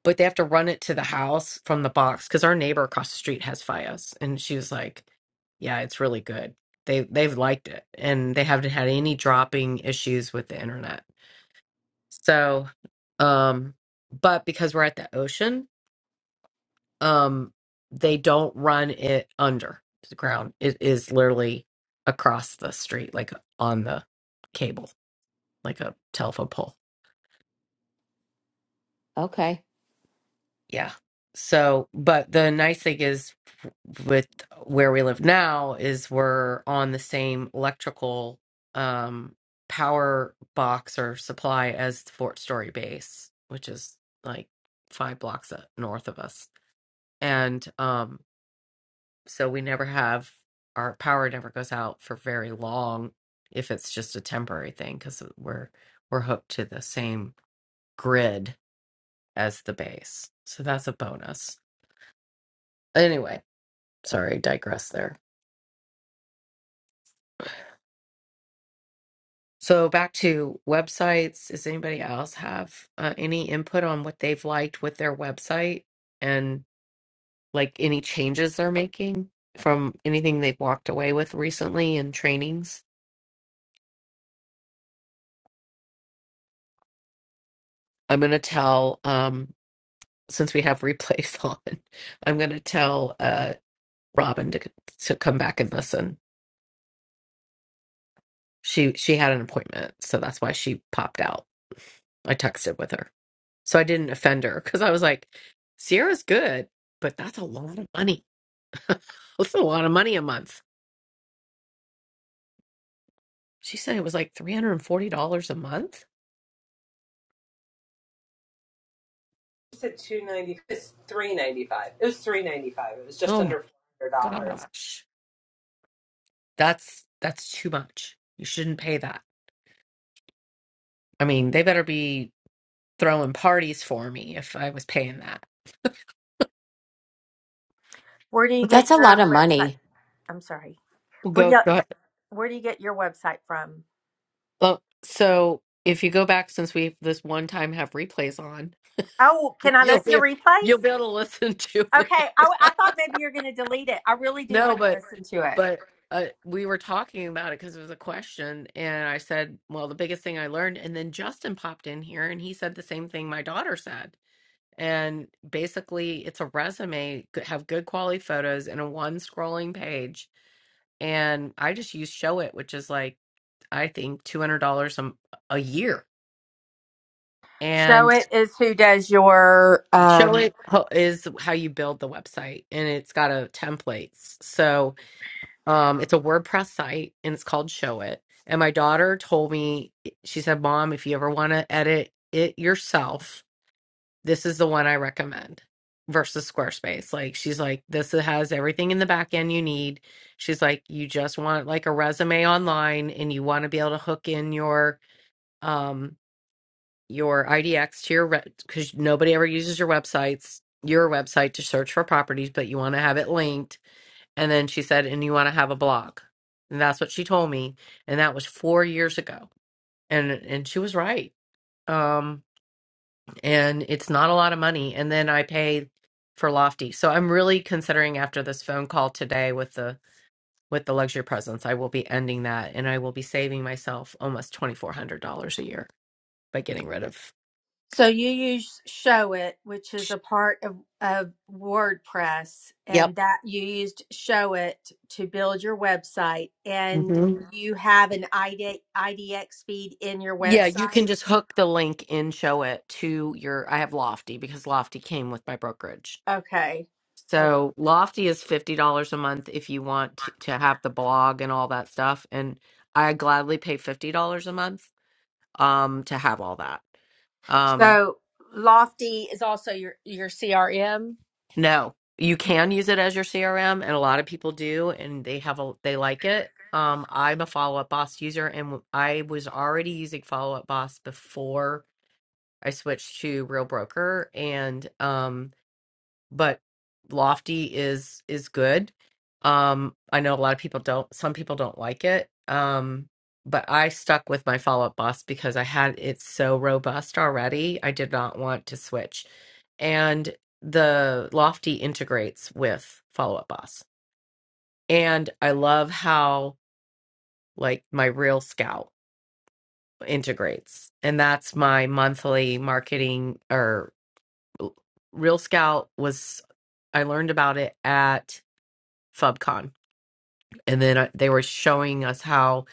S12: but they have to run it to the house from the box because our neighbor across the street has FiOS, and she was like, "Yeah, it's really good. They they've liked it, and they haven't had any dropping issues with the internet. So, um, but because we're at the ocean, um, they don't run it under the ground. It is literally across the street, like on the cable, like a telephone pole
S2: Okay.
S12: Yeah. So, but the nice thing is with where we live now is we're on the same electrical um power box or supply as the Fort Story base, which is like five blocks uh, north of us. And um so we never have our power never goes out for very long if it's just a temporary thing because we're we're hooked to the same grid as the base. So that's a bonus. Anyway, sorry, digress there. So back to websites. Does anybody else have uh, any input on what they've liked with their website and like any changes they're making from anything they've walked away with recently in trainings? I'm going to tell, um, since we have replays on, I'm going to tell uh, Robin to to come back and listen. She she had an appointment, so that's why she popped out. I texted with her. So I didn't offend her because I was like, Sierra's good, but that's a lot of money. that's a lot of money a month. She said it was like $340 a month.
S1: I said two ninety. It's three ninety five. It was three ninety five. It was just
S12: Oh my
S1: under four hundred dollars.
S12: gosh. That's that's too much. You shouldn't pay that. I mean, they better be throwing parties for me if I was paying that.
S15: Where do you get
S2: That's a lot
S15: your
S2: of
S15: website?
S2: money.
S15: I'm sorry.
S12: Well,
S15: Where do
S12: go
S15: you
S12: go ahead.
S15: where do you get your website from?
S12: Well, so if you go back since we this one time have replays on,
S15: Oh, can I
S12: you'll
S15: listen to
S12: be you'll
S15: replays?
S12: be able to listen to
S15: Okay, I,
S12: it.
S15: I thought maybe you're going to delete it. I really do
S12: no,
S15: want to
S12: but
S15: listen to it.
S12: but uh, we were talking about it because it was a question and i said well the biggest thing i learned and then justin popped in here and he said the same thing my daughter said and basically it's a resume g- have good quality photos and a one scrolling page and i just use show it which is like i think $200 a, m- a year
S15: Show
S12: and
S15: it is who does your um
S12: show it ho- is how you build the website and it's got a templates so Um, it's a WordPress site and it's called Show It. And my daughter told me, eh, she said, Mom, if you ever want to edit it yourself, this is the one I recommend versus Squarespace. Like, she's like, this has everything in the back end you need. She's like, you just want like a resume online and you want to be able to hook in your, um, your IDX to your, re- because nobody ever uses your websites, your website to search for properties, but you want to have it linked and then she said, and you want to have a blog. And that's what she told me. And that was four years ago. And and she was right. Um, and it's not a lot of money. And then I pay for Lofty. So I'm really considering after this phone call today with the with the luxury presence, I will be ending that and I will be saving myself almost twenty four hundred dollars a year by getting rid of
S15: so you use show it which is a part of, of WordPress
S12: Yep.
S15: and that you used show it to build your website and
S12: hmm
S15: you have an ID, IDX feed in your
S12: Yeah, you
S15: website.
S12: can just hook the link and show it to your I have Lofty because Lofty came with my brokerage
S15: Okay. Okay.
S12: So Lofty is fifty dollars a month if you want to, to have the blog and all that stuff, and I gladly pay fifty dollars a month um to have all that. Um,
S15: So Lofty is also your your CRM.
S12: no, you can use it as your CRM, and a lot of people do, and they have a they like it. Um, I'm a Follow Up Boss user, and w- I was already using Follow Up Boss before I switched to Real Broker, and um but lofty is is good um i know a lot of people don't some people don't like it um but i stuck with my follow-up boss because i had it so robust already i did not want to switch and the lofty integrates with follow-up boss and i love how like my real scout integrates and that's my monthly marketing or real scout was i learned about it at FubCon, and then uh, they were showing us how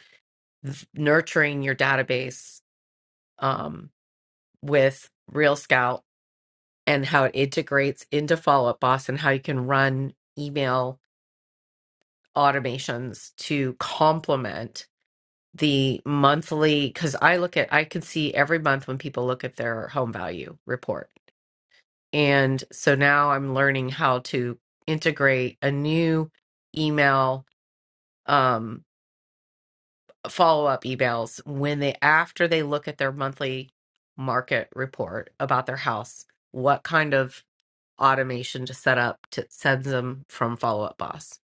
S12: th- nurturing your database um, with Real Scout and how it integrates into Follow Up Boss and how you can run email automations to complement the monthly. Because I look at, I can see every month when people look at their home value report, and so now I'm learning how to integrate a new email. Um, follow up emails when they after they look at their monthly market report about their house what kind of automation to set up to sends them from follow up boss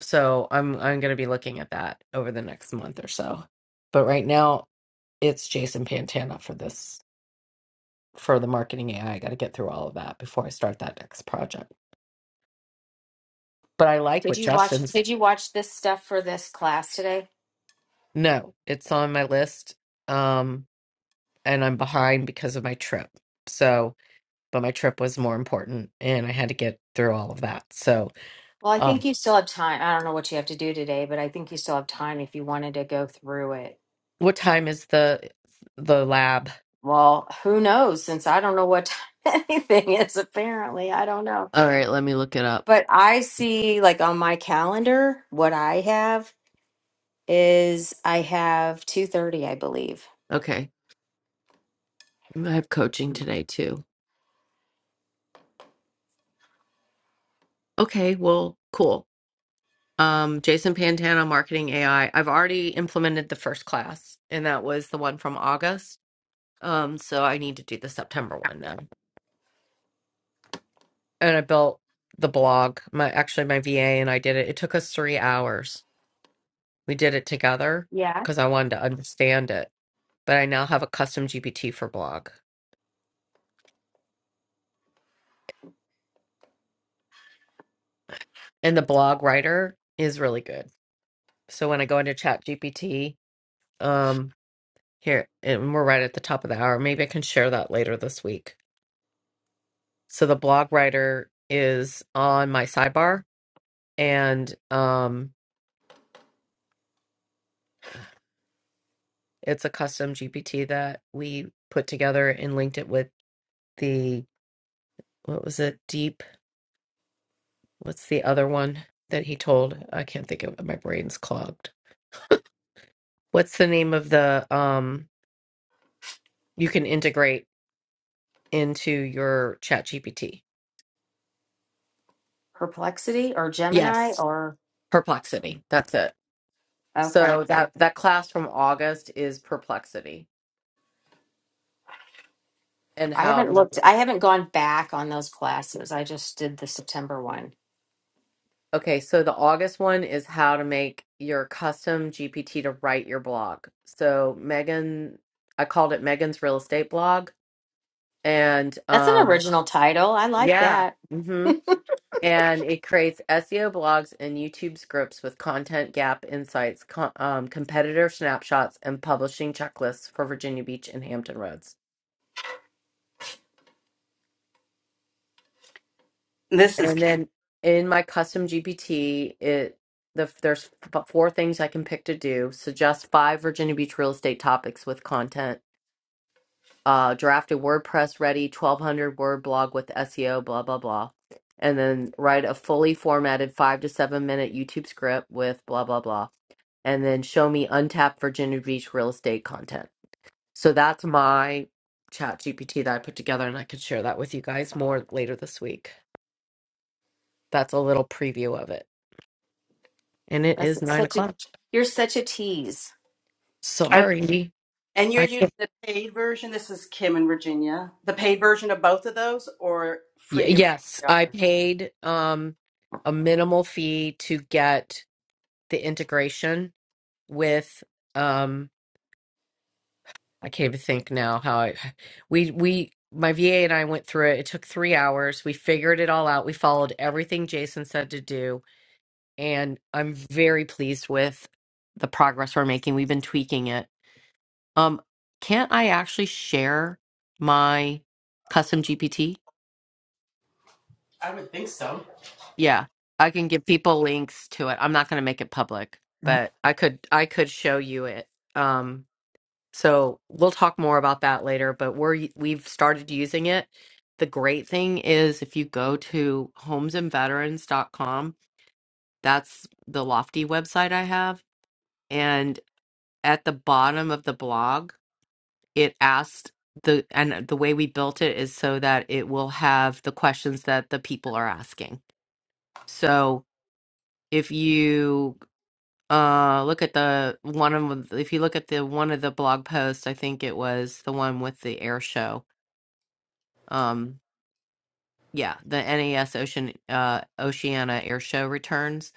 S12: so i'm i'm going to be looking at that over the next month or so but right now it's jason pantana for this for the marketing ai i I got to get through all of that before i start that next project but i like
S2: Did
S12: what
S2: you watch
S12: justin's
S2: did you watch this stuff for this class today?
S12: no it's on my list um and i'm behind because of my trip so but my trip was more important and I had to get through all of that. So,
S2: Well, I
S12: um,
S2: think you still have time. I don't know what you have to do today, but I think you still have time if you wanted to go through it.
S12: what time is the the lab?
S2: Well, who knows since I don't know what anything is apparently. I don't know.
S12: All right, let me look it up.
S2: But I see like on my calendar what I have is I have 2:30, I believe.
S12: Okay. I have coaching today too. Okay, well, cool. Um, Jason Pantano, Marketing AI. I've already implemented the first class, and that was the one from August. Um, so I need to do the September one now. And I built the blog. My actually my VA and I did it. It took us 3 hours. We did it together
S2: Yeah.
S12: because I wanted to understand it. but I now have a custom GPT for blog. And the blog writer is really good. So when I go into Chat GPT, um, here, and we're right at the top of the hour, maybe I can share that later this week. So the blog writer is on my sidebar and um, it's a custom GPT that we put together and linked it with the, what was it, Deep? What's the other one that he told? I can't think of it. My brain's clogged. What's the name of the, um, you can integrate? into your chat gpt
S2: Perplexity or Gemini
S12: yes
S2: or
S12: perplexity that's it
S2: okay.
S12: so that that class from august is perplexity and
S2: I
S12: how
S2: haven't
S12: to
S2: looked I haven't gone back on those classes. I just did the September one.
S12: okay so the august one is how to make your custom gpt to write your blog so megan i called it megan's real estate blog and
S2: That's an
S12: um
S2: original title. I like
S12: yeah
S2: that.
S12: mm-hmm. and it creates SEO blogs and YouTube scripts with content gap insights, co- um, competitor snapshots, and publishing checklists for Virginia Beach and Hampton Roads.
S16: This is
S12: And then in my custom GPT, it the, there's f- four things I can pick to do. Suggest five Virginia Beach real estate topics with content. Uh, draft a WordPress ready 1200 word blog with SEO, blah, blah, blah. And then write a fully formatted five to seven minute YouTube script with blah, blah, blah and then show me untapped Virginia Beach real estate content. So that's my chat GPT that I put together, and I could share that with you guys more later this week. That's a little preview of it. And it
S2: That's
S12: is nine
S2: such a
S12: o'clock.
S2: you're such a tease.
S16: I,
S12: Sorry.
S16: and you're
S12: I
S16: using
S12: can't.
S16: the paid version. This is Kim in Virginia. The paid version of both of those, or
S12: Y-
S16: free of
S12: yes,
S16: the
S12: I
S16: other?
S12: paid um, a minimal fee to get the integration with. um I can't even think now how I we we my VA and I went through it. It took three hours. We figured it all out. We followed everything Jason said to do, and I'm very pleased with the progress we're making. We've been tweaking it. Um, can't I actually share my custom GPT?
S16: I would think so.
S12: Yeah, I can give people links to it. I'm not going to make it public, but I could I could show you it. Um. So we'll talk more about that later, but we're we've started using it. The great thing is if you go to homes and veterans dot com, that's the Lofty website I have, and at the bottom of the blog, it asked the and the way we built it is so that it will have the questions that the people are asking. So if you uh look at the one of if you look at the one of the blog posts, I think it was the one with the air show um yeah the NAS ocean uh oceana air show returns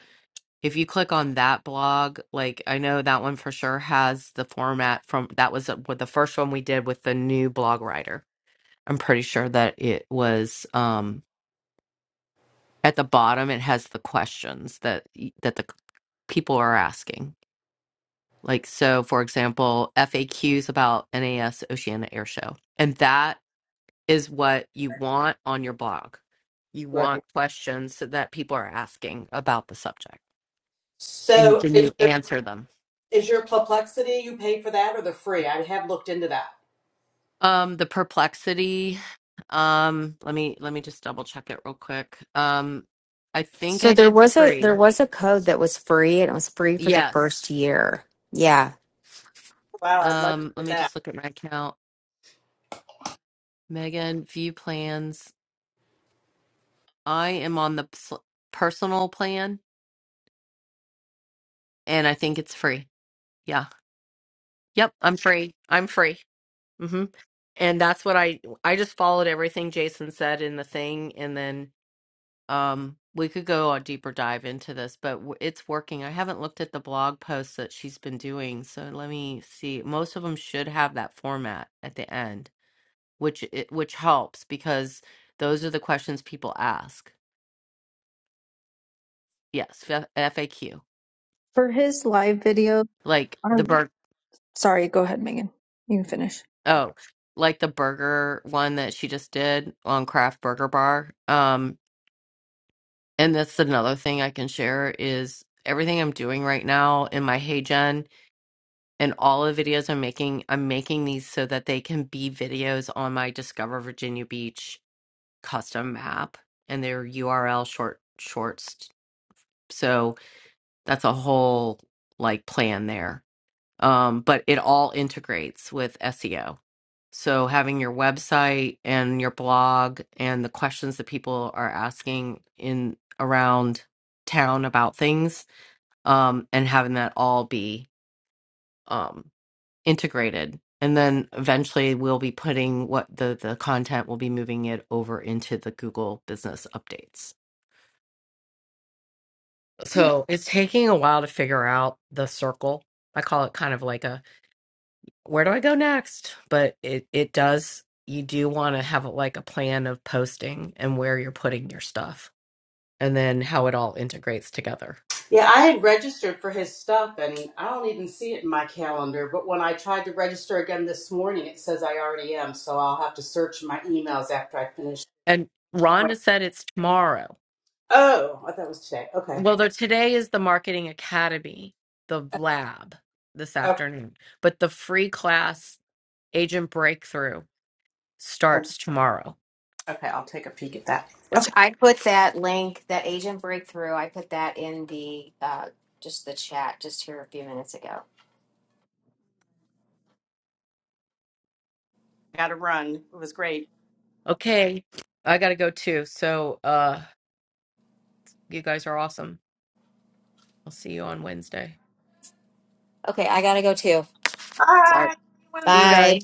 S12: if you click on that blog like i know that one for sure has the format from that was uh, what the first one we did with the new blog writer i'm pretty sure that it was um at the bottom it has the questions that y- that the c- people are asking like so for example faqs about nas oceana air show and that is what you want on your blog. You
S16: Right.
S12: want questions so that people are asking about the subject, and
S16: So
S12: then
S16: is
S12: you
S16: your
S12: answer them.
S16: is your perplexity you pay for that or the free? I have looked into that.
S12: Um, the perplexity. Um, let me let me just double check it real quick. Um, I think
S2: So
S12: I
S2: there
S12: did
S2: was a
S12: free.
S2: there was a code that was free and it was free for the
S12: Yes.
S2: first year. Yeah.
S16: Wow, I'd like to
S12: Um, let
S16: get
S12: me
S16: that.
S12: just look at my account. Megan, view plans. I am on the pers- personal plan, and I think it's free. Yeah. Yep. I'm free. I'm free. Mm-hmm. and that's what i i just followed everything jason said in the thing and then um we could go a deeper dive into this but w- it's working i haven't looked at the blog posts that she's been doing so let me see most of them should have that format at the end which it, which helps because those are the questions people ask yes F- faq
S10: For his live video,
S12: like
S10: our
S12: the burger
S10: Sorry, go ahead, Megan. You can finish.
S12: oh like the burger one that she just did on craft burger bar Um And that's another thing I can share is everything I'm doing right now in my Hey Gen and all the videos I'm making, I'm making these so that they can be videos on my Discover Virginia Beach custom map and their URL short shorts. So that's a whole like plan there. Um, but it all integrates with SEO. So having your website and your blog and the questions that people are asking in around town about things um, and having that all be um, integrated. And then eventually we'll be putting what the, the content will be moving it over into the Google business updates. So it's taking a while to figure out the circle. I call it kind of like a where do I go next? But it, it does, you do want to have like a plan of posting and where you're putting your stuff and then how it all integrates together.
S16: Yeah, I had registered for his stuff and I don't even see it in my calendar. But when I tried to register again this morning, it says I already am. So I'll have to search my emails after I finish.
S12: And
S16: Wait,
S12: Rhonda said it's tomorrow.
S16: Oh, I thought it was today. Okay.
S12: Well, there today is the Marketing Academy, the lab this
S16: Oh,
S12: afternoon, but the free class Agent Breakthrough
S16: okay.
S12: starts tomorrow.
S16: Okay. I'll take a peek at that.
S12: Yeah.
S2: Which
S16: Okay.
S2: I put that link, that agent breakthrough, I put that in the uh just the chat just here a few minutes ago.
S16: Got to run. It was great.
S12: Okay. I got to go too. So, uh you guys are awesome. I'll see you on Wednesday.
S2: Okay, I gotta go too. Sorry.
S12: See
S1: Hi.
S12: you
S2: Bye.
S12: guys.